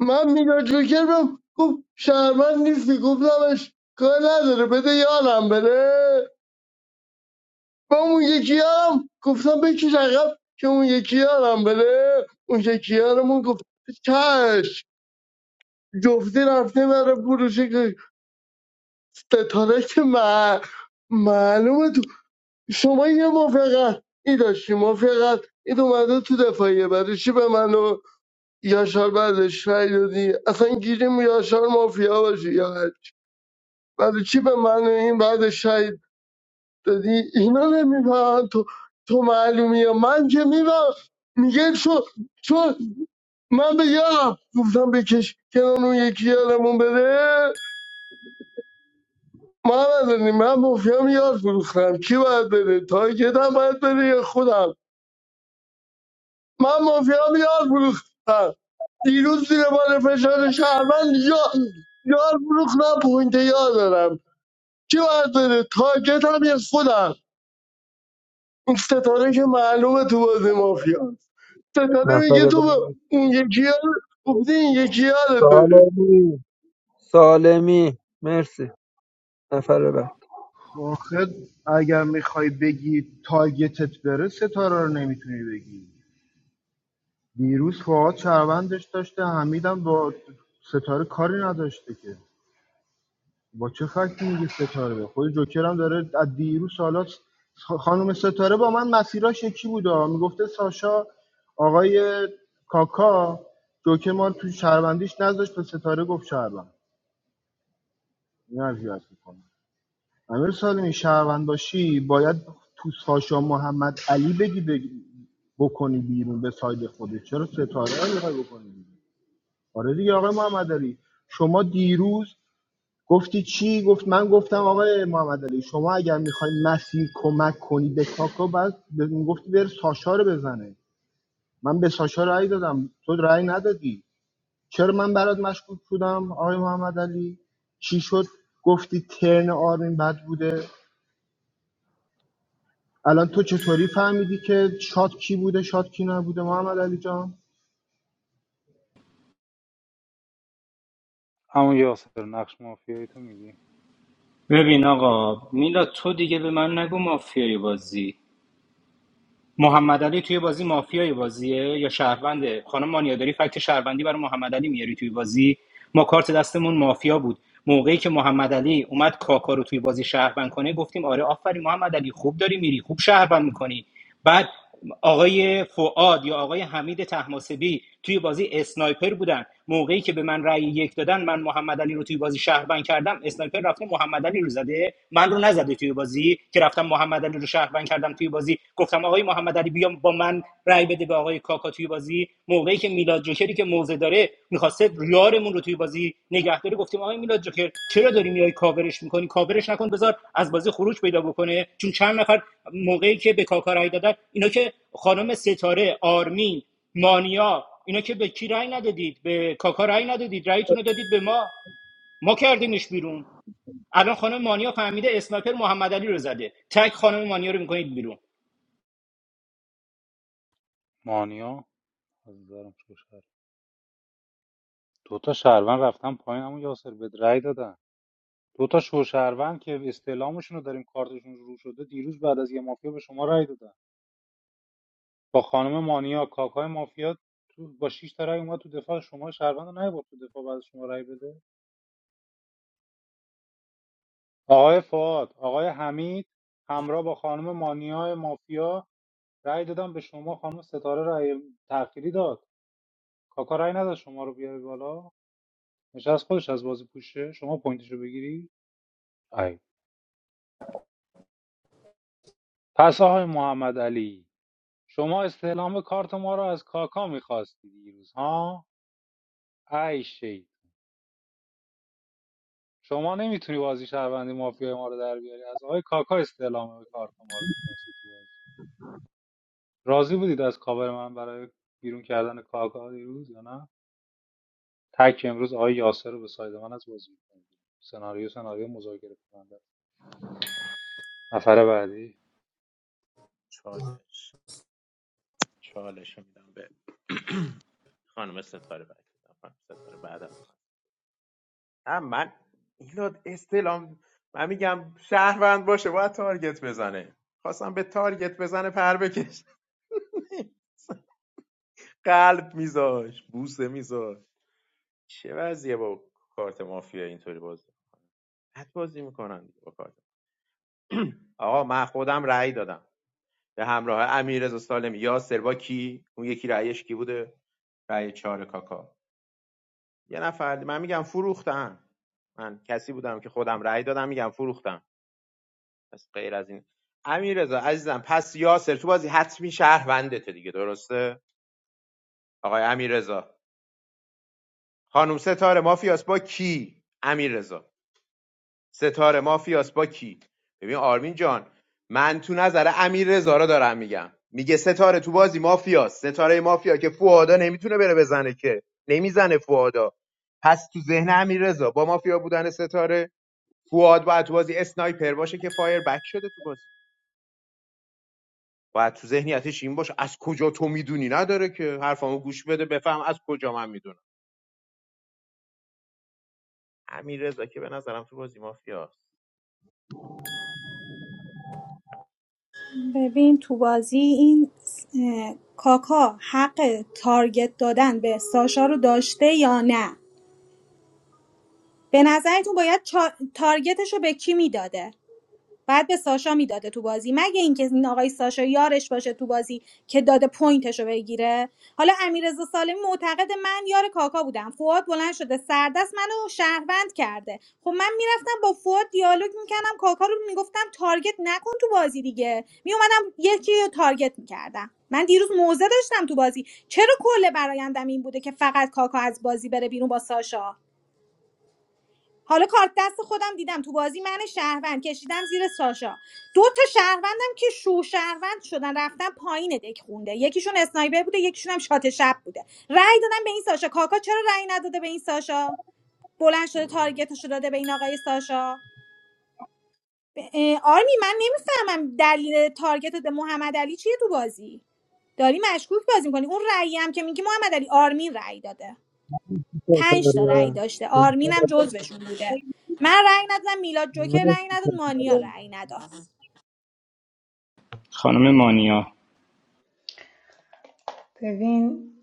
Speaker 14: من میلاد جوکر رو گفت شهرمند نیستی گفتمش کار نداره بده یارم بره با اون یکی یارم گفتم بکش عقب که اون یکی یارم بره اون یکی یارمون گفت چش جفتی رفته برای فروش ستاره که من معلومه تو شما یه ما فقط این داشتی ما فقط این اومده تو دفاعیه برای چی به منو یاشار بعدش رای دادی اصلا گیریم یاشار مافیا باشی یا هر چی. برای چی به من این بعدش رای دادی اینا نمیفهمن تو تو معلومی یا من که میفهم میگه چون چون من به یارم گفتم بکش کنار اون یکی یارمون بره محمد علی، من مافیا یار فروختم کی باید بره تارگت هم باید بره یا خودم من مافیا یار فروختم دیروز زیر بار فشار شهروند یا- یار فروختم پوینت یار دارم کی باید بره تارگت هم یه خودم این ستاره که معلومه تو بازی مافیا ستاره میگه
Speaker 2: نفر
Speaker 14: تو به
Speaker 2: بعد
Speaker 14: اون یکی یار گفتی این یکی یارت بره
Speaker 2: سالمی سالمی مرسی نفر بعد
Speaker 12: آخه اگر میخوای بگی تارگتت بره ستاره رو نمیتونی بگی دیروز فعاد شهروندش داشته حمیدم با ستاره کاری نداشته که با چه فکتی میگه ستاره خود جوکر هم داره از دیروز سالات خانم ستاره با من مسیراش یکی بودا میگفته ساشا آقای کاکا جوکر ما تو شهروندیش نذاشت به ستاره گفت شهروند این اذیت میکنه امیر سالمی شهروند باشی باید تو ساشا محمد علی بگی بگی بکنی بیرون به ساید خودت چرا ستاره رو میخوای بکنی بیرون آره دیگه آقای محمد شما دیروز گفتی چی گفت من گفتم آقای محمد علی شما اگر میخوای مسیر کمک کنی به کاکا بعد ب- گفتی بر ساشا رو بزنه من به ساشا رأی دادم تو رأی ندادی چرا من برات مشکوک بودم آقای محمد علی چی شد گفتی ترن آرمین بد بوده الان تو چطوری فهمیدی که شاد کی بوده شاد کی نبوده محمد علی جان
Speaker 1: همون یاسر نقش مافیایی تو میگی
Speaker 7: ببین آقا میلا تو دیگه به من نگو مافیای بازی محمد علی توی بازی مافیای بازیه یا شهرونده خانم مانیا داری فکت شهروندی برای محمد علی میاری توی بازی ما کارت دستمون مافیا بود موقعی که محمد علی اومد کاکا رو توی بازی شهروند کنه گفتیم آره آفرین محمد علی خوب داری میری خوب شهروند میکنی بعد آقای فعاد یا آقای حمید تحماسبی توی بازی اسنایپر بودن موقعی که به من رأی یک دادن من محمد علی رو توی بازی شهروند کردم اسنایپر رفته محمد علی رو زده من رو نزده توی بازی که رفتم محمد علی رو شهروند کردم توی بازی گفتم آقای محمد علی بیام با من رأی بده به آقای کاکا توی بازی موقعی که میلاد جوکری که موزه داره میخواسته ریارمون رو توی بازی نگه داره گفتیم آقای میلاد جوکر چرا داری میای کاورش میکنی کاورش نکن بذار از بازی خروج پیدا بکنه چون چند نفر موقعی که به کاکا رای دادن اینا که خانم ستاره آرمین مانیا اینا که به کی رای ندادید به کاکا رای ندادید رایتون رو دادید به ما ما کردیمش بیرون الان خانم مانیا فهمیده اسنایپر محمد علی رو زده تک خانم مانیا رو میکنید بیرون
Speaker 1: مانیا از دارم شوشهر دو تا شهروند رفتن پایین همون یاسر به رأی دادن دو تا شوشهروند که استعلامشون رو داریم کارتشون رو شده دیروز بعد از یه مافیا به شما رأی دادن با خانم مانیا کاکای مافیا تو با 6 تا رای اومد تو دفاع شما شهروند رو نیاورد تو دفاع بعد از شما رای بده آقای فعاد آقای حمید همراه با خانم مانیا مافیا رای دادن به شما خانم ستاره رای تأخیری داد کاکا رای نداد شما رو بیاره بالا نشست خودش از بازی پوشه شما پوینتش رو بگیری ای. پس آقای محمد علی شما استعلام کارت ما رو از کاکا میخواستی دیروز ها ای شیطون. شما نمیتونی بازی شهروندی مافیا ما رو در بیاری از آقای کاکا استعلام به کارت ما رو میخواست تو بازی راضی بودید از کاور من برای بیرون کردن کاکا دیروز یا نه تک امروز آقای یاسر رو به ساید من از بازی میکنید سناریو سناریو مذاکره کننده نفر بعدی
Speaker 6: چالش چالش رو میدم به خانم ستاره بعد خانم ستاره بعد از من نه من ایلاد استلام من میگم شهروند باشه باید تارگت بزنه خواستم به تارگت بزنه پر بکش قلب میذاش بوسه میذاش چه وضعیه با کارت مافیا اینطوری بازی بد بازی میکنن با کارت آقا من خودم رأی دادم به همراه امیررضا سالمی یاسر با کی اون یکی رأیش کی بوده رأی چهار کاکا یه نفر من میگم فروختن. من کسی بودم که خودم رأی دادم میگم فروختن. پس غیر از این امیررضا عزیزم پس یاسر تو بازی حتمی شهروندته دیگه درسته آقای امیررضا خانم ستاره مافیاس با کی امیررضا ستاره مافیاس با کی ببین آرمین جان من تو نظر امیر رضا دارم میگم میگه ستاره تو بازی مافیاس ستاره مافیا که فوادا نمیتونه بره بزنه که نمیزنه فوادا پس تو ذهن امیر با مافیا بودن ستاره فواد باید تو بازی اسنایپر باشه که فایر بک شده تو بازی باید تو ذهنیتش این باشه از کجا تو میدونی نداره که حرفامو گوش بده بفهم از کجا من میدونم امیر رضا که به نظرم تو بازی مافیاس
Speaker 13: ببین تو بازی این اه، کاکا حق تارگت دادن به ساشا رو داشته یا نه به نظرتون باید چا- تارگتش رو به کی میداده بعد به ساشا میداده تو بازی مگه اینکه این آقای ساشا یارش باشه تو بازی که داده پوینتش رو بگیره حالا امیررضا سالمی معتقد من یار کاکا بودم فواد بلند شده سردست منو شهروند کرده خب من میرفتم با فواد دیالوگ میکردم کاکا رو میگفتم تارگت نکن تو بازی دیگه میومدم یکی رو تارگت میکردم من دیروز موزه داشتم تو بازی چرا کل برایندم این بوده که فقط کاکا از بازی بره بیرون با ساشا حالا کارت دست خودم دیدم تو بازی من شهروند کشیدم زیر ساشا دو تا شهروندم که شو شهروند شدن رفتن پایین دک خونده یکیشون اسنایپر بوده یکیشون هم شات شب بوده رأی دادم به این ساشا کاکا چرا رأی نداده به این ساشا بلند شده تارگتش رو داده به این آقای ساشا ب- اه، آرمی من نمیفهمم دلیل تارگت محمد علی چیه تو بازی داری مشکوک بازی میکنی اون رأیی هم که میگی محمد علی آرمین رأی داده پنج تا رأی
Speaker 2: نفر
Speaker 13: داشته آرمینم جزوشون بوده من رأی ندادم میلاد جوکر رأی نداد مانیا
Speaker 2: بعد
Speaker 13: رأی نداد
Speaker 7: خانم مانیا
Speaker 11: ببین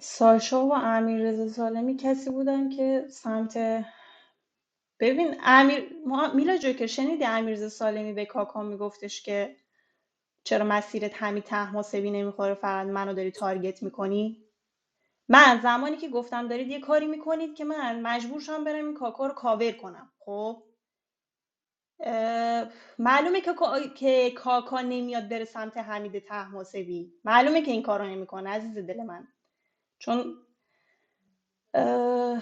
Speaker 11: ساشا و امیررضا سالمی کسی بودن که سمت ببین امیر ما... میلا جوکر شنیدی امیررضا سالمی به کاکا میگفتش که چرا مسیرت همین ته محسبی نمیخوره فقط منو داری تارگت میکنی من زمانی که گفتم دارید یه کاری میکنید که من مجبور شم برم این کاکا رو کاور کنم خب معلومه که, کا- که کاکا نمیاد بره سمت حمید ته محسبی معلومه که این کارو نمیکنه عزیز دل من چون اه...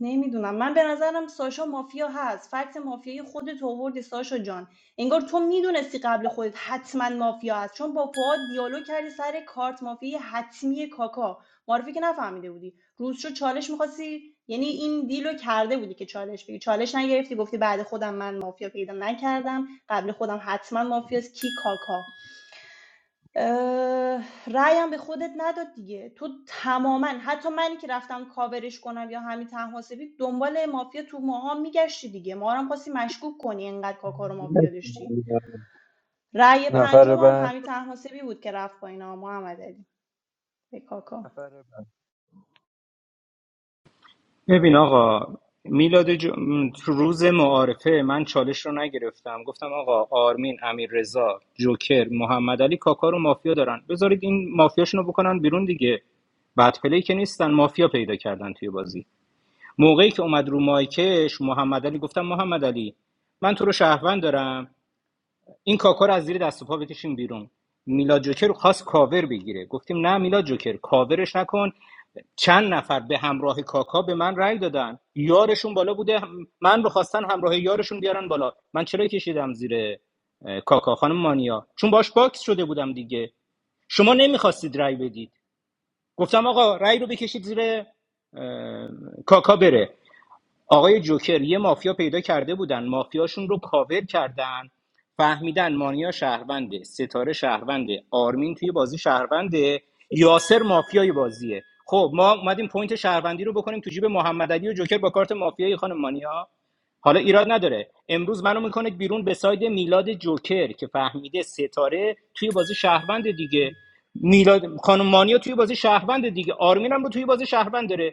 Speaker 11: نمیدونم من به نظرم ساشا مافیا هست فکت مافیای خودت آوردی ساشا جان انگار تو میدونستی قبل خودت حتما مافیا هست چون با پواد دیالوگ کردی سر کارت مافیای حتمی کاکا معرفی که نفهمیده بودی روز چالش میخواستی یعنی این دیلو کرده بودی که چالش بگی چالش نگرفتی گفتی بعد خودم من مافیا پیدا نکردم قبل خودم حتما مافیاست کی کاکا رایم به خودت نداد دیگه تو تماما حتی منی که رفتم کاورش کنم یا همین تنحاسبی دنبال مافیا تو ماها میگشتی دیگه ما رو هم خواستی مشکوک کنی اینقدر کاکا رو مافیا داشتی رأی
Speaker 2: نفر
Speaker 11: پنجم هم
Speaker 2: بعد
Speaker 11: همین تنحاسبی بود که رفت با اینا محمد علی به کاکا
Speaker 2: نفر
Speaker 7: ببین آقا میلاد جو... م، تو روز معارفه من چالش رو نگرفتم گفتم آقا آرمین امیر رضا جوکر محمد علی کاکا رو مافیا دارن بذارید این مافیاشونو بکنن بیرون دیگه بعد پلی که نیستن مافیا پیدا کردن توی بازی موقعی که اومد رو مایکش محمد علی گفتم محمد علی من تو رو شهروند دارم این کاکا رو از زیر دست و پا بکشیم بیرون میلاد جوکر خواست کاور بگیره گفتیم نه میلاد جوکر کاورش نکن چند نفر به همراه کاکا به من رأی دادن یارشون بالا بوده من رو خواستن همراه یارشون بیارن بالا من چرا کشیدم زیر کاکا خانم مانیا چون باش باکس شده بودم دیگه شما نمیخواستید رأی بدید گفتم آقا رأی رو بکشید زیر کاکا بره آقای جوکر یه مافیا پیدا کرده بودن مافیاشون رو کاور کردن فهمیدن مانیا شهرونده ستاره شهرونده آرمین توی بازی شهرونده یاسر مافیای بازیه خب ما اومدیم پوینت شهروندی رو بکنیم تو جیب محمد علی و جوکر با کارت مافیایی خانم مانیا حالا ایراد نداره امروز منو میکنه بیرون به ساید میلاد جوکر که فهمیده ستاره توی بازی شهروند دیگه میلاد خانم مانیا توی بازی شهروند دیگه آرمین هم رو توی بازی شهروند داره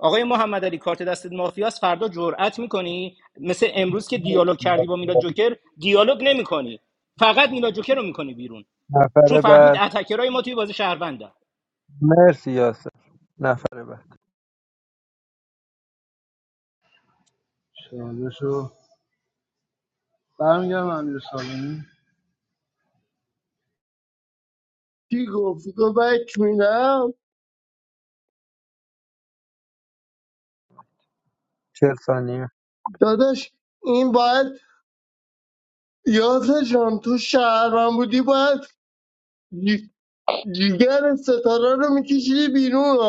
Speaker 7: آقای محمد کارت دست مافیاس فردا جرأت میکنی مثل امروز که دیالوگ کردی
Speaker 2: بعد
Speaker 7: با میلاد جوکر دیالوگ نمیکنی فقط میلاد جوکر رو میکنی بیرون چون
Speaker 2: نفر
Speaker 7: فهمید
Speaker 2: بعد
Speaker 7: اتکرای ما توی بازی شهرونده
Speaker 2: مرسی یاسر نفر بعد
Speaker 12: سوالشو برمیگردم امیر سالمی
Speaker 14: کی گفت تو بک میدم
Speaker 2: چهل ثانیه
Speaker 14: داداش این باید یاسر جان تو شهروند بودی باید جی- جیگر ستاره رو میکشیدی بیرون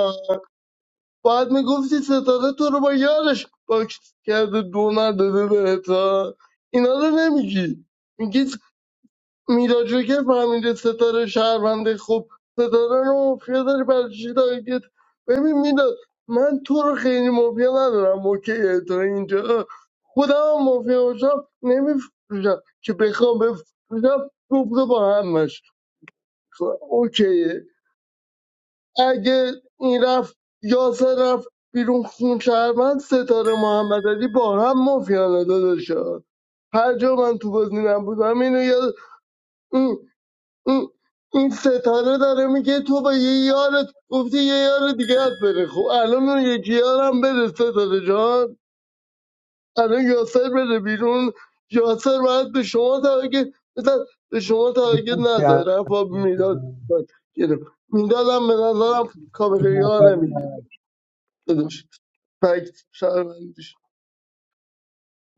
Speaker 14: باید میگفتی ستاره تو رو با یارش باکس کرده دو نداده بهت ها. اینا رو نمیگی میگی میلاد جوکر فهمیده ستاره شهرونده خب ستاره رو مافیا داری برای چی تارگت ببین میلاد من تو رو خیلی مافیا ندارم اوکی تا اینجا خودم هم مافیا باشم نمیفروشم که بخوام بفروشم دوباره با همش اوکی اگه این رفت یاسر رفت بیرون خون شهرمند ستاره محمد علی با هم مافیانه داداشا هر جا من تو بازی نبودم اینو یاد این, این, این ستاره داره میگه تو با یه یارت گفتی یه یار دیگه ات بره خب الان اون یکی یارم بره ستاره جان الان یاسر بره بیرون یاسر باید به شما تارگت بزن به شما تارگت
Speaker 2: مرسی.
Speaker 14: نزد
Speaker 2: از
Speaker 14: رفت میداد گرفت میدادم به نظرم
Speaker 2: نفر
Speaker 14: کابقیار
Speaker 2: بعد
Speaker 14: داداش فکت شهروندیش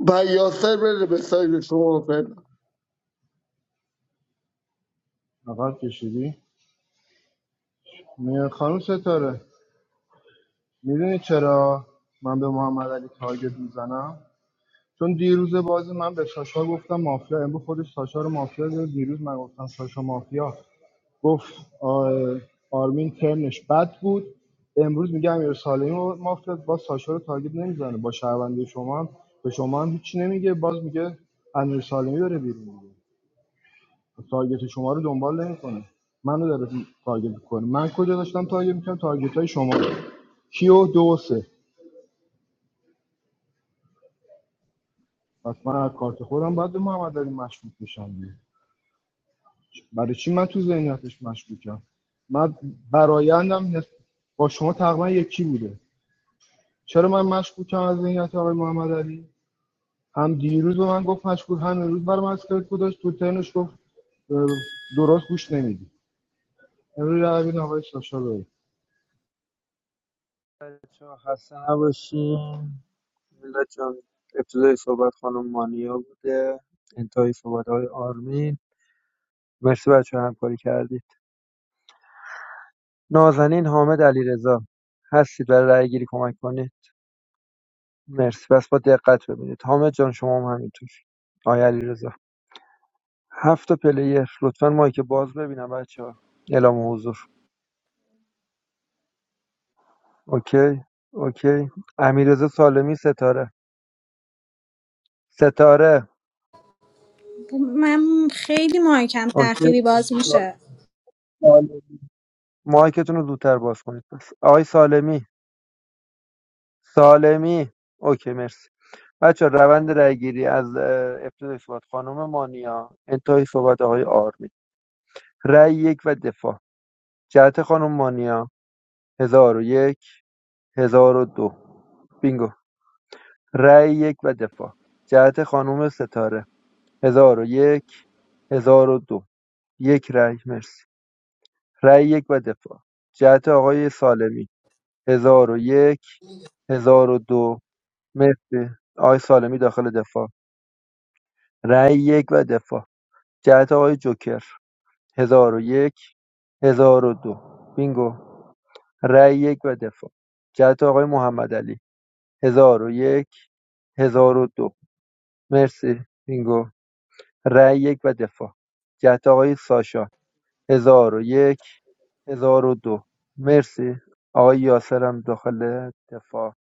Speaker 14: و یاسر بره به سایر شما فعلا
Speaker 12: نقد کشیدی میان خانم ستاره میدونی چرا من به محمد علی تارگت میزنم چون دیروز بازی من به ساشا گفتم مافیا امروز خودش ساشا رو مافیا داره دیروز من گفتم ساشا مافیا گفت آه، آرمین ترنش بد بود امروز میگه امیر سالمی و مافیا با ساشا رو تارگت نمیزنه با شهروندی شما هم به شما هم هیچی نمیگه باز میگه امیر سالمی بره بیرون تارگت شما رو دنبال نمیکنه منو داره تارگت میکنه من کجا داشتم تارگت میکنم تارگت های شما کیو دو و سه. پس من از کارت خودم باید به محمد علی مشکوک بشم دیگه. برای چی من تو ذهنیتش مشکوکم من برایندم نس- با شما تقریبا یکی بوده چرا من مشکوکم از ذهنیت آقای محمد علی هم دیروز به من گفت مشکوک هم امروز برای من اسکلت گذاشت تو ترنش گفت درست گوش نمیدی امروز رای بدین آقای ساشا بره
Speaker 2: بچه‌ها خسته نباشین میلاد جان ابتدای صحبت خانم مانیا بوده انتهای صحبت های آرمین مرسی بچه همکاری کردید نازنین حامد علیرضا هستید برای رأی گیری کمک کنید مرسی بس با دقت ببینید حامد جان شما هم همینطور آقای علیرضا هفت تا پلیر لطفا مایک باز ببینم بچه ها اعلام حضور اوکی اوکی امیرزا سالمی ستاره ستاره
Speaker 13: من خیلی مایکم
Speaker 2: اوکی
Speaker 13: تأخیری باز میشه
Speaker 2: سالمی. مایکتون رو زودتر باز کنید پس آقای سالمی سالمی اوکی مرسی بچه روند رأیگیری از اه، ابتدای صحبت خانم مانیا انتهای صحبت آقای آرمی رأی یک و دفاع جهت خانم مانیا هزار و یک هزار و دو بینگو رای یک و دفاع جهت خانم ستاره هزار و یک هزار و دو یک رای مرسی رای یک و دفاع جهت آقای سالمی هزار و یک هزار و دو مرسی آقای سالمی داخل دفاع رای یک و دفاع جهت آقای جوکر هزار و یک هزار و دو بینگو رای یک و دفاع جهت آقای محمد علی هزار و یک هزار و دو مرسی بینگو رأی یک و دفاع جهت آقای ساشا هزار و یک هزار و دو مرسی آقای یاسرم داخل دفاع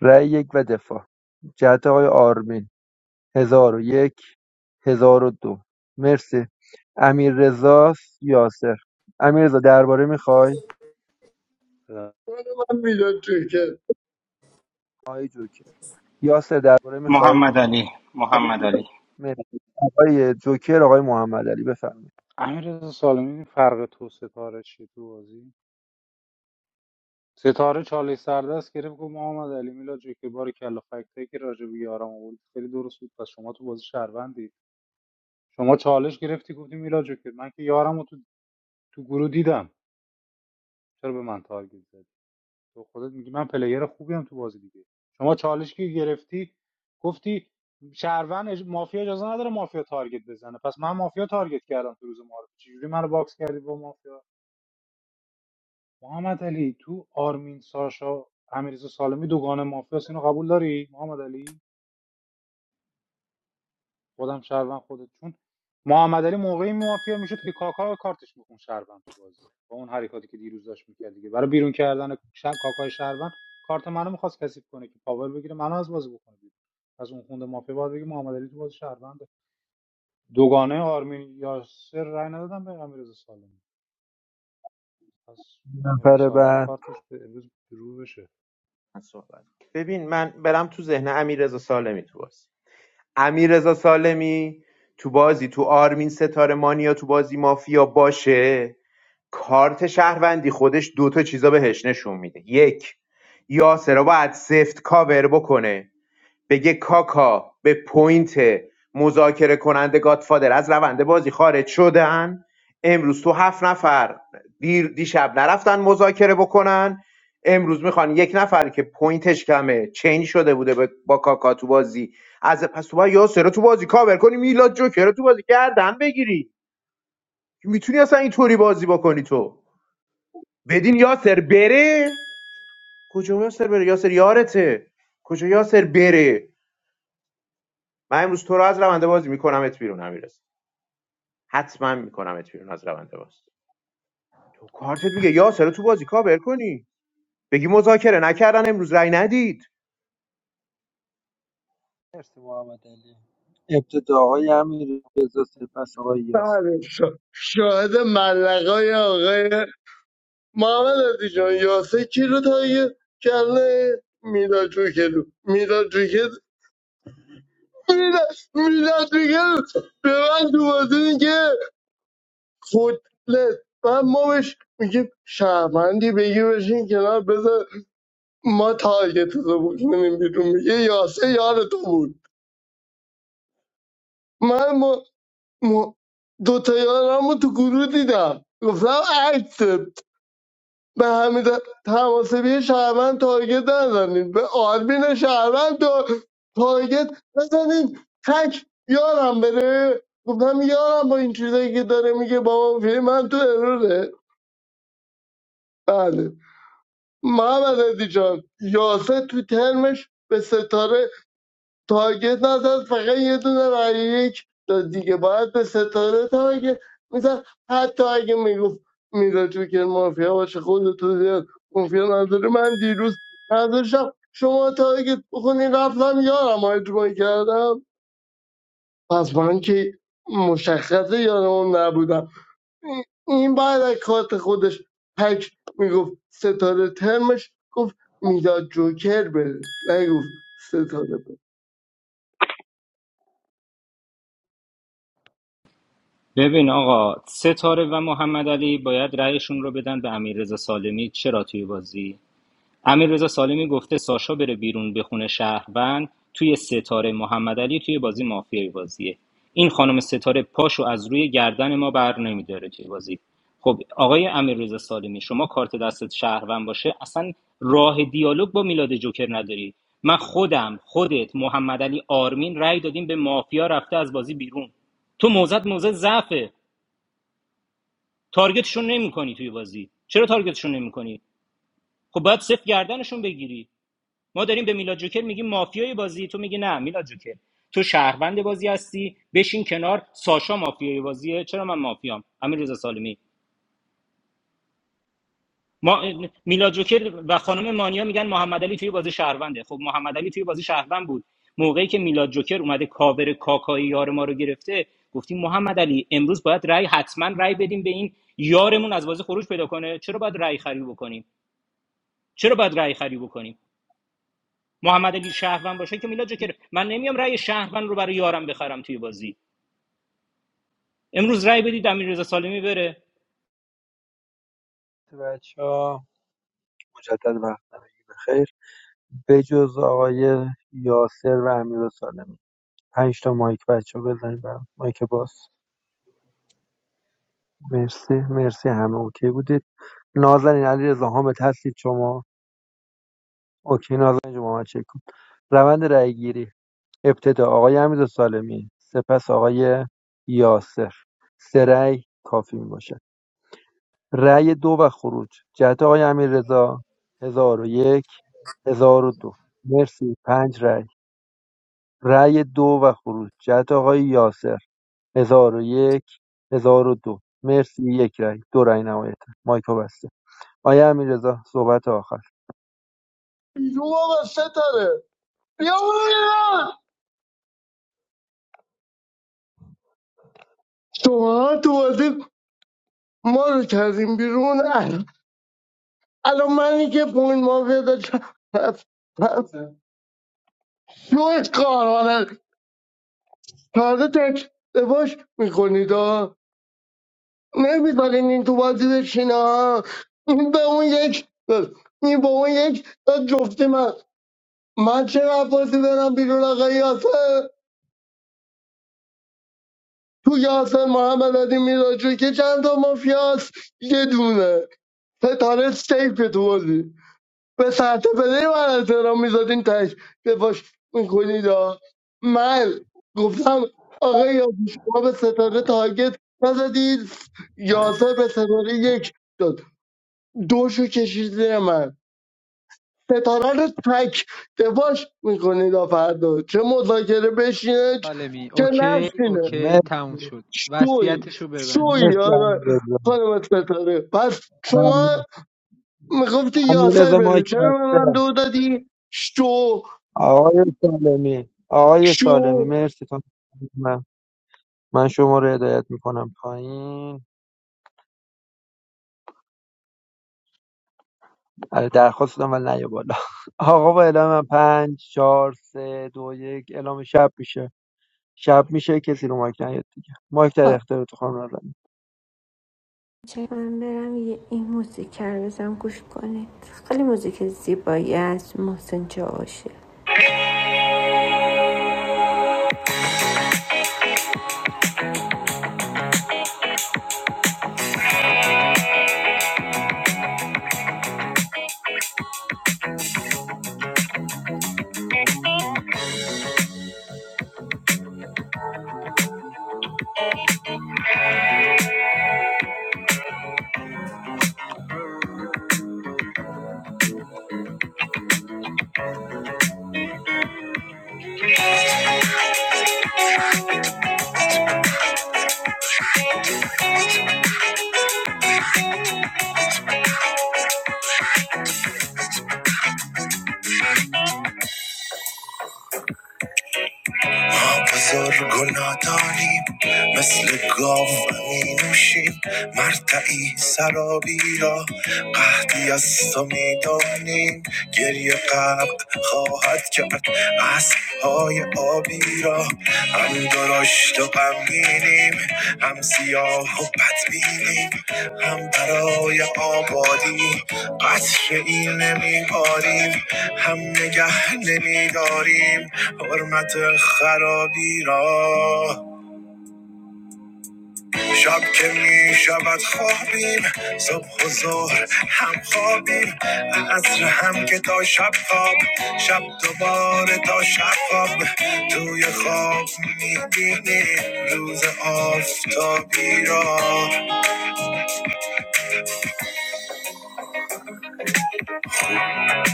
Speaker 2: رأی یک و دفاع جهت آقای آرمین هزار و یک هزار و دو مرسی امیر رضا یاسر امیر رضا درباره میخوای
Speaker 14: خود من میداد توی که
Speaker 2: آقای جوکر یاسر درباره
Speaker 7: محمد
Speaker 2: میخوای مرسی آقای جوکر آقای محمد علی بفرمایید
Speaker 1: امیر سالمی دیدی فرق تو ستاره چیه تو بازی ستاره چاله سردست گرفت گفت محمد علی میلا جو که بار کلا فکتایی که راجع به یارم آورد خیلی درست بود پس شما تو بازی شهروندی شما چالش گرفتی گفتی میلا جو که من که یارم تو گروه دیدم چرا به من تارگت زدی تو خودت میگی من پلیر خوبیم تو بازی دیگه شما چالش که گرفتی گفتی شهروند مافیا اجازه نداره مافیا تارگت بزنه پس من مافیا تارگت کردم تو روز معارف چجوری منو باکس کردی با مافیا محمد علی تو آرمین ساشا امیرزا سالمی دوگانه مافیا اینو قبول داری محمد علی خودم شهروند خودت چون محمد علی موقعی مافیا میشد که کاکا کارتش میخون شهروند تو بازی با اون حرکاتی که دیروز داشت میکرد دیگه برای بیرون کردن ش... کاکای شهروند کارت منو میخواست کثیف کنه که پاور بگیره منو از بازی بکنه از اون خونده مافیا باید بگه محمد علی تو بازی شهرونده دوگانه آرمین یاسر رای ندادم به امیرزا سالمی پس امیرزا
Speaker 2: نفر
Speaker 1: سالمی
Speaker 2: بعد
Speaker 1: کارتش به امروز رو بشه
Speaker 6: من صحبت ببین من برم تو ذهن امیر سالمی تو بازی علیرضا سالمی تو بازی تو آرمین ستاره مانیا تو بازی مافیا باشه کارت شهروندی خودش دوتا چیزا بهش نشون میده یک یاسر رو باید سفت کاور بکنه بگه کاکا به پوینت مذاکره کننده گادفادر از روند بازی خارج شدن امروز تو هفت نفر دیر دیشب نرفتن مذاکره بکنن امروز میخوان یک نفر که پوینتش کمه چین شده بوده به- با کاکا تو بازی از پس تو باید یاسر رو تو بازی کاور کنی میلاد جوکر رو تو بازی گردن بگیری میتونی اصلا اینطوری بازی بکنی تو بدین یاسر بره کجا یاسر بره یاسر یارته کجا یاسر بره من امروز تو رو از رونده بازی میکنمت بیرون امیرس حتما میکنمت بیرون از رونده بازی تو کارتت میگه یا سر تو بازی کاور کنی بگی مذاکره نکردن امروز رای ندید
Speaker 2: مرسی محمد علی ابتدا آقای امیر رضا سپس آقای یاسر
Speaker 14: بله،
Speaker 2: بفرمایید
Speaker 14: شا- شاهد ملقای آقای محمد عزیز جان یاسر کی رو تایید کرده میلاد توی که رو میلاد توی که میلاد میلاد توی که رو به من تو بازی میگه خودلت و ما بهش میگه شهروندی بگی بشین کنار بذار ما تارگت رو بکنیم بیرون میگه یاسه یار تو بود من م... م... دو تا یارم رو تو گروه دیدم گفتم عکسه به همین تماسبی شهروند تارگت نزنید به آرمین شهروند تا- تارگت نزنید تک یارم بره گفتم یارم با این چیزایی که داره میگه بابا فیلم من تو اروره بله محمد علی جان یاسه تو ترمش به ستاره تارگت نزد فقط یه دونه رای یک داد دیگه باید به ستاره تارگت میزد حتی اگه میگفت میره تو که مافیا باشه خود تو زیاد مافیا نداره من دیروز نداشتم شما تارگت بخونی رفتم یارم رو اجماع کردم پس من که مشخصه یارم نبودم این این بعد از کارت خودش تک میگفت ستاره ترمش گفت میداد جوکر بره نگفت ستاره بره
Speaker 7: ببین آقا ستاره و محمد باید رأیشون رو بدن به امیر سالمی چرا توی بازی امیررضا سالمی گفته ساشا بره بیرون به خونه شهروند توی ستاره محمد توی بازی مافیای بازیه این خانم ستاره پاشو از روی گردن ما بر نمیداره توی بازی خب آقای امیررضا سالمی شما کارت دستت شهروند باشه اصلا راه دیالوگ با میلاد جوکر نداری من خودم خودت محمد علی آرمین رأی دادیم به مافیا رفته از بازی بیرون تو موزت موزه ضعفه تارگتشون نمیکنی توی بازی چرا تارگتشون نمیکنی خب باید صفر گردنشون بگیری ما داریم به میلاد جوکر میگیم مافیای بازی تو میگی نه میلاد جوکر تو شهروند بازی هستی بشین کنار ساشا مافیای بازیه چرا من مافیام امیر رضا سالمی ما میلاد جوکر و خانم مانیا میگن محمد علی توی بازی شهرونده خب محمد علی توی بازی شهروند بود موقعی که میلاد جوکر اومده کاور کاکایی یار ما رو گرفته گفتیم محمد علی امروز باید رای حتما رای بدیم به این یارمون از بازی خروج پیدا کنه چرا باید رای خری بکنیم چرا باید رای خری بکنیم محمد علی شهروند باشه که میلاد جوکر من نمیام رأی شهروند رو برای یارم بخرم توی بازی امروز رأی بدید امیررضا سالمی بره
Speaker 2: بچه ها مجدد وقت بخیر به جز آقای یاسر و امیر سالمی پنج تا مایک بچه ها بزنید برام مایک باز مرسی مرسی همه اوکی بودید نازنین علی رضا حامد هستید شما اوکی نازنین شما محمد چک روند رای گیری ابتدا آقای امیر سالمی سپس آقای یاسر سه رأی کافی میباشد رای دو و خروج جهت آقای امیررضا ۱۰۰۱ ۱۰۰۲ مرسی پنج رای رای دو و خروج جهت آقای یاسر ۱۰۰۱ ۱۰۰۲ مرسی یک رای دو رای نهایتا مایکو بسته آقای امیررضا صحبت آخر
Speaker 14: یوه ستاره یا الله! شما تو بازی ما رو کردیم بیرون ال- الان منی که پوین مافیا پیدا پس پس شوی کارانه تازه تک باش میکنید ها نمیذارین این تو بازی بشین ها این به اون یک این به اون یک جفتی من من چه بازی برم بیرون آقا یاسر تو یاسر محمد علی میراجو که چند تا مافیاس یه دونه ستاره سیف تو بازی به ساعت پلی من احترام میذادین تش دفاش میکنید من گفتم آقا یا شما به ستاره تارگت نزدید یاسر به ستاره یک داد دوشو کشید زیر من ستاره رو تک دفاش میکنید فردا چه مذاکره بشینه
Speaker 10: عالمی
Speaker 14: چه
Speaker 10: اوکی
Speaker 14: نشینه
Speaker 10: اوکی تموم
Speaker 2: مرسی
Speaker 10: شد
Speaker 14: شوی
Speaker 10: وصیتشو ببند
Speaker 14: شوی
Speaker 10: دیگه
Speaker 2: مرسی
Speaker 14: آقا
Speaker 2: امیررضا
Speaker 14: خانم ستاره پس شما
Speaker 2: ممنون.
Speaker 14: میگفتی یاسر
Speaker 2: امیررضا
Speaker 14: بره
Speaker 2: مایک
Speaker 14: چرا به من
Speaker 2: بسته
Speaker 14: دو دادی شو
Speaker 2: آقای سالمی آقای سالمی
Speaker 14: شو
Speaker 2: مرسی خانم. من من شما رو هدایت میکنم پایین بله درخواست دادم ولی نیا بالا آقا با اعلام من پنج چهار سه دو یک اعلام شب میشه شب میشه کسی رو مایک نیاد دیگه مایک در
Speaker 3: خب،
Speaker 2: اختیار تو خانم نازنین.
Speaker 3: چه من برم یه این موزیک رو بزنم گوش کنید خیلی موزیک زیبایی از محسن جاوشی بزرگ و نادانیم مثل گاو می نوشیم مرتعی سرابی را قهدی از تو می دانیم گریه غرق خواهد کرد اسب های آبی را هم درشت و غمگینیم هم سیاه و بدبینیم هم برای آبادی قطر این نمیباریم هم نگه نمیداریم حرمت خرابی را شب که می شود خوابیم صبح و ظهر هم خوابیم عصر هم که تا شب خواب شب دوباره تا شب خواب توی خواب می بینیم روز آفتابی را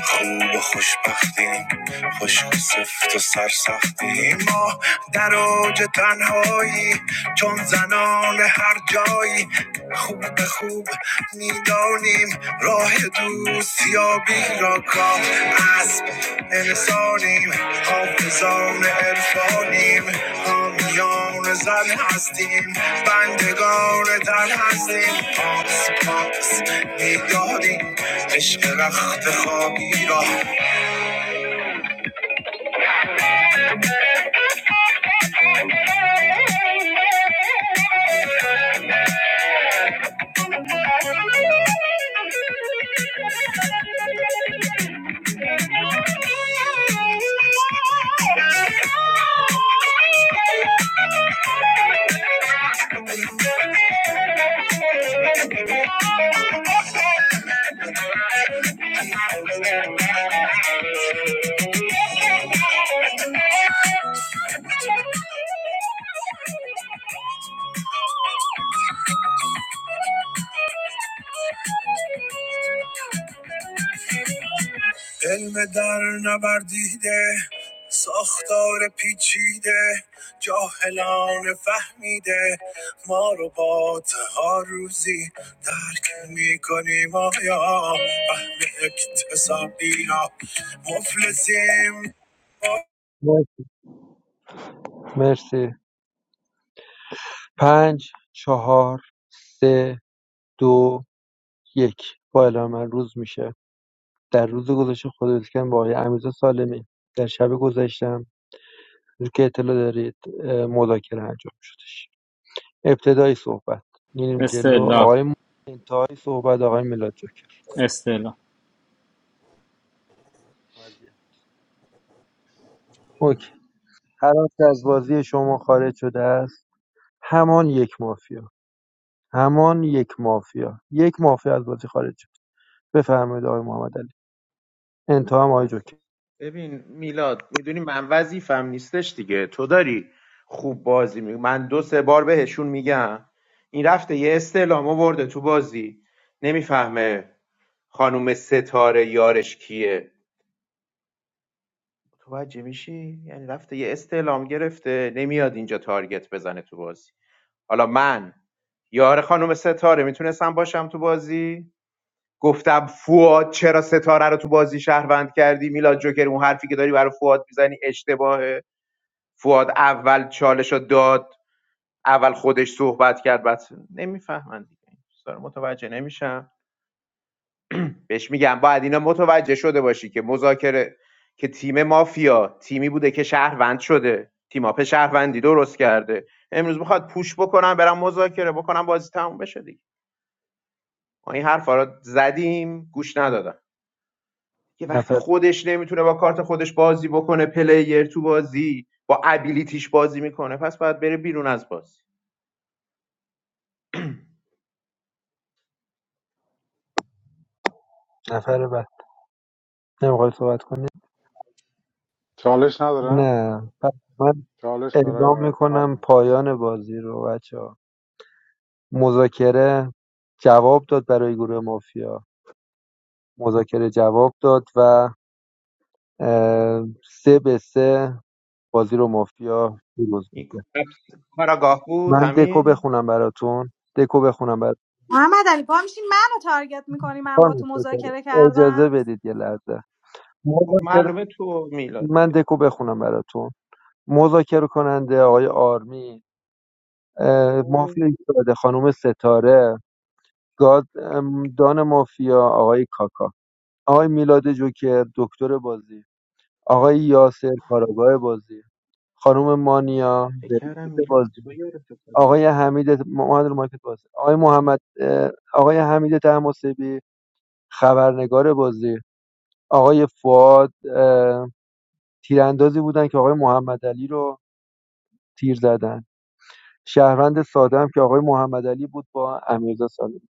Speaker 3: خوب و خوشبختیم خشک و سفت و سرسختیم ما در اوج تنهایی چون زنان هر جایی خوب به خوب میدانیم راه دوستیابی را کام اسب انسانیم حافظان عرفانیم حامیان بندگان زن هستیم بندگان تن هستیم پاس پاس میدادیم عشق رخت خوابی را Thank you. علم در نوردیده ساختار پیچیده جاهلان فهمیده ما رو با ها روزی درک میکنیم آیا فهم اکتسابی یا مفلسیم
Speaker 2: مرسی پنج چهار سه دو یک با اعلام من روز میشه در روز گذشته خداویسکن با آقای امیرزا سالمی در شب گذشتم رو که اطلاع دارید اه، مذاکره انجام شدش ابتدای صحبت میریم جلو
Speaker 7: استلا
Speaker 2: آقای م- انتهای صحبت آقای میلاد
Speaker 7: استلا
Speaker 2: جوکر هر آنچه از بازی شما خارج شده است همان یک مافیا همان یک مافیا یک مافیا از بازی خارج شد بفرمایید آقای محمد علی انتها هم
Speaker 6: نه
Speaker 2: آقای
Speaker 6: اصلا.
Speaker 2: جوکر
Speaker 6: ببین میلاد میدونی من وظیفم نیستش دیگه تو داری خوب بازی می من دو سه بار بهشون میگم این رفته یه استعلام آورده تو بازی نمیفهمه خانم ستاره یارش کیه متوجه میشی یعنی رفته یه استعلام گرفته نمیاد اینجا تارگت بزنه تو بازی حالا من یار خانم ستاره میتونستم باشم تو بازی گفتم فواد چرا ستاره رو تو بازی شهروند کردی میلاد جوکر اون حرفی که داری برای فواد میزنی اشتباهه فواد اول چالش رو داد اول خودش صحبت کرد بعد نمیفهمن دیگه این چیزا رو متوجه نمیشم بهش میگم باید اینا متوجه شده باشی که مذاکره که تیم مافیا تیمی بوده که شهروند شده تیم آپ شهروندی درست کرده امروز میخواد پوش بکنم برم مذاکره بکنم بازی تموم بشه دیگه ما این حرفا رو زدیم گوش ندادن که وقتی
Speaker 2: نفر
Speaker 6: خودش نمیتونه با کارت خودش بازی بکنه پلیر تو بازی با ابیلیتیش بازی میکنه پس باید بره بیرون از بازی
Speaker 2: نفر بعد نمیخوای صحبت کنی
Speaker 1: چالش ندارم
Speaker 2: نه پس من
Speaker 1: چالش برای
Speaker 2: اعلام
Speaker 1: آر-
Speaker 2: میکنم
Speaker 1: آرمین
Speaker 2: پایان بازی رو بچه ها مذاکره جواب داد برای گروه مافیا مذاکره جواب داد و اه، سه به سه بازی رو مافیا پیروز
Speaker 6: این
Speaker 2: می‌کنه.
Speaker 6: کاراگاه بود
Speaker 2: من دکو
Speaker 6: همین
Speaker 2: بخونم براتون دکو بخونم براتون
Speaker 13: محمد علی پا میشی منو تارگت میکنی من با
Speaker 2: خانم
Speaker 13: تو
Speaker 2: ستاره
Speaker 13: مذاکره
Speaker 2: اجازه
Speaker 13: کردم
Speaker 2: بدید یه لحظه
Speaker 6: خب
Speaker 2: مذاکره
Speaker 6: معلومه تو
Speaker 2: من
Speaker 6: میلادی
Speaker 2: دکو بخونم براتون مذاکره کننده آقای آرمی اه،
Speaker 6: اوه،
Speaker 2: مافیا ایستاده خانم ستاره گاد ام، دان مافیا آقای کاکا آقای میلاد جوکر دکتر بازی آقای یاسر کاراگاه بازی خانم مانیا
Speaker 6: بکرم
Speaker 2: بریزیت
Speaker 6: میلاد
Speaker 2: بازی
Speaker 6: تو یار ستاره
Speaker 2: آقای حمید محمد رو مارکت بازی آقای محمد اه، آقای حمید تماسبی خبرنگار بازی آقای فواد تیراندازی بودن که آقای محمدعلی رو تیر زدن شهروند ساده هم که آقای محمدعلی بود با امیرزا سالمی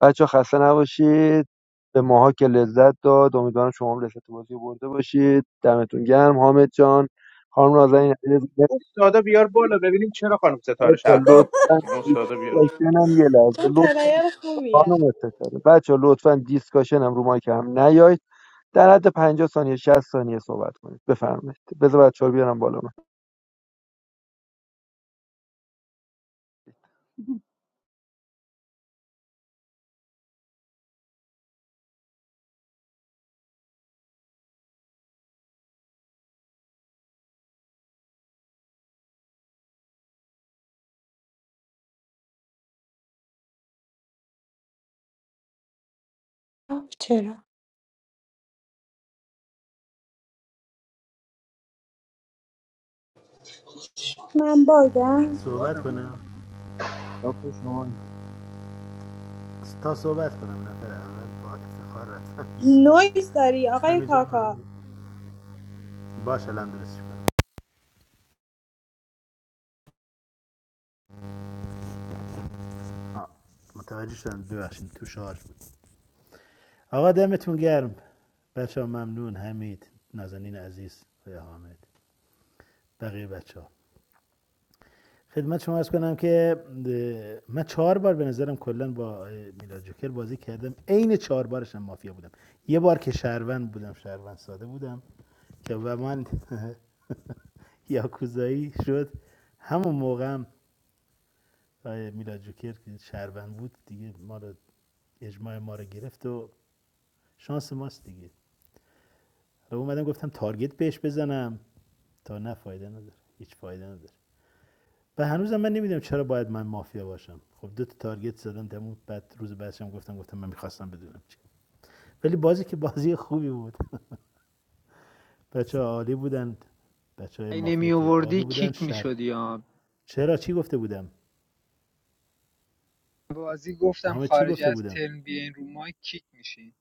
Speaker 2: بچه خسته نباشید به ماها که لذت داد امیدوارم شما هم لذت بازی رو برده باشید دمتون گرم حامد جان خانم نازنین عزیز،
Speaker 6: استادا بیار بالا ببینیم چرا خانم ستاره
Speaker 2: بچه‌ها
Speaker 6: شرفم بود
Speaker 2: لطفاً
Speaker 6: این استادا بیارش بالا
Speaker 2: دیسکاشن هم یه لحظه
Speaker 13: من
Speaker 2: لطفاً
Speaker 13: پلیر
Speaker 2: خانم
Speaker 13: خوبیم
Speaker 2: استفاده بچه لطفا دیسکاشن هم رو مایک هم نیایید در حد پنجاه ثانیه 60 ثانیه صحبت کنید بفرمایید بذار بچه‌ها رو بیارم بالا من
Speaker 3: آه، چرا
Speaker 13: من
Speaker 12: چرا
Speaker 13: باگم
Speaker 12: صحبت
Speaker 15: صحبت
Speaker 12: نکنیم
Speaker 15: کنم
Speaker 12: داخل شما این.
Speaker 15: تا صحبت کنم نفر اول با افتخار رفتم بیرون
Speaker 13: نویز داری آقای
Speaker 15: همینجا
Speaker 13: کاکا
Speaker 15: من باش الان درستش کنم متوجه شدم ببخشید تو شارژ بود آقا دمتون گرم بچه‌ها ها ممنون حمید نازنین عزیز و حامد بقیه بچه‌ها. خدمت شما ارز کنم که من چهار بار به نظرم کلا با میلاد جوکر بازی کردم عین چهار بارش مافیا بودم یه بار که شهروند بودم شهروند ساده بودم که و من یاکوزایی شد همون موقع هم میلاد جوکر که شهروند بود دیگه ما رو اجماع ما رو گرفت و شانس ماست دیگه حالا اومدم گفتم تارگت بهش بزنم تا نه فایده نداره هیچ فایده نداره و هنوزم من نمیدونم چرا باید من مافیا باشم خب دو تا تارگت زدم تموم بعد روز بعدش هم گفتم گفتم من میخواستم بدونم چی ولی بازی که بازی خوبی بود بچه عالی بودن بچه های
Speaker 10: اگه
Speaker 15: مافیا
Speaker 10: نمی
Speaker 15: که عالی
Speaker 10: آوردی
Speaker 15: بودن
Speaker 10: کیک
Speaker 15: شر
Speaker 10: میشدی ها
Speaker 15: چرا چی گفته بودم
Speaker 10: بازی گفتم
Speaker 15: دامه چی
Speaker 10: خارج
Speaker 15: گفته
Speaker 10: از
Speaker 15: بودم
Speaker 10: ترم بیاین رو مایک کیک میشین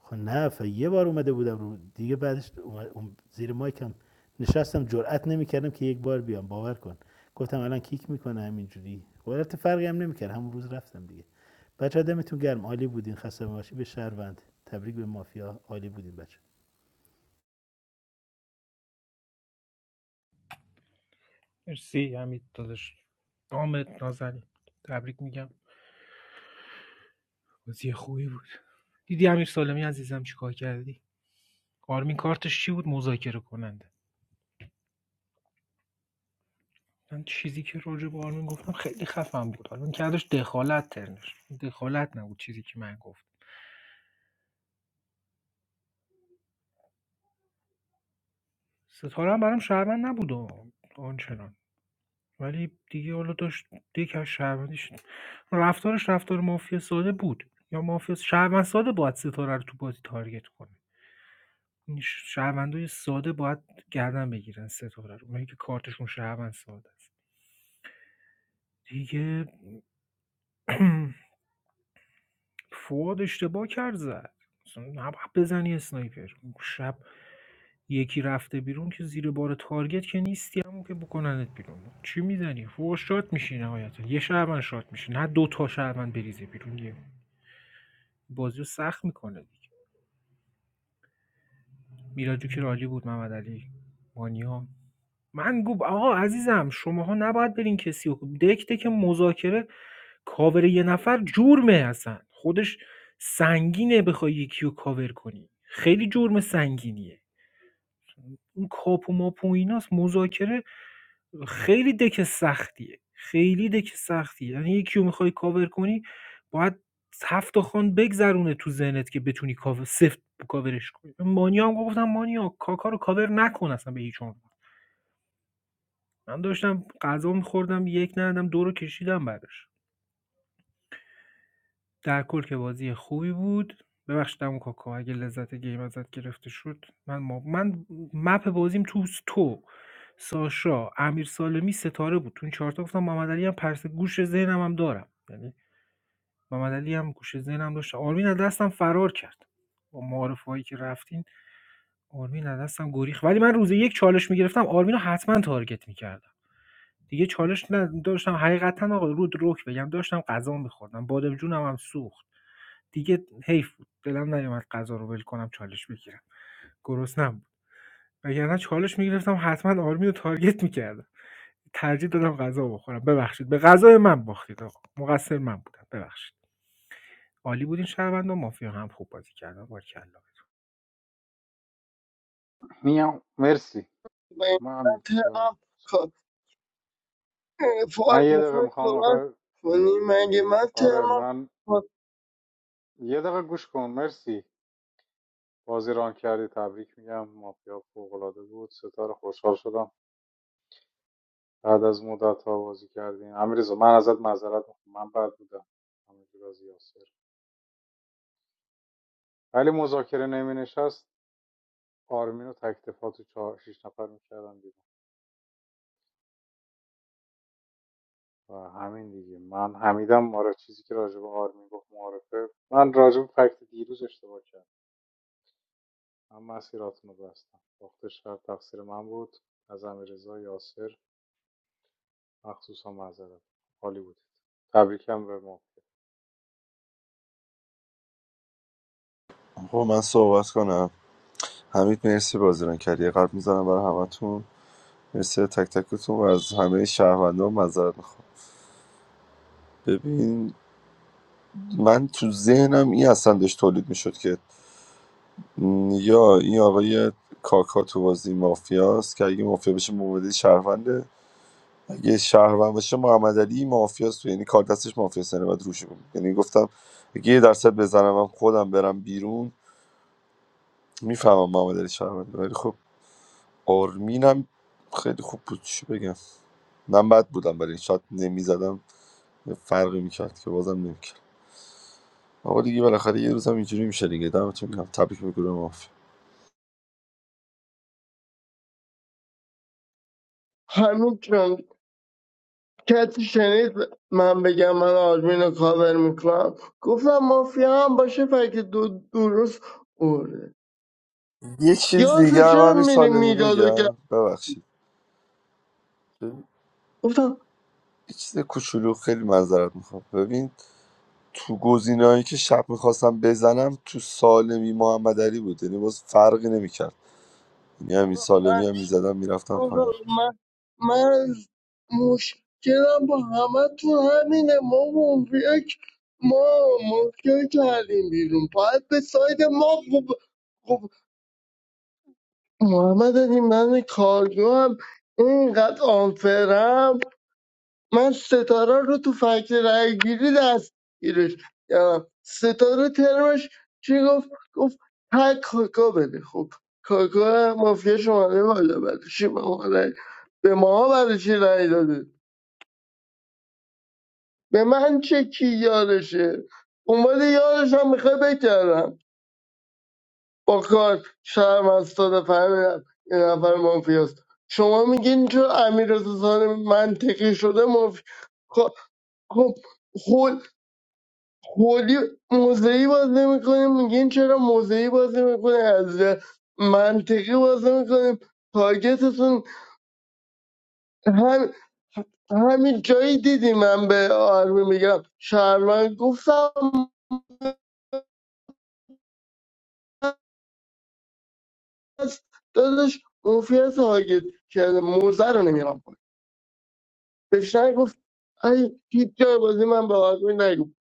Speaker 15: خب نه ف- یه بار اومده بودم رو دیگه بعدش زیر مایکم نشستم جرئت نمیکردم که یک بار بیام باور کن گفتم الان کیک میکنه همینجوری خب البته فرقی هم نمیکرد همون روز رفتم دیگه بچه دمتون گرم عالی بودین خسته باشی به شهروند تبریک به مافیا عالی بودین بچه
Speaker 8: مرسی حمید داداش دامت نازنین تبریک میگم بازی خوبی بود دیدی الان عزیزم چیکار کردی آرمین کارتش چی بود مذاکره کننده من چیزی که راجع به آرمین گفتم خیلی خفن بود آرمین کردش دخالت ترنش دخالت نبود چیزی که من گفتم ستاره هم برام شهروند نبود و آنچنان ولی دیگه حالا داشت دیگه از شهروندیش رفتارش رفتار مافیا ساده بود یا مافیا شهروند ساده باید ستاره رو تو بازی تارگت کنه این ش- شهروندای ساده باید گردن بگیرن ستاره رو اونایی که کارتشون شهروند ساده است دیگه فواد اشتباه کرد زد اصلا نباید بزنی اسنایپر اون شب یکی رفته بیرون که زیر بار تارگت که نیستی همون که بکننت بیرون چی میزنی فوق شات میشی نهایتا یه شهروند شات میشه نه دو تا شهروند بریزه بیرون یه بازی رو سخت میکنه دیگه میراجو که رالی بود محمد علی مانیا من گو آقا عزیزم شماها نباید برین کسی رو دک دک مذاکره کاور یه نفر جرمه اصلا خودش سنگینه بخوای یکی رو کاور کنی خیلی جرم سنگینیه اون کاپ و ماپ و ایناست مذاکره خیلی دک سختیه خیلی دک سختیه یعنی یکی رو میخوای کاور کنی باید هفت تا خان بگذرونه تو ذهنت که بتونی کاور سفت کاورش کنی مانیا هم گفتم مانیا کاکا رو کاور نکن اصلا به هیچ عنوان. من داشتم غذا می‌خوردم یک ندادم ۲ رو کشیدم برش. در کل که بازی خوبی بود. ببخشید عمو کاکا اگه لذت گیم ازت گرفته شد من ما من مپ بازیم توس تو، ساشا، امیر سالمی، ستاره بود. تو این ۴ تا گفتم محمدعلی هم پرس گوش ذهنم هم دارم. یعنی محمدعلی هم گوش ذهنم داشت. آرمین از دستم فرار کرد. با معارفه‌هایی که رفتین آرمین از دستم گریخت. ولی من روز یک چالش میگرفتم. آرمین رو حتما تارگت می‌کردم. دیگه چالش نداشتم حقیقتا آقا رو دروغ بگم داشتم غذا می‌خوردم بادم جونم هم سوخت دیگه حیف بود دلم نیومد غذا رو ول کنم چالش بگیرم گرسنم بود وگرنه چالش می‌گرفتم حتما آرمین رو تارگت می‌کردم ترجیح دادم غذا بخورم ببخشید به غذای من باختید آقا مقصر من بودم ببخشید عالی بودین شهروند و مافیا هم خوب بازی کردن بارکلا
Speaker 1: میام مرسی
Speaker 14: من
Speaker 1: من
Speaker 14: ترم
Speaker 1: من
Speaker 14: فعال
Speaker 1: یه دقیقه
Speaker 14: مثلا
Speaker 1: میخوام
Speaker 14: صحبت
Speaker 1: آخه
Speaker 14: کنی مگه من
Speaker 1: آره
Speaker 14: ترم
Speaker 1: من یه دقیقه گوش کن مرسی بازی ران کردی تبریک میگم مافیا فوق‌العاده بود ستاره خوشحال شدم بعد از مدت ها بازی کردیم امیرزا من ازت معذرت میخوام من بد بودم همینجور از یاسر ولی مذاکره نمی نشست آرمین و تکتفا تو چهار شیش نفر میکردن بیرون و همین دیگه من حمیدم آره چیزی که راجب آرمین گفت معارفه من راجب فکت دیروز اشتباه کردم من مسیراتونو بستم باخت شب تقصیر من بود از امیرزا یاسر مخصوصا معذرت عالی بودید تبریکم به ما
Speaker 4: خب من صحبت کنم حمید مرسی بازیران کردی یه قلب میزنم برای همتون مرسی تک تکتون و از همه شهروندان معذرت میخوام ببین من تو ذهنم این اصلا داشت تولید میشد که م، یا این آقای کاکا تو بازی مافیاست که اگه مافیا بشه مبادی شهرونده اگه شهروند باشه محمد علی مافیاست تو یعنی کار دستش مافیاست یعنی باید روش بود یعنی گفتم اگه یه درصد بزنم من خودم برم بیرون میفهمم محمد علی شهرونده ولی خب آرمین هم خیلی خوب بود چی بگم من بد بودم برای این شات نمیزدم فرقی میکرد که بازم نمیکرد آقا دیگه بالاخره یه روزم اینجوری میشه دیگه دمتون گرم تبریک به گروه مافیا
Speaker 14: همین چند کسی شنید من بگم من آرمین رو کاور میکنم گفتم مافیا هم باشه فکر دو درست برده
Speaker 4: یه چیز
Speaker 14: یاسه
Speaker 4: دیگه هم
Speaker 14: چرا
Speaker 4: همین
Speaker 14: میری
Speaker 4: سالمی
Speaker 14: میداد و کرد
Speaker 4: بگم ببخشید یه
Speaker 14: گفتم
Speaker 4: چیز کوچولو خیلی معذرت میخوام ببین تو گزینه‌هایی که شب میخواستم بزنم تو سالمی محمد علی بود یعنی باز فرقی نمیکرد یعنی همین
Speaker 14: آقا
Speaker 4: سالمی هم میزدم میرفتم
Speaker 14: آقا
Speaker 4: پایین
Speaker 14: من من مشکلم با همه تو همینه ما یک ما مشکل کردیم بیرون باید به ساید ما خوب خب محمد علی من کارگو هم اینقدر آنفرم من ستاره رو تو فکر رای گیری دست گیرش کردم. ستاره ترمش چی گفت گفت تک کاکا بده خب کاکا مافیا شماره بالا برای چی به ما رای- به ما برای چی رای داده به من چه کی یارشه اونوال یارش هم میخوای بکردم با کار شرم از داده فهمیدم یه نفر مافیاست شما میگین چون امیر سالم منطقی شده مافیا خب خب خب، کلی موضعی بازی میکنیم میگیم چرا موضعی بازی میکنیم از منطقی بازی میکنیم تارگتتون هم همین جایی دیدی من به آرمی میگم شهرمند گفتم هست داداش مافیا تارگت کرده موزه رو نمیرم پایین بهش نگفت ای هیچ جای بازی من به آرمی نگفت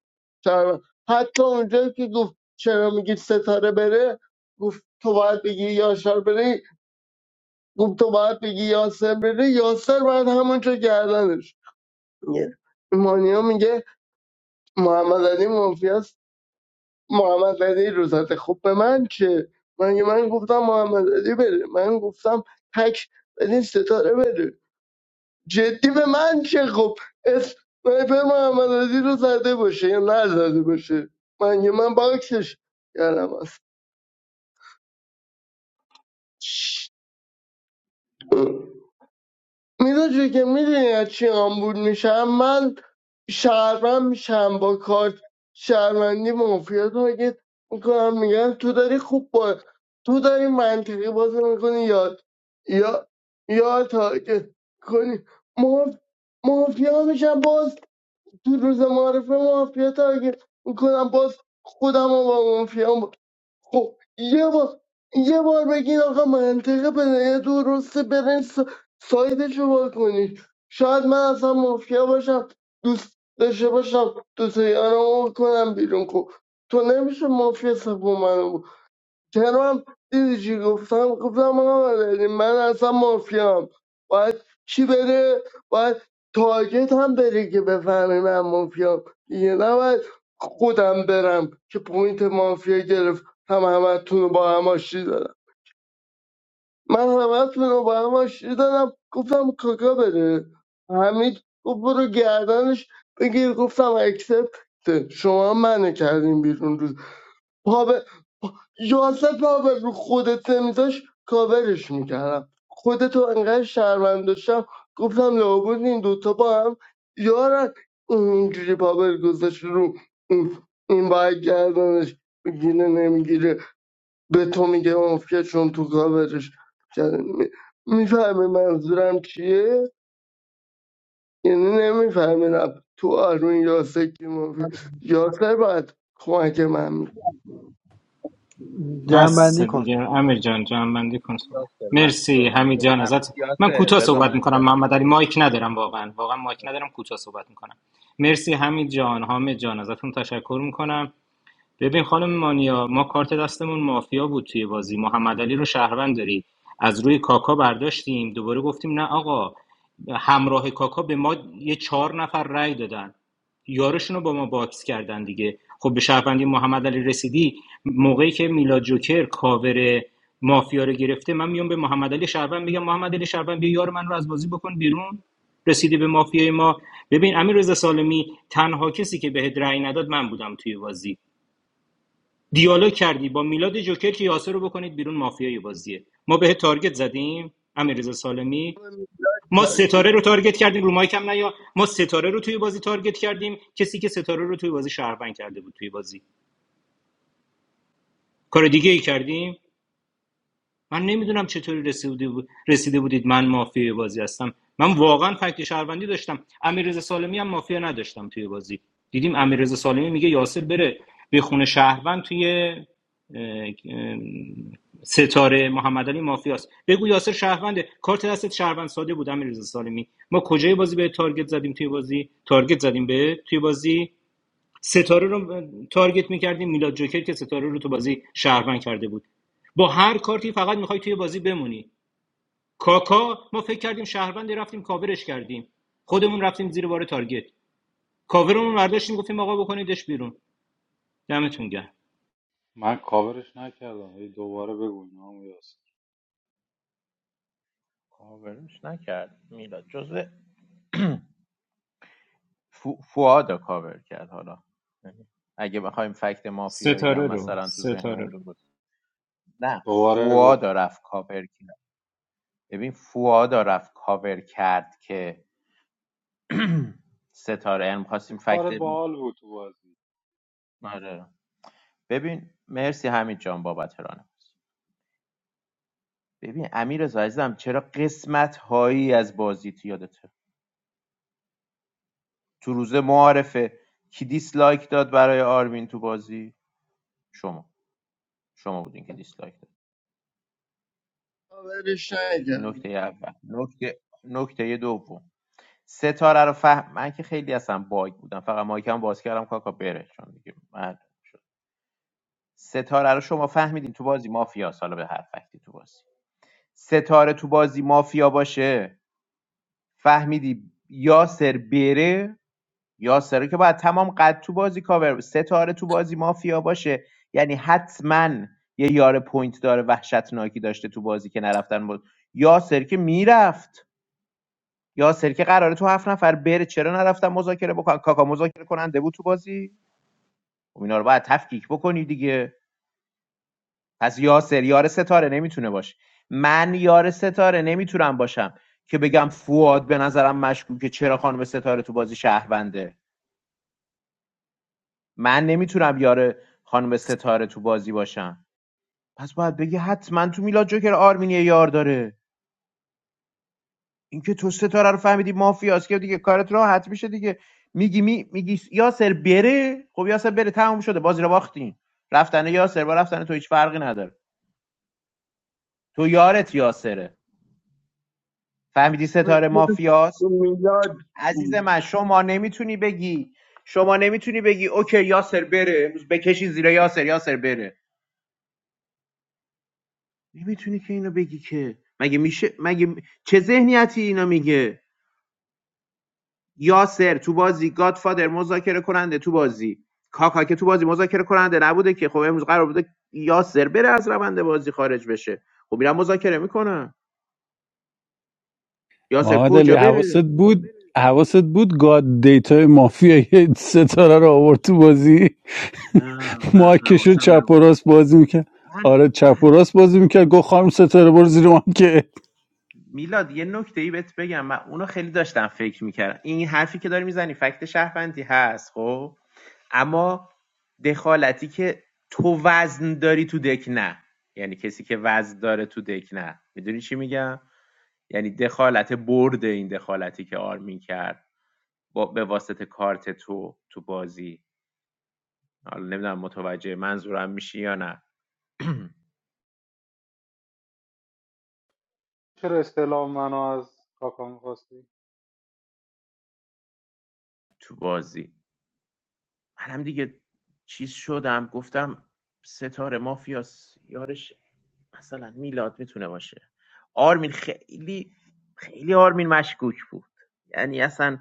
Speaker 14: شهرمند حتی اونجا که گفت چرا میگی ستاره بره گفت تو باید بگی یاشار بره گفت تو باید بگی یاسر بره یاسر باید همونجا گردنش میگیره مانیا میگه محمد علی منفی است محمد علی روزت خوب به من چه من من گفتم محمد علی بره من گفتم تک بدین ستاره بره جدی به من چه خب اسنایپر محمد علی رو زده باشه یا نزده باشه من من باکسش کردم است میلا جوی که میدونی از چی آمبول میشم من شهروند میشم با کارت شهروندی مافیا تارگت میکنم میگن تو داری خوب با تو داری منطقی بازی میکنی یا یا یا تارگت کنی ماف... مافیا میشم باز تو روز معرفه مافیا تارگت میکنم باز خودم رو با مافیا خب یه بار یه بار بگین آقا منطق پدیه درسته برین سا... سایدشو باز کنید شاید من اصلا مافیا باشم دوست داشته باشم دوست یارمو کنم بیرون خب تو نمیشه مافیا سبو منو ترام دیدی چی گفتم گفتم آقا مدنی، من اصلا مافیام باید چی بره باید تارگت هم بره که بفهمی من مافیام دیگه نباید خودم برم که پوینت مافیا گرفت هم همتون رو با هم آشتی دادم من همتون رو با هم آشتی دادم گفتم کاکا بره حمید گفت برو گردنش بگیر گفتم اکسپت شما منو کردین بیرون روز پا یاسر پاور رو خودت میذاش کاورش میکردم خودتو انقدر شرمند داشتم گفتم لابد این دوتا با هم یارن اینجوری پاور گذاشت رو این این باید گردنش بگیره نمیگیره به تو میگه مافیا چون تو کاورش کرده. میفهمی منظورم چیه یعنی نمیفهمیدم تو آرون یاسر کی مافیا یاسر باید کمک من می‌کرد.
Speaker 7: بس
Speaker 2: جمع
Speaker 7: دیگه امیر جان جان بندی کن صحبت
Speaker 6: یاسر من
Speaker 7: مرسی
Speaker 6: تو من
Speaker 7: حمید
Speaker 6: تو
Speaker 7: جان
Speaker 6: من
Speaker 7: ازت من
Speaker 6: یاسر
Speaker 7: کوتاه
Speaker 6: بذار
Speaker 7: صحبت
Speaker 6: من ج...
Speaker 7: میکنم محمد علی مایک ندارم واقعا واقعا مایک ندارم کوتاه صحبت میکنم مرسی حمید جان حامد جان ازتون تشکر میکنم ببین خانم مانیا ما کارت دستمون مافیا بود توی بازی محمد علی رو شهروند داری از روی کاکا برداشتیم دوباره گفتیم نه آقا همراه کاکا به ما یه چهار نفر رأی دادن یارشون رو با ما باکس کردن دیگه خب به شهروندی محمد علی رسیدی موقعی که میلاد جوکر کاور مافیا رو گرفته من میام به محمد علی شهروند میگم محمد علی شهروند بیا یار من رو از بازی بکن بیرون رسیدی به مافیای ما ببین امیر رضا سالمی تنها کسی که بهت رأی نداد من بودم توی بازی دیالوگ کردی با میلاد جوکر که یاسر رو بکنید بیرون مافیای بازیه ما به تارگت زدیم امیررضا سالمی ما ستاره رو تارگت کردیم رو مایک هم نیا ما ستاره رو توی بازی تارگت کردیم کسی که ستاره رو توی بازی شهروند کرده بود توی بازی کار دیگه ای کردیم من نمیدونم چطوری رسیده, بود- رسیده بودید من مافیای بازی هستم من واقعا فکت شهروندی داشتم امیررضا سالمی هم مافیا نداشتم توی بازی دیدیم امیررضا سالمی میگه یاسر بره به خونه شهروند توی ستاره محمد علی مافیاست بگو یاسر شهرونده کارت دستت شهروند ساده بود امیررضا سالمی ما کجای بازی به تارگت زدیم توی بازی تارگت زدیم به توی بازی ستاره رو تارگت میکردیم میلاد جوکر که ستاره رو تو بازی شهروند کرده بود با هر کارتی فقط میخوای توی بازی بمونی کاکا ما فکر کردیم شهروندی رفتیم کاورش کردیم خودمون رفتیم زیر بار تارگت کاورمون برداشتیم گفتیم آقا بکنیدش بیرون دمتون گرم
Speaker 1: من کاورش نکردم هی دوباره بگو اینا یاسر
Speaker 6: کاورش نکرد میلاد جزء فو- رو کاور کرد حالا یعنی اگه بخوایم فکت مافیایی هم
Speaker 7: ستاره رو
Speaker 6: مثلا تو
Speaker 7: ستاره
Speaker 6: ذهنمون درست کنیم. نه
Speaker 1: دوباره
Speaker 6: فواد رو
Speaker 1: گفت
Speaker 6: رفت کاور کرد ببین فواد رو رفت کاور کرد که ستاره یعنی خواستیم فکت
Speaker 1: کارت
Speaker 6: ما...
Speaker 1: باحال بود تو بازی
Speaker 6: آره. ببین مرسی همین جان بابت رانه ببین امیر رضا عزیزم چرا قسمت هایی از بازی تو یادته تو روز معارفه کی دیسلایک داد برای آرمین تو بازی شما شما بودین که دیسلایک داد
Speaker 14: کاورش
Speaker 6: این
Speaker 14: نکردم
Speaker 6: نکته اول نکته نکته دوم ستاره رو فهم من که خیلی اصلا باگ بودم فقط مایکم باز کردم کاکا بره چون دیگه معلوم شد ستاره رو شما فهمیدین تو بازی مافیا حالا به هر فکتی تو بازی ستاره تو بازی مافیا باشه فهمیدی یاسر بره یاسر که باید تمام قد تو بازی کاور ستاره تو بازی مافیا باشه یعنی حتما یه یار پوینت داره وحشتناکی داشته تو بازی که نرفتن بود یاسر که میرفت یاسر که قراره تو هفت نفر بره چرا نرفتن مذاکره بکن کاکا مذاکره کننده بود تو بازی خب اینا رو باید تفکیک بکنی دیگه پس یاسر یار ستاره نمیتونه باشه من یار ستاره نمیتونم باشم که بگم فواد به نظرم مشکوکه چرا خانم ستاره تو بازی شهرونده من نمیتونم یار خانم ستاره تو بازی باشم پس باید بگی حتما تو میلاد جوکر آرمینی یار داره اینکه تو ستاره رو فهمیدی مافیاست که دیگه کارت راحت میشه دیگه میگی می میگی یاسر بره خب یاسر بره تموم شده بازی رو باختین رفتن یاسر با رفتن تو هیچ فرقی نداره تو یارت یاسره فهمیدی ستاره
Speaker 14: رفیق
Speaker 6: مافیاست
Speaker 14: میلاد
Speaker 6: عزیز من شما نمیتونی بگی شما نمیتونی بگی اوکی یاسر بره امروز بکشین زیر یاسر یاسر بره نمیتونی که اینو بگی که مگه میشه مگه چه ذهنیتی اینا میگه یاسر تو بازی گادفادر مذاکره کننده تو بازی کاکا که تو بازی مذاکره کننده نبوده که خب امروز قرار بوده یاسر بره از روند بازی خارج بشه خب میرم مذاکره میکنم یاسر
Speaker 16: محمد علی
Speaker 6: کجا
Speaker 16: حواست
Speaker 6: بره
Speaker 16: بود حواست بود گاد دیتای مافیا یه ستاره رو آورد تو بازی
Speaker 6: نه نه
Speaker 16: مایکشو
Speaker 6: حواسم
Speaker 16: چپ و
Speaker 6: نبود
Speaker 16: راست بازی میکرد
Speaker 6: من
Speaker 16: آره چپ و
Speaker 6: من
Speaker 16: راست بازی میکرد گفت خانم ستاره برو زیر مایکت
Speaker 6: میلاد یه نکته ای بهت بگم من اونو خیلی داشتم فکر میکردم این حرفی که داری میزنی فکت شهروندی هست خب اما دخالتی که تو وزن داری تو دک نه یعنی کسی که وزن داره تو دک نه میدونی چی میگم یعنی دخالت برد این دخالتی که آرمین کرد با به واسطه کارت تو تو بازی حالا نمیدونم متوجه منظورم میشی یا نه
Speaker 1: چرا استعلام منو از کاکا میخواستی؟
Speaker 6: تو بازی منم دیگه چیز شدم گفتم ستاره مافیاس یارش مثلا میلاد میتونه باشه آرمین خیلی خیلی آرمین مشکوک بود یعنی اصلا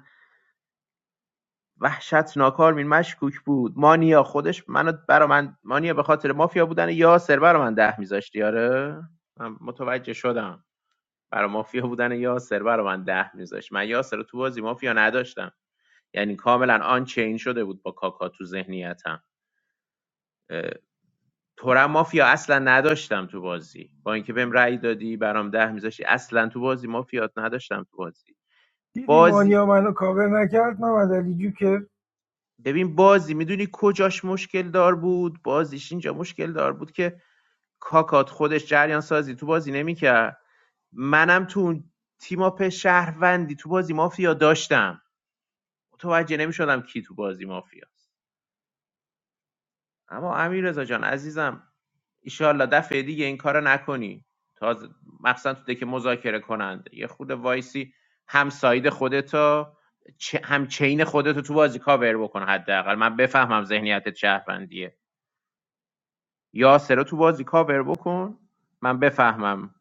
Speaker 6: وحشتناک آرمین مشکوک بود مانیا خودش منو برا من مانیا به خاطر مافیا بودن یاسر برا من ده میذاشتی آره من متوجه شدم برا مافیا بودن یاسر برا من ده میذاشت من یاسر رو تو بازی مافیا نداشتم یعنی کاملا آن چین شده بود با کاکا تو ذهنیتم اه، تورم مافیا اصلا نداشتم تو بازی با اینکه بهم رأی دادی برام ده میذاشتی اصلا تو بازی مافیات نداشتم تو بازی
Speaker 8: دیدی
Speaker 6: بازی
Speaker 8: مانیا منو کاور نکرد محمد علی جوکر
Speaker 6: ببین بازی میدونی کجاش مشکل دار بود بازیش اینجا مشکل دار بود که کاکات خودش جریان سازی تو بازی نمیکرد منم تو اون تیم اپ شهروندی تو بازی مافیا داشتم متوجه نمیشدم کی تو بازی مافیاست اما امیر رضا جان عزیزم ایشالله دفعه دیگه این کارو نکنی تازه مخصوصا تو دک مذاکره کننده یه خود وایسی هم ساید خودتو چه- هم چین خودتو تو بازی کاور بکن حداقل من بفهمم ذهنیت شهروندیه یاسر رو تو بازی کاور بکن من بفهمم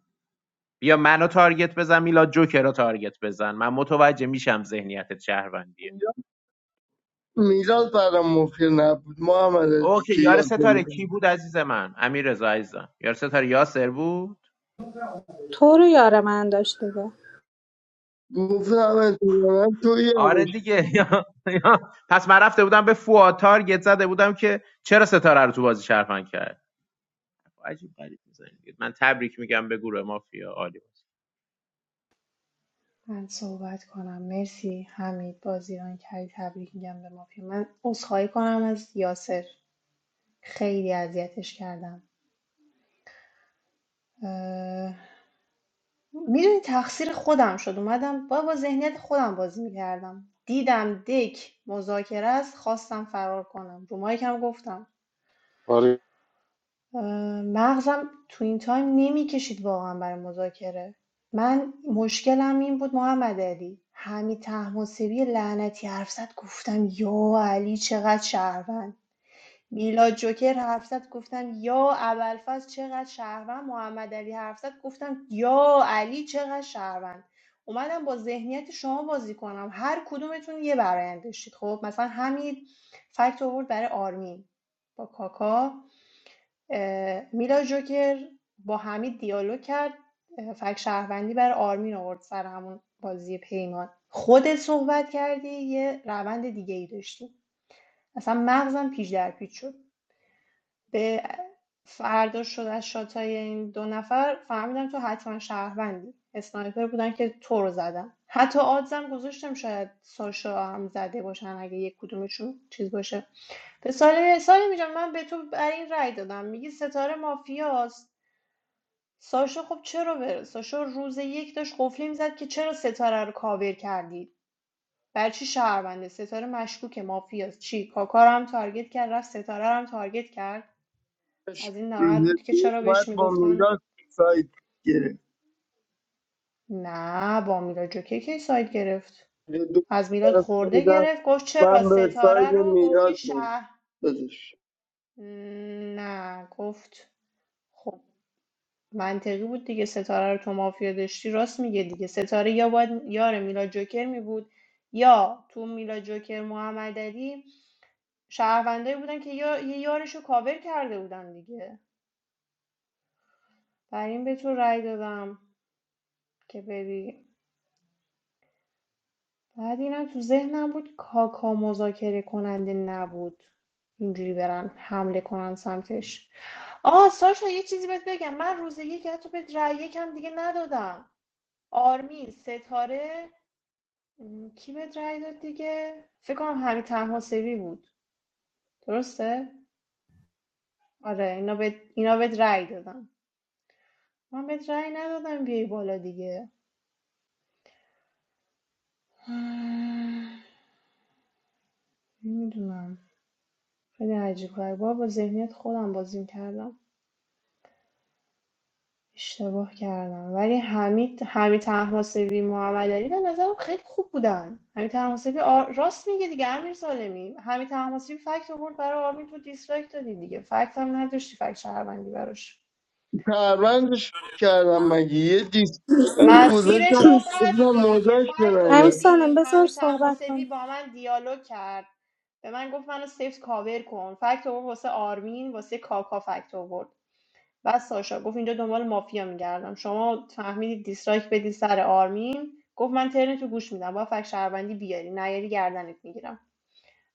Speaker 6: بیا منو تارگت بزن میلاد جوکر رو تارگت بزن من متوجه میشم ذهنیتت شهروندیه
Speaker 14: میلاد برام مفید نبود محمد علی
Speaker 6: اوکی
Speaker 14: که
Speaker 6: یار
Speaker 14: یاد
Speaker 6: ستاره کی
Speaker 14: بودم
Speaker 6: بود عزیز من امیر رضا عزیزم یار ستاره یاسر بود
Speaker 13: تو رو یار من داشت دیگه
Speaker 14: گفتم اتفاقا تو
Speaker 6: آره
Speaker 14: یادش
Speaker 6: دیگه یا- یا- پس من رفته بودم به فواد تارگت زده بودم که چرا ستاره رو تو بازی شهروند کرد عجیب غریب می‌زنید. من تبریک میگم به گروه مافیا عالی بود
Speaker 11: من صحبت کنم مرسی حمید بازیران کردی تبریک میگم به مافیا من عذرخواهی کنم از یاسر خیلی اذیتش کردم اه... میدونی تقصیر خودم شد اومدم با با ذهنیت خودم بازی میکردم دیدم دک مذاکره است خواستم فرار کنم رو مایکم گفتم
Speaker 1: باری
Speaker 11: اه، مغزم تو این تایم نمیکشید واقعا برای مذاکره من مشکلم این بود محمد علی حمید طهماسبی لعنتی حرف زد گفتم یا علی چقدر شهروند میلاد جوکر حرف زد گفتم یا ابوالفضل چقدر شهروند محمد علی حرف زد گفتم یا علی چقدر شهروند اومدم با ذهنیت شما بازی کنم هر کدومتون یه برایند داشتید خب مثلا همین فکت آورد برای آرمین با کاکا اه، میلاد جوکر با حمید دیالوگ کرد اه، فکت شهروندی برای آرمین آورد سر همون بازی پیمان خودت صحبت کردی یه روند دیگه ای داشتی اصلا مغزم پیچ در پیچ شد به فردا شد از شاتای این دو نفر فهمیدم تو حتما شهروندی اسنایپر بودن که تو رو زدن حتی آدزم گذاشتم شاید ساشا هم زده باشن اگه یک کدومشون چیز باشه به سالی سالی میگم من به تو بر این رأی دادم میگی ستاره مافیاست ساشا خب چرا بره ساشا روز یک داشت قفلی میزد که چرا ستاره رو کاور کردی برای چی شهرونده ستاره مشکوکه مافیاست چی کاکا رو هم تارگت کرد رفت ستاره رو هم تارگت کرد از این ناراحت
Speaker 14: روز
Speaker 11: بود که
Speaker 14: دو
Speaker 11: چرا
Speaker 14: اومد
Speaker 11: بهش
Speaker 14: با
Speaker 11: میگفتن
Speaker 14: میلاد سایت گرفت
Speaker 11: نه با میلاد جوکی کی سایت گرفت
Speaker 14: روز دو
Speaker 11: از میلاد
Speaker 14: طرف
Speaker 11: خورده
Speaker 14: بودم،
Speaker 11: گرفت گفت چرا
Speaker 14: من به سایت
Speaker 11: ستاره رو گفتی
Speaker 14: میلاد
Speaker 11: شهر
Speaker 14: میدادش
Speaker 11: نه گفت خب منطقی بود دیگه ستاره رو تو مافیا داشتی راست میگه دیگه ستاره یا باید یار میلاد جوکر میبود یا تو میلاد جوکر محمد علی شهروندایی بودن که یا یه یارشو کاور کرده بودن دیگه بر این به تو رأی دادم که بری بعد اینم تو ذهنم بود کاکا مذاکره کننده نبود اینجوری برن حمله کنن سمتش آه ساشا یه چیزی بهت بگم من روز یک حتی بهت رأی یکم دیگه ندادم آرمین ستاره م، کی بهت رأی داد دیگه فکر کنم همین تنها سوی بود درسته آره اینا بهت اینا بهت رأی دادم من بهت رأی ندادم بیای بالا دیگه نمیدونم خیلی عجیب غریبه با ذهنیت خودم بازی کردم اشتباه کردم ولی حمید حمید طهماسبی محمد علی به نظرم خیلی خوب بودن حمید طهماسبی آر- راست میگه دیگه امیر سالمی حمید طهماسبی فکت آورد برای آرمین تو دیسلایک دادی دیگه فکت هم نداشتی فکت شهروندی براش
Speaker 14: پروندش کردم مگه یه دیسک
Speaker 11: مسیرشو
Speaker 14: گذاشتم گفتم
Speaker 11: بستی دیگه
Speaker 14: موزش
Speaker 11: فکت رو-
Speaker 13: همین
Speaker 14: بنایه
Speaker 13: سالم
Speaker 11: ببین
Speaker 13: بذار
Speaker 11: حمید
Speaker 13: صحبت
Speaker 11: طهماسبی
Speaker 13: کن
Speaker 11: با من دیالوگ کرد به من گفت منو سفت کاور کن فکت آورد واسه آرمین واسه کاکا فکت آورد بعد ساشا گفت اینجا دنبال مافیا میگردم شما فهمیدید دیسلایک بدی سر آرمین گفت من ترنتو گوش میدم با فک شهروندی بیاری نیاری گردنت میگیرم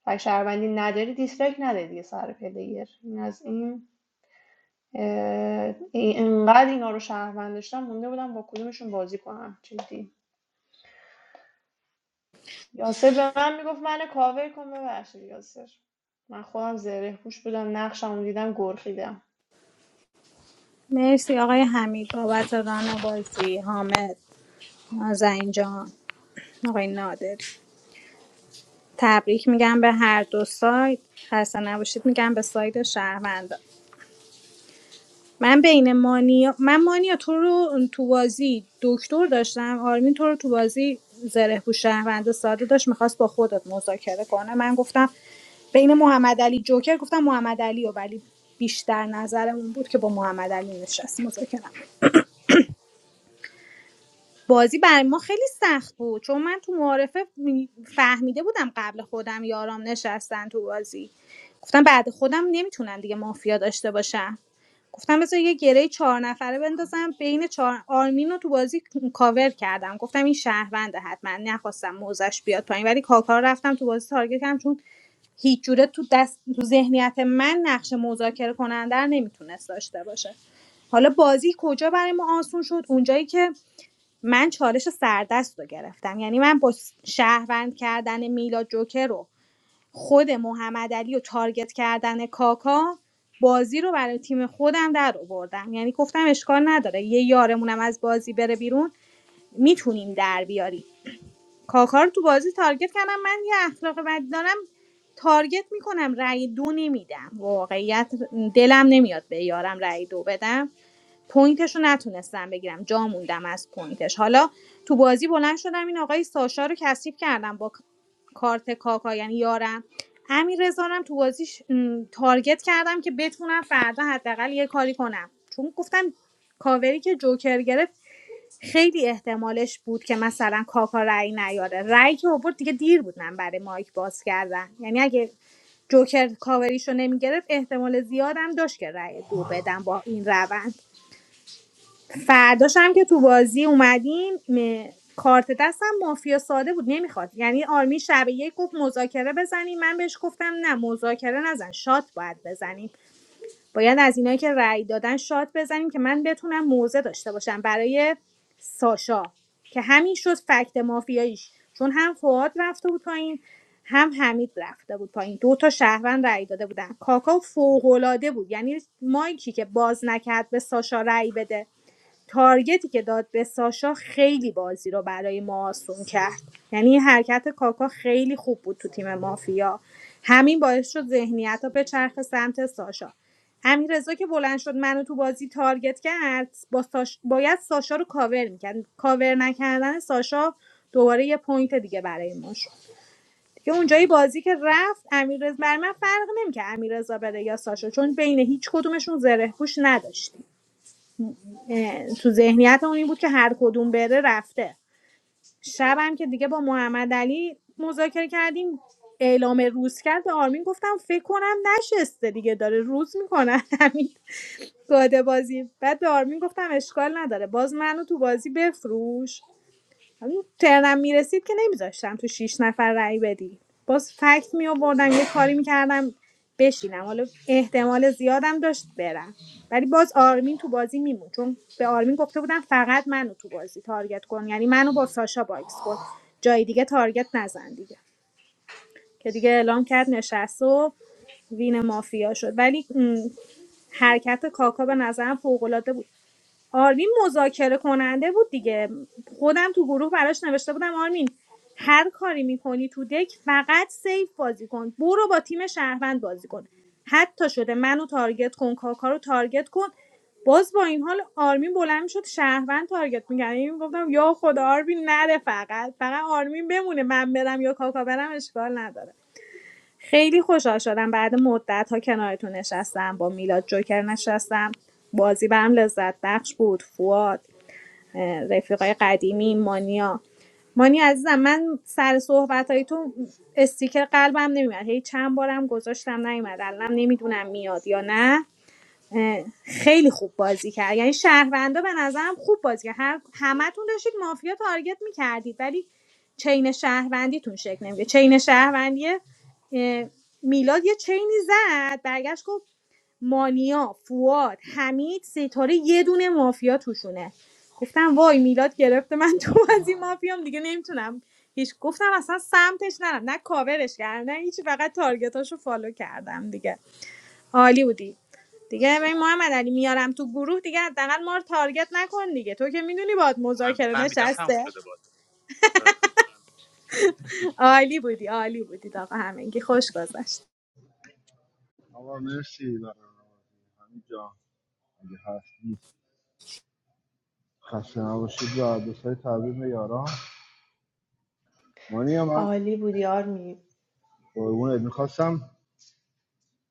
Speaker 11: فک شهروندی نداری دیسلایک نده دیگه سر پلیر این از این اه، این- انقدر اینا رو شهروند داشتم مونده بودم با کدومشون بازی کنم جدی یاسر به من میگفت من کاور کن ببخشید یاسر من خودم زره پوش بودم نقشم دیدم گرخیدم
Speaker 13: مرسی آقای حمید بابت ران بازی حامد نازنین جان آقای نادری تبریک میگم به هر دو سایت خسته نباشید میگم به سایت شهروندا من بین مانیا من مانیا تو رو تو بازی دکتر داشتم آرمین تو رو تو بازی زره پوش شهروندا ساده داشت میخواست با خودت مذاکره کنه من گفتم بین محمد علی جوکر گفتم محمد علی و ولی بیشتر نظرمون بود که با محمد علی نشست مذاکره بازی برای ما خیلی سخت بود چون من تو معارفه فهمیده بودم قبل خودم یارام نشستن تو بازی گفتم بعد خودم نمیتونن دیگه مافیا داشته باشم گفتم بذار یه گره چهار نفره بندازم بین چهار آرمین رو تو بازی کاور کردم گفتم این شهرونده حتما نخواستم موزش بیاد پایین ولی کاکا رو رفتم تو بازی تارگت کردم چون هیچ جوره تو دست تو ذهنیت من نقش مذاکره کننده رو نمیتونست داشته باشه حالا بازی کجا برای ما آسون شد اونجایی که من چالش سردست رو گرفتم یعنی من با س- شهروند کردن میلا جوکر رو خود محمد و تارگت کردن کاکا بازی رو برای تیم خودم در آوردم یعنی گفتم اشکال نداره یه یارمونم از بازی بره بیرون میتونیم در بیاریم کاکا رو تو بازی تارگت کردم من یه اخلاق بد دارم تارگت میکنم رأی دو نمیدم واقعیت دلم نمیاد به یارم رأی دو بدم پوینتش رو نتونستم بگیرم جا موندم از پوینتش حالا تو بازی بلند شدم این آقای ساشا رو کثیف کردم با کارت کاکا یعنی یارم امیر رزارم تو بازیش م، تارگت کردم که بتونم فردا حداقل یه کاری کنم چون گفتم کاوری که جوکر گرفت خیلی احتمالش بود که مثلا کاکا رأی نیاره رأی که آورد دیگه دیر بود من برای مایک باز کردن یعنی اگه جوکر کاوریشو نمیگرفت احتمال زیادم داشت که رأی دو بدم با این روند فرداش هم که تو بازی اومدیم م- کارت دستم مافیا ساده بود نمیخواد یعنی آرمی شب یک گفت مذاکره بزنیم من بهش گفتم نه مذاکره نزن شات باید بزنیم باید از اینایی که رأی دادن شات بزنیم که من بتونم موزه داشته باشم برای ساشا که همین شد فکت مافیاییش چون هم فواد رفته بود پایین هم حمید رفته بود پایین دو تا شهروند رأی داده بودن کاکا فوق‌العاده بود یعنی مایکی که باز نکرد به ساشا رأی بده تارگتی که داد به ساشا خیلی بازی رو برای ما آسون کرد یعنی حرکت کاکا خیلی خوب بود تو تیم مافیا همین باعث شد ذهنیت به چرخ سمت ساشا همین رضا که بلند شد منو تو بازی تارگت کرد با ساش... باید ساشا رو کاور میکرد کاور نکردن ساشا دوباره یه پوینت دیگه برای ما شد دیگه اونجایی بازی که رفت امیررضا بر من فرق نمیکرد امیررضا بره یا ساشا چون بین هیچ کدومشون زره پوش نداشتیم اه، تو ذهنیت اون این بود که هر کدوم بره رفته شبم که دیگه با محمد علی مذاکره کردیم اعلام روز کرد به آرمین گفتم فکر کنم نشسته دیگه داره روز میکنه همین گاده بازی بعد به آرمین گفتم اشکال نداره باز منو تو بازی بفروش ولی ترنم میرسید که نمیذاشتم تو شیش نفر رأی بدی باز فکت می یه کاری میکردم بشینم حالا احتمال زیادم داشت برم ولی باز آرمین تو بازی میمون چون به آرمین گفته بودم فقط منو تو بازی تارگت کن یعنی منو با ساشا باکس کن جای دیگه تارگت نزن دیگه که دیگه اعلام کرد نشست و وین مافیا شد ولی م، حرکت کاکا به نظرم فوق‌العاده بود آرمین مذاکره کننده بود دیگه خودم تو گروه براش نوشته بودم آرمین هر کاری میکنی تو دک فقط سیف بازی کن برو با تیم شهروند بازی کن حتی شده منو تارگت کن کاکا رو تارگت کن باز با این حال آرمین بلند شد شهروند تارگت می‌کرد این گفتم یا خدا آرمین نره فقط فقط آرمین بمونه من برم یا کاکا برم اشکال نداره خیلی خوشحال شدم بعد مدت ها کنارتون نشستم با میلاد جوکر نشستم بازی برام لذت بخش بود فواد اه، رفیقای قدیمی مانیا مانی عزیزم من سر صحبت های تو استیکر قلبم نمیاد هی چند بارم گذاشتم نیومد الانم نمیدونم میاد یا نه خیلی خوب بازی کرد یعنی شهروندا به نظرم خوب بازی کرد هر همتون داشتید مافیا تارگت میکردید ولی چین شهروندیتون شکل نمیگه چین شهروندی اه، میلاد یه چینی زد برگشت گفت مانیا فواد حمید ستاره یه دونه مافیا توشونه گفتم وای میلاد گرفته من تو بازی مافیام دیگه نمیتونم هیچ گفتم اصلا سمتش نرم نه کاورش کردم نه هیچی فقط تارگتاشو فالو کردم دیگه عالی بودی دیگه ببین محمد علی میارم تو گروه دیگه حداقل ما رو تارگت نکن دیگه تو که میدونی باید
Speaker 6: من
Speaker 13: مذاکره
Speaker 6: فهمیدم تموم
Speaker 13: نشسته
Speaker 6: شده بود ستاره
Speaker 13: عالی بودی عالی بودی آقا همگی خوش گذشت
Speaker 12: آقا مرسی برنامه همین جان اگه هست نیست خسته نباشید و دوستای تبریک به یاران مانی من
Speaker 11: عالی بودی آرمین
Speaker 12: قربونت میخواستم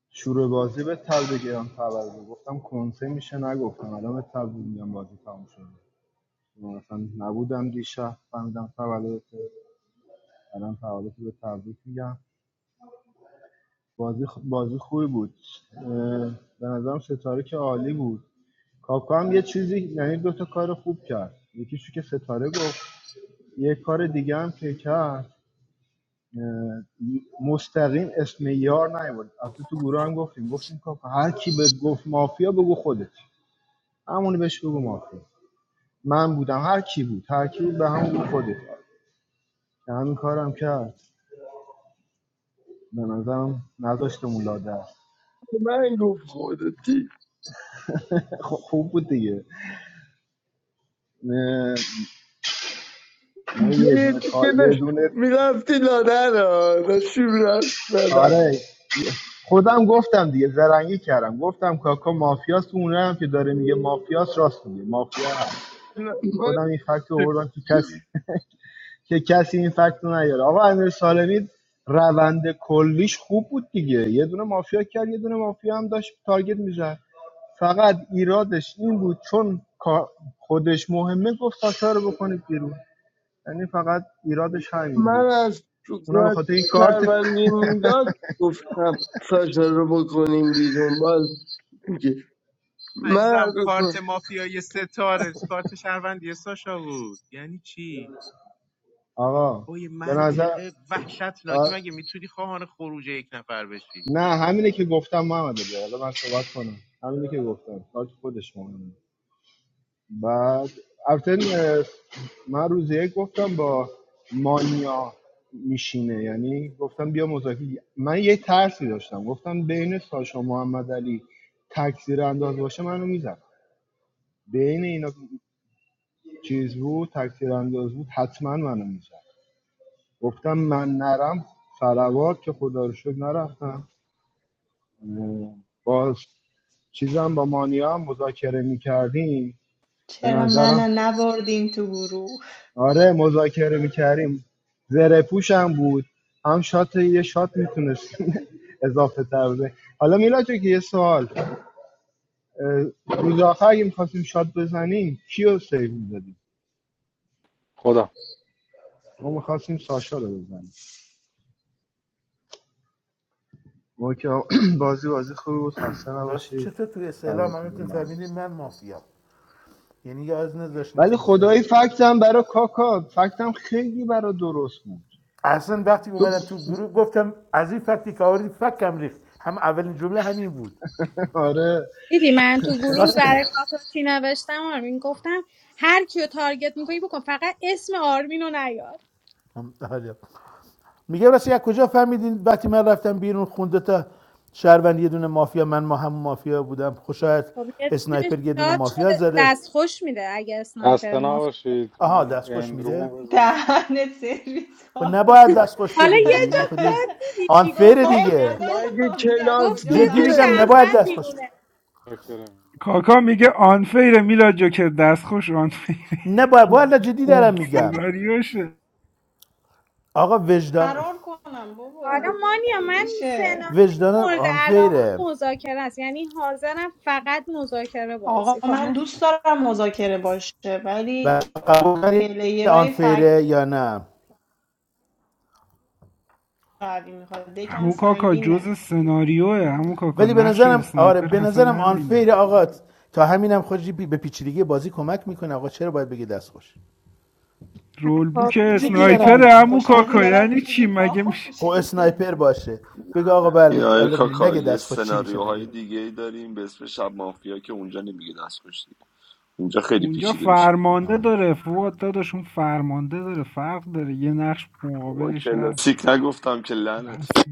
Speaker 12: شروع بازی به تل بگیرم خبر گفتم کنسه میشه نگفتم الان به تل میگم بازی تموم شده مثلا نبودم دیشب فهمیدم تولدت الان تولدت به تبریک میگم بازی خ- بازی خوبی بود اه، به نظرم ستاره که عالی بود کاکا هم یه چیزی یعنی دو تا کار خوب کرد یکیشو که ستاره گفت یه کار دیگه هم که کرد مستقیم اسم یار نیورد البته تو گروه هم گفتیم گفتیم کاکا هر کی به گفت مافیا بگو خودت همونی بهش بگو مافیا من بودم هر کی بود هر کی بود به همون بگو خودت که همین کارم کرد به نظرم نذاشتمون لاده است.
Speaker 14: من گفت خودتی
Speaker 12: خب خوب بود دیگه نه نه یه دونه
Speaker 14: دیدی که
Speaker 12: تا یه
Speaker 14: داشت
Speaker 12: دونه
Speaker 14: میرفتی لادن ها داشتی میرفتی لادن
Speaker 12: آره خودم گفتم دیگه زرنگی کردم گفتم کاکا مافیاست اون که داره میگه مافیاست راست میگه مافیا هست
Speaker 14: من
Speaker 12: خودم این فکت رو آوردم که کسی که کسی این فکت رو نیاره آقا امیر سالمی روند کلیش خوب بود دیگه یه دونه مافیا کرد یه دونه مافیا هم داشت تارگت میزد فقط ایرادش این بود چون کار- خودش مهمه گفت ساشا رو بکنید بیرون یعنی فقط ایرادش همین
Speaker 14: من
Speaker 12: بود
Speaker 14: از تو
Speaker 12: اونا به
Speaker 14: کار
Speaker 12: خاطر این کارت
Speaker 14: شهروندی میداد گفتم ساشا رو بکنیم بیرون باز میگه من از
Speaker 6: عزیزم کارت
Speaker 14: تو-
Speaker 6: مافیای ستاره کارت شهروندی ساشا بود یعنی چی
Speaker 12: آقا
Speaker 6: با یه
Speaker 12: به نظر
Speaker 6: منطق
Speaker 12: آ...
Speaker 6: وحشتناکی مگه میتونی خواهان خروج یک نفر بشی
Speaker 12: نه همینه که گفتم محمد علی. حالا من صحبت کنم همینه که گفتم کارت خودش مهمه بعد البته اه، من روز یک گفتم با مانیا میشینه یعنی گفتم بیا مذاکره من یه ترسی داشتم گفتم بین ساشا محمد علی تکثیر انداز باشه منو میزن بین اینا چیز بود تکثیر انداز بود حتما منو میزن گفتم من نرم سلوات که خدا رو شکر نرفتم با چیزم با مانیا هم مذاکره میکردیم به
Speaker 11: چرا
Speaker 12: نظرم
Speaker 11: منو نبردین تو گروه
Speaker 12: آره مذاکره میکردیم زره پوش هم بود هم شات یه شات میتونست اضافه تر بزنیم حالا میلا که یه سوال اه، روز آخر اگه میخواستیم شات بزنیم کیو سیو میدادیم
Speaker 1: خدا
Speaker 12: ما میخواستیم ساشا رو بزنیم ما که بازی بازی خوبی بود خسته
Speaker 15: راستی
Speaker 12: نباشید
Speaker 15: چطور توی
Speaker 12: تبریک
Speaker 15: اسلام هم
Speaker 12: میگم
Speaker 15: میتونیم
Speaker 12: به همه.
Speaker 15: فهمیدین من مافیا یعنی یه از نذاشتین که
Speaker 12: ولی
Speaker 15: مثلا
Speaker 12: خدایی فکتم برای کاکا فکتم خیلی برای درست بود
Speaker 15: اصلا وقتی
Speaker 12: تو
Speaker 15: اومدم تو گروه گفتم از این فکتی که آوردی فکم ریخت هم اولین جمله همین بود
Speaker 12: آره
Speaker 13: دیدی من تو گروه
Speaker 15: راست
Speaker 13: برای کاکا چی نوشتم آرمین گفتم هر کیو تارگت میکنی بکن فقط اسم آرمین رو نیار
Speaker 15: هم- حالا. میگه راستی از کجا فهمیدین وقتی من رفتم بیرون خونده تا شهروند یه دونه مافیا من ما هم مافیا بودم خوشایت
Speaker 13: خب یه دونه
Speaker 15: اسنایپر یه دونه
Speaker 13: شاد
Speaker 15: مافیا
Speaker 13: شده
Speaker 15: زده
Speaker 13: دست خوش میده اگه اسنایپر
Speaker 1: خسته
Speaker 13: مفت
Speaker 1: نباشید
Speaker 15: آها
Speaker 1: من
Speaker 15: دستخوش میده
Speaker 1: اندرومو بزنم
Speaker 11: دهنت سرویس
Speaker 15: خب
Speaker 11: کاکا
Speaker 15: نباید دستخوش
Speaker 13: حالا
Speaker 15: بدی
Speaker 13: یه
Speaker 15: دیگه
Speaker 13: جا
Speaker 15: این خودی
Speaker 13: گفت دیدی چی گفت
Speaker 15: آنفیر
Speaker 13: ما
Speaker 11: وای
Speaker 15: دیگه
Speaker 13: گفت
Speaker 14: مگه
Speaker 11: خدایا میگه از
Speaker 13: گفت
Speaker 11: کجا
Speaker 13: سه
Speaker 14: کلاسی
Speaker 15: جدی
Speaker 13: تا
Speaker 15: میگم
Speaker 11: فهمیدی
Speaker 15: نباید
Speaker 13: شهروند
Speaker 15: دستخوش بدی.
Speaker 13: بیرونه
Speaker 1: شاکرم
Speaker 8: کاکا میگه آنفیر میلاد جوکر دستخوش آنفیر
Speaker 15: نباید والا جدی
Speaker 14: که
Speaker 15: دارم میگم
Speaker 8: سناریوشه
Speaker 15: آقا وجدان
Speaker 11: فرار کنم بابا
Speaker 13: حالا مانیا
Speaker 11: مگه
Speaker 13: من
Speaker 11: میشه
Speaker 13: سناریو
Speaker 15: وجدان
Speaker 13: مورد علاقه
Speaker 15: آنفیره
Speaker 13: مذاکره است یعنی حاضرم فقط مذاکره بازی
Speaker 11: آقا من
Speaker 13: کنم
Speaker 11: دوست دارم مذاکره باشه ولی
Speaker 15: و قبول داری
Speaker 11: پلیرای فکت
Speaker 15: آنفیره یا نه
Speaker 11: قوی میخواد دکم
Speaker 8: همون کاکا
Speaker 11: سنگینه
Speaker 8: جز سناریوه همون کاکا
Speaker 15: ولی به
Speaker 8: نقش
Speaker 15: نظرم آره
Speaker 8: اسنایپر
Speaker 15: به
Speaker 8: حسن
Speaker 15: نظرم
Speaker 8: همینه
Speaker 15: آنفیر آقا تا همینم خودش به پیچیدگی بازی کمک میکنه آقا چرا باید بگه دست خوش
Speaker 8: رول
Speaker 13: خب
Speaker 8: بوک
Speaker 15: جدی
Speaker 11: میگیم
Speaker 15: دارم
Speaker 11: پا
Speaker 8: اسنایپره
Speaker 15: میگم اینو
Speaker 8: همون
Speaker 11: خوش از این
Speaker 8: کاکا
Speaker 11: به بعد
Speaker 8: یعنی چی
Speaker 11: میگیم پا
Speaker 8: مگه میشه
Speaker 11: خوش
Speaker 15: خب اسنایپر باشه بگه آقا
Speaker 4: این
Speaker 15: بله
Speaker 4: آقای کاکا
Speaker 15: نگه
Speaker 4: یه
Speaker 15: دست خوش چی میشه
Speaker 4: سناریوهای
Speaker 15: مگه
Speaker 4: دیگه ای داریم به اسم شب مافیا که اونجا نمیگه دست کشتی اونجا خیلی
Speaker 8: اونجا
Speaker 4: پیچیده میشه
Speaker 8: فرمانده
Speaker 15: آه.
Speaker 8: داره فواد داداش اون فرمانده داره فرق داره یه نقش
Speaker 4: بابا
Speaker 8: مقابلش هست
Speaker 4: کلاسیک نگفتم که لعنتی
Speaker 8: بس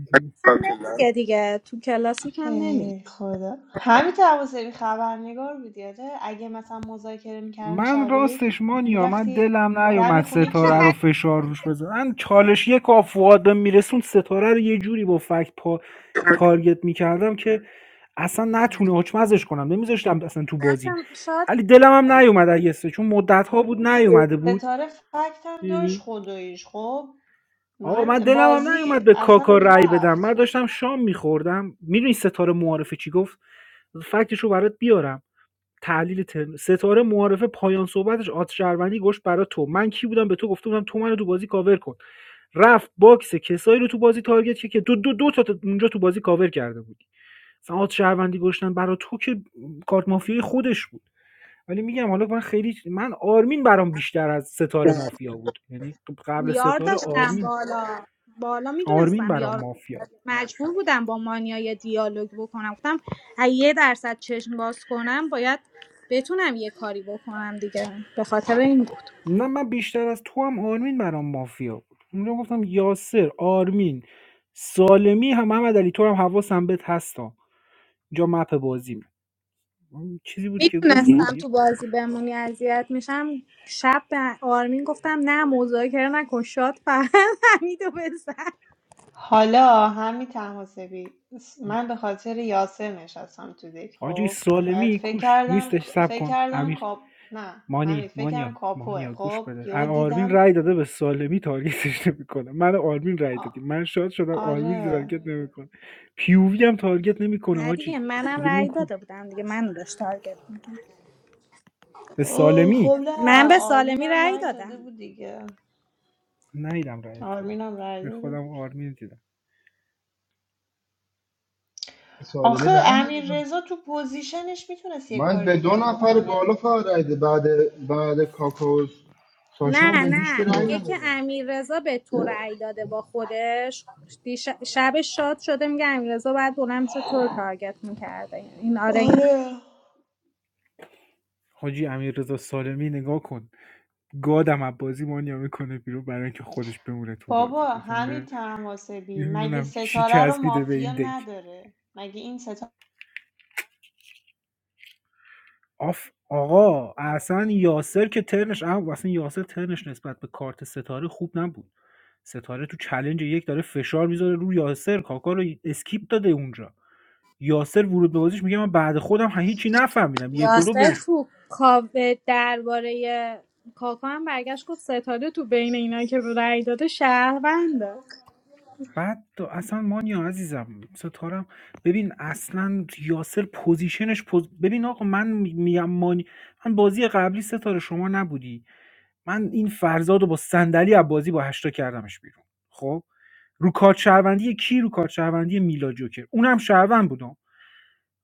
Speaker 13: هم نمیگه دیگه تو کلاسیک هم نمی
Speaker 11: ای خدا همین توسعی خبرنگار بودی آره اگه مثلا مذاکره میکردن
Speaker 8: من
Speaker 11: شب یک
Speaker 8: راستش مانیا من
Speaker 11: میرفتی
Speaker 8: دلم
Speaker 11: دم
Speaker 8: نیومد
Speaker 11: خونه
Speaker 8: ستاره رو
Speaker 11: کی
Speaker 8: فشار روش بزنم من چالش یک آف فواد به میرسون ستاره رو یه جوری با فکت پا تارگت میکردم که اصلا نتونه حکمزش کنم نمیذاشتم اصلا تو بازی
Speaker 13: رفتم. شاید
Speaker 8: ولی دلم هم نیومد ایسته چون مدت ها بود نیومده بود
Speaker 11: ستاره فکت هم داشت
Speaker 8: میدونی
Speaker 11: خداییش خب
Speaker 8: آقا من
Speaker 11: من
Speaker 8: دلم هم
Speaker 11: بازی
Speaker 8: نیومد به کاکا
Speaker 11: اصلا
Speaker 8: رأی بدم من
Speaker 11: رفت
Speaker 8: داشتم شام میخوردم میدونی ستاره معارفه چی گفت فکتش رو برات بیارم تحلیل ترم. ستاره معارفه پایان صحبتش آت شهروندی گشت برا تو من کی بودم به تو گفته بودم تو منو تو بازی کاور کن رفت باکس کسایی رو تو بازی تارگت که دو دو دو تا تا اونجا تو بازی کاور کرده بود مثلا آت شهروندی گشتن برا تو که کارت مافیای خودش بود ولی میگم حالا من خیلی من آرمین برام بیشتر از ستاره مافیا بود یعنی خب قبل
Speaker 13: یار
Speaker 8: ستاره
Speaker 13: داشتم
Speaker 8: آرمین
Speaker 13: بالا بالا
Speaker 8: آرمین
Speaker 13: میدونستم
Speaker 8: برام
Speaker 13: یار
Speaker 8: مافیا بود
Speaker 13: مجبور بودم با مانیا یه دیالوگ بکنم گفتم اگه یه درصد چشم باز کنم باید بتونم یه کاری بکنم دیگه به خاطر این
Speaker 8: نه من بیشتر از تو هم آرمین برام مافیا بود اونجا گفتم یاسر آرمین سالمی هم محمد علی تو هم حواسم بهت هستم اینجا مپ بازیم اون چیزی بود که گفتم
Speaker 13: میدونستم
Speaker 8: دیگه
Speaker 13: تو بازی بمونی اذیت میشم شب به آرمین گفتم نه مذاکره نکن شاد فقط حمیدو بزن
Speaker 11: حالا همین تماسبی من به خاطر یاسر نشستم تو دک
Speaker 8: آجی
Speaker 11: خب بعد
Speaker 8: سالمی
Speaker 11: فکر
Speaker 8: کوش
Speaker 11: کردم
Speaker 8: نیستش سب
Speaker 11: فکر
Speaker 8: کن
Speaker 11: کردم
Speaker 8: امیر
Speaker 11: کاپ نه همین
Speaker 8: مانی
Speaker 11: فکر کردم
Speaker 8: مانیا
Speaker 11: کاپوه
Speaker 8: مانیا گوش
Speaker 11: خب
Speaker 8: بده
Speaker 11: یهو
Speaker 8: ا- آرمین
Speaker 11: دیدم
Speaker 8: رای داده به سالمی تارگتش نمیکنه من و آرمین رای
Speaker 11: آ-
Speaker 8: دادیم من شاد شدم آرمین
Speaker 11: آره
Speaker 8: تارگت نمیکنه پیووی هم تارگت نمیکنه
Speaker 13: نه دیگه
Speaker 8: حاجی
Speaker 13: منم
Speaker 8: ولمون
Speaker 13: رأی
Speaker 8: کو
Speaker 13: داده بودم دیگه منو داشت تارگت میکن
Speaker 8: به
Speaker 11: اوه
Speaker 8: سالمی
Speaker 11: خب نه
Speaker 13: من به سالمی
Speaker 11: آرمینم
Speaker 13: رأی
Speaker 11: رأی
Speaker 13: دادم
Speaker 11: داده بود دیگه
Speaker 8: نیدم رای تو رو.
Speaker 11: آرمینم رأی
Speaker 8: به
Speaker 11: داده
Speaker 8: خودم
Speaker 11: بود
Speaker 8: آرمین دیدم
Speaker 12: سالمی
Speaker 11: آخه
Speaker 12: رنگ
Speaker 11: امیر
Speaker 12: ندادم
Speaker 11: رضا تو پوزیشنش میتونست یه
Speaker 12: من
Speaker 11: کار
Speaker 12: به دو
Speaker 11: دیگه هم
Speaker 12: نفر
Speaker 11: بکنه
Speaker 12: بالا فقط رای ده. بعد بعد کاکاوس ساشان
Speaker 13: نه
Speaker 12: به هیچ که
Speaker 13: نه
Speaker 12: رأی
Speaker 13: میگه که
Speaker 12: ندادم
Speaker 13: امیر رضا به تو رأی داده با خودش دیش- شب شاد شده میگه امیر رضا باید بلند شد تو رو تارگت میکرده این آره
Speaker 11: آره
Speaker 8: حاجی امیررضا سالمی نگاه کن گادم از بازی مانیا میکنه بیرون برای اینکه خودش بمونه تو
Speaker 11: بابا
Speaker 8: بازی
Speaker 11: همین
Speaker 8: مثلا
Speaker 11: تنواسبی مگه
Speaker 8: نمیدونم چی
Speaker 11: ستاره رو
Speaker 8: چسبیده به این
Speaker 11: مافیا
Speaker 8: دک
Speaker 11: نداره مگه این
Speaker 8: آف آقا اصلا یاسر که ترنش اما اصلا یاسر ترنش نسبت به کارت ستاره خوب نبود ستاره تو چلنج یک داره فشار میذاره رو یاسر کاکا رو اسکیپ داده اونجا یاسر ورود به بازیش میگه من بعد خودم هیچی نفهمیدم یک و دو
Speaker 13: یاسر
Speaker 8: بهش
Speaker 13: تو کاوه درباره کاکا هم برگشت گفت ستاره تو بین اینا که رأی داده شهرونده
Speaker 8: بعد تو- اصلا مانیا عزیزم ستارم ببین اصلا یاسر پوزیشنش پوز... ببین آقا من میگم مانی من بازی قبلی ستاره شما نبودی من این فرزاد رو با صندلی از با هشتا کردمش بیرون خب رو کارت شهروندی کی رو کارت شهروندی میلا جوکر اونم شهروند بودم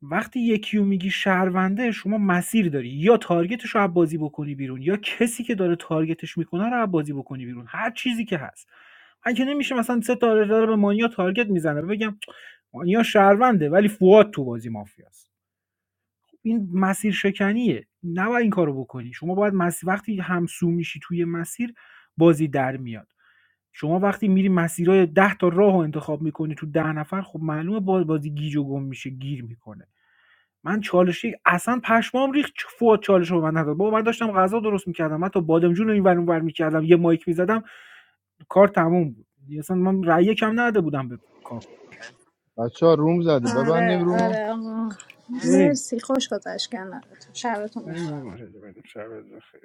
Speaker 8: وقتی یکی رو میگی شهرونده شما مسیر داری یا تارگتش رو از بکنی بیرون یا کسی که داره تارگتش میکنه رو از بکنی بیرون هر چیزی که هست من که نمیشه مثلا سه تا داره به مانیا تارگت میزنه بگم مانیا شهرونده ولی فواد تو بازی مافیاست این مسیر شکنیه نباید این کارو بکنی شما باید مسیر وقتی همسو میشی توی مسیر بازی در میاد شما وقتی میری مسیرهای ده تا راه رو انتخاب میکنی تو ده نفر خب معلومه باز بازی گیج و گم میشه گیر میکنه من چالشی اصلا پشمام ریخت چه فوت چالش رو به من نداد بابا من داشتم غذا درست میکردم من تا بادمجون رو این ور اون ور میکردم یه مایک میزدم کار تموم بود اصلا من رأی کم نداده بودم به کاکا
Speaker 12: بچه ها روم زده ببندیم
Speaker 13: آره
Speaker 12: روم
Speaker 13: آره آه.
Speaker 8: بریم
Speaker 13: مرسی خوش گذشت کنارتون شبتون بخیر
Speaker 8: بریم آقا. بریم شب بخیر.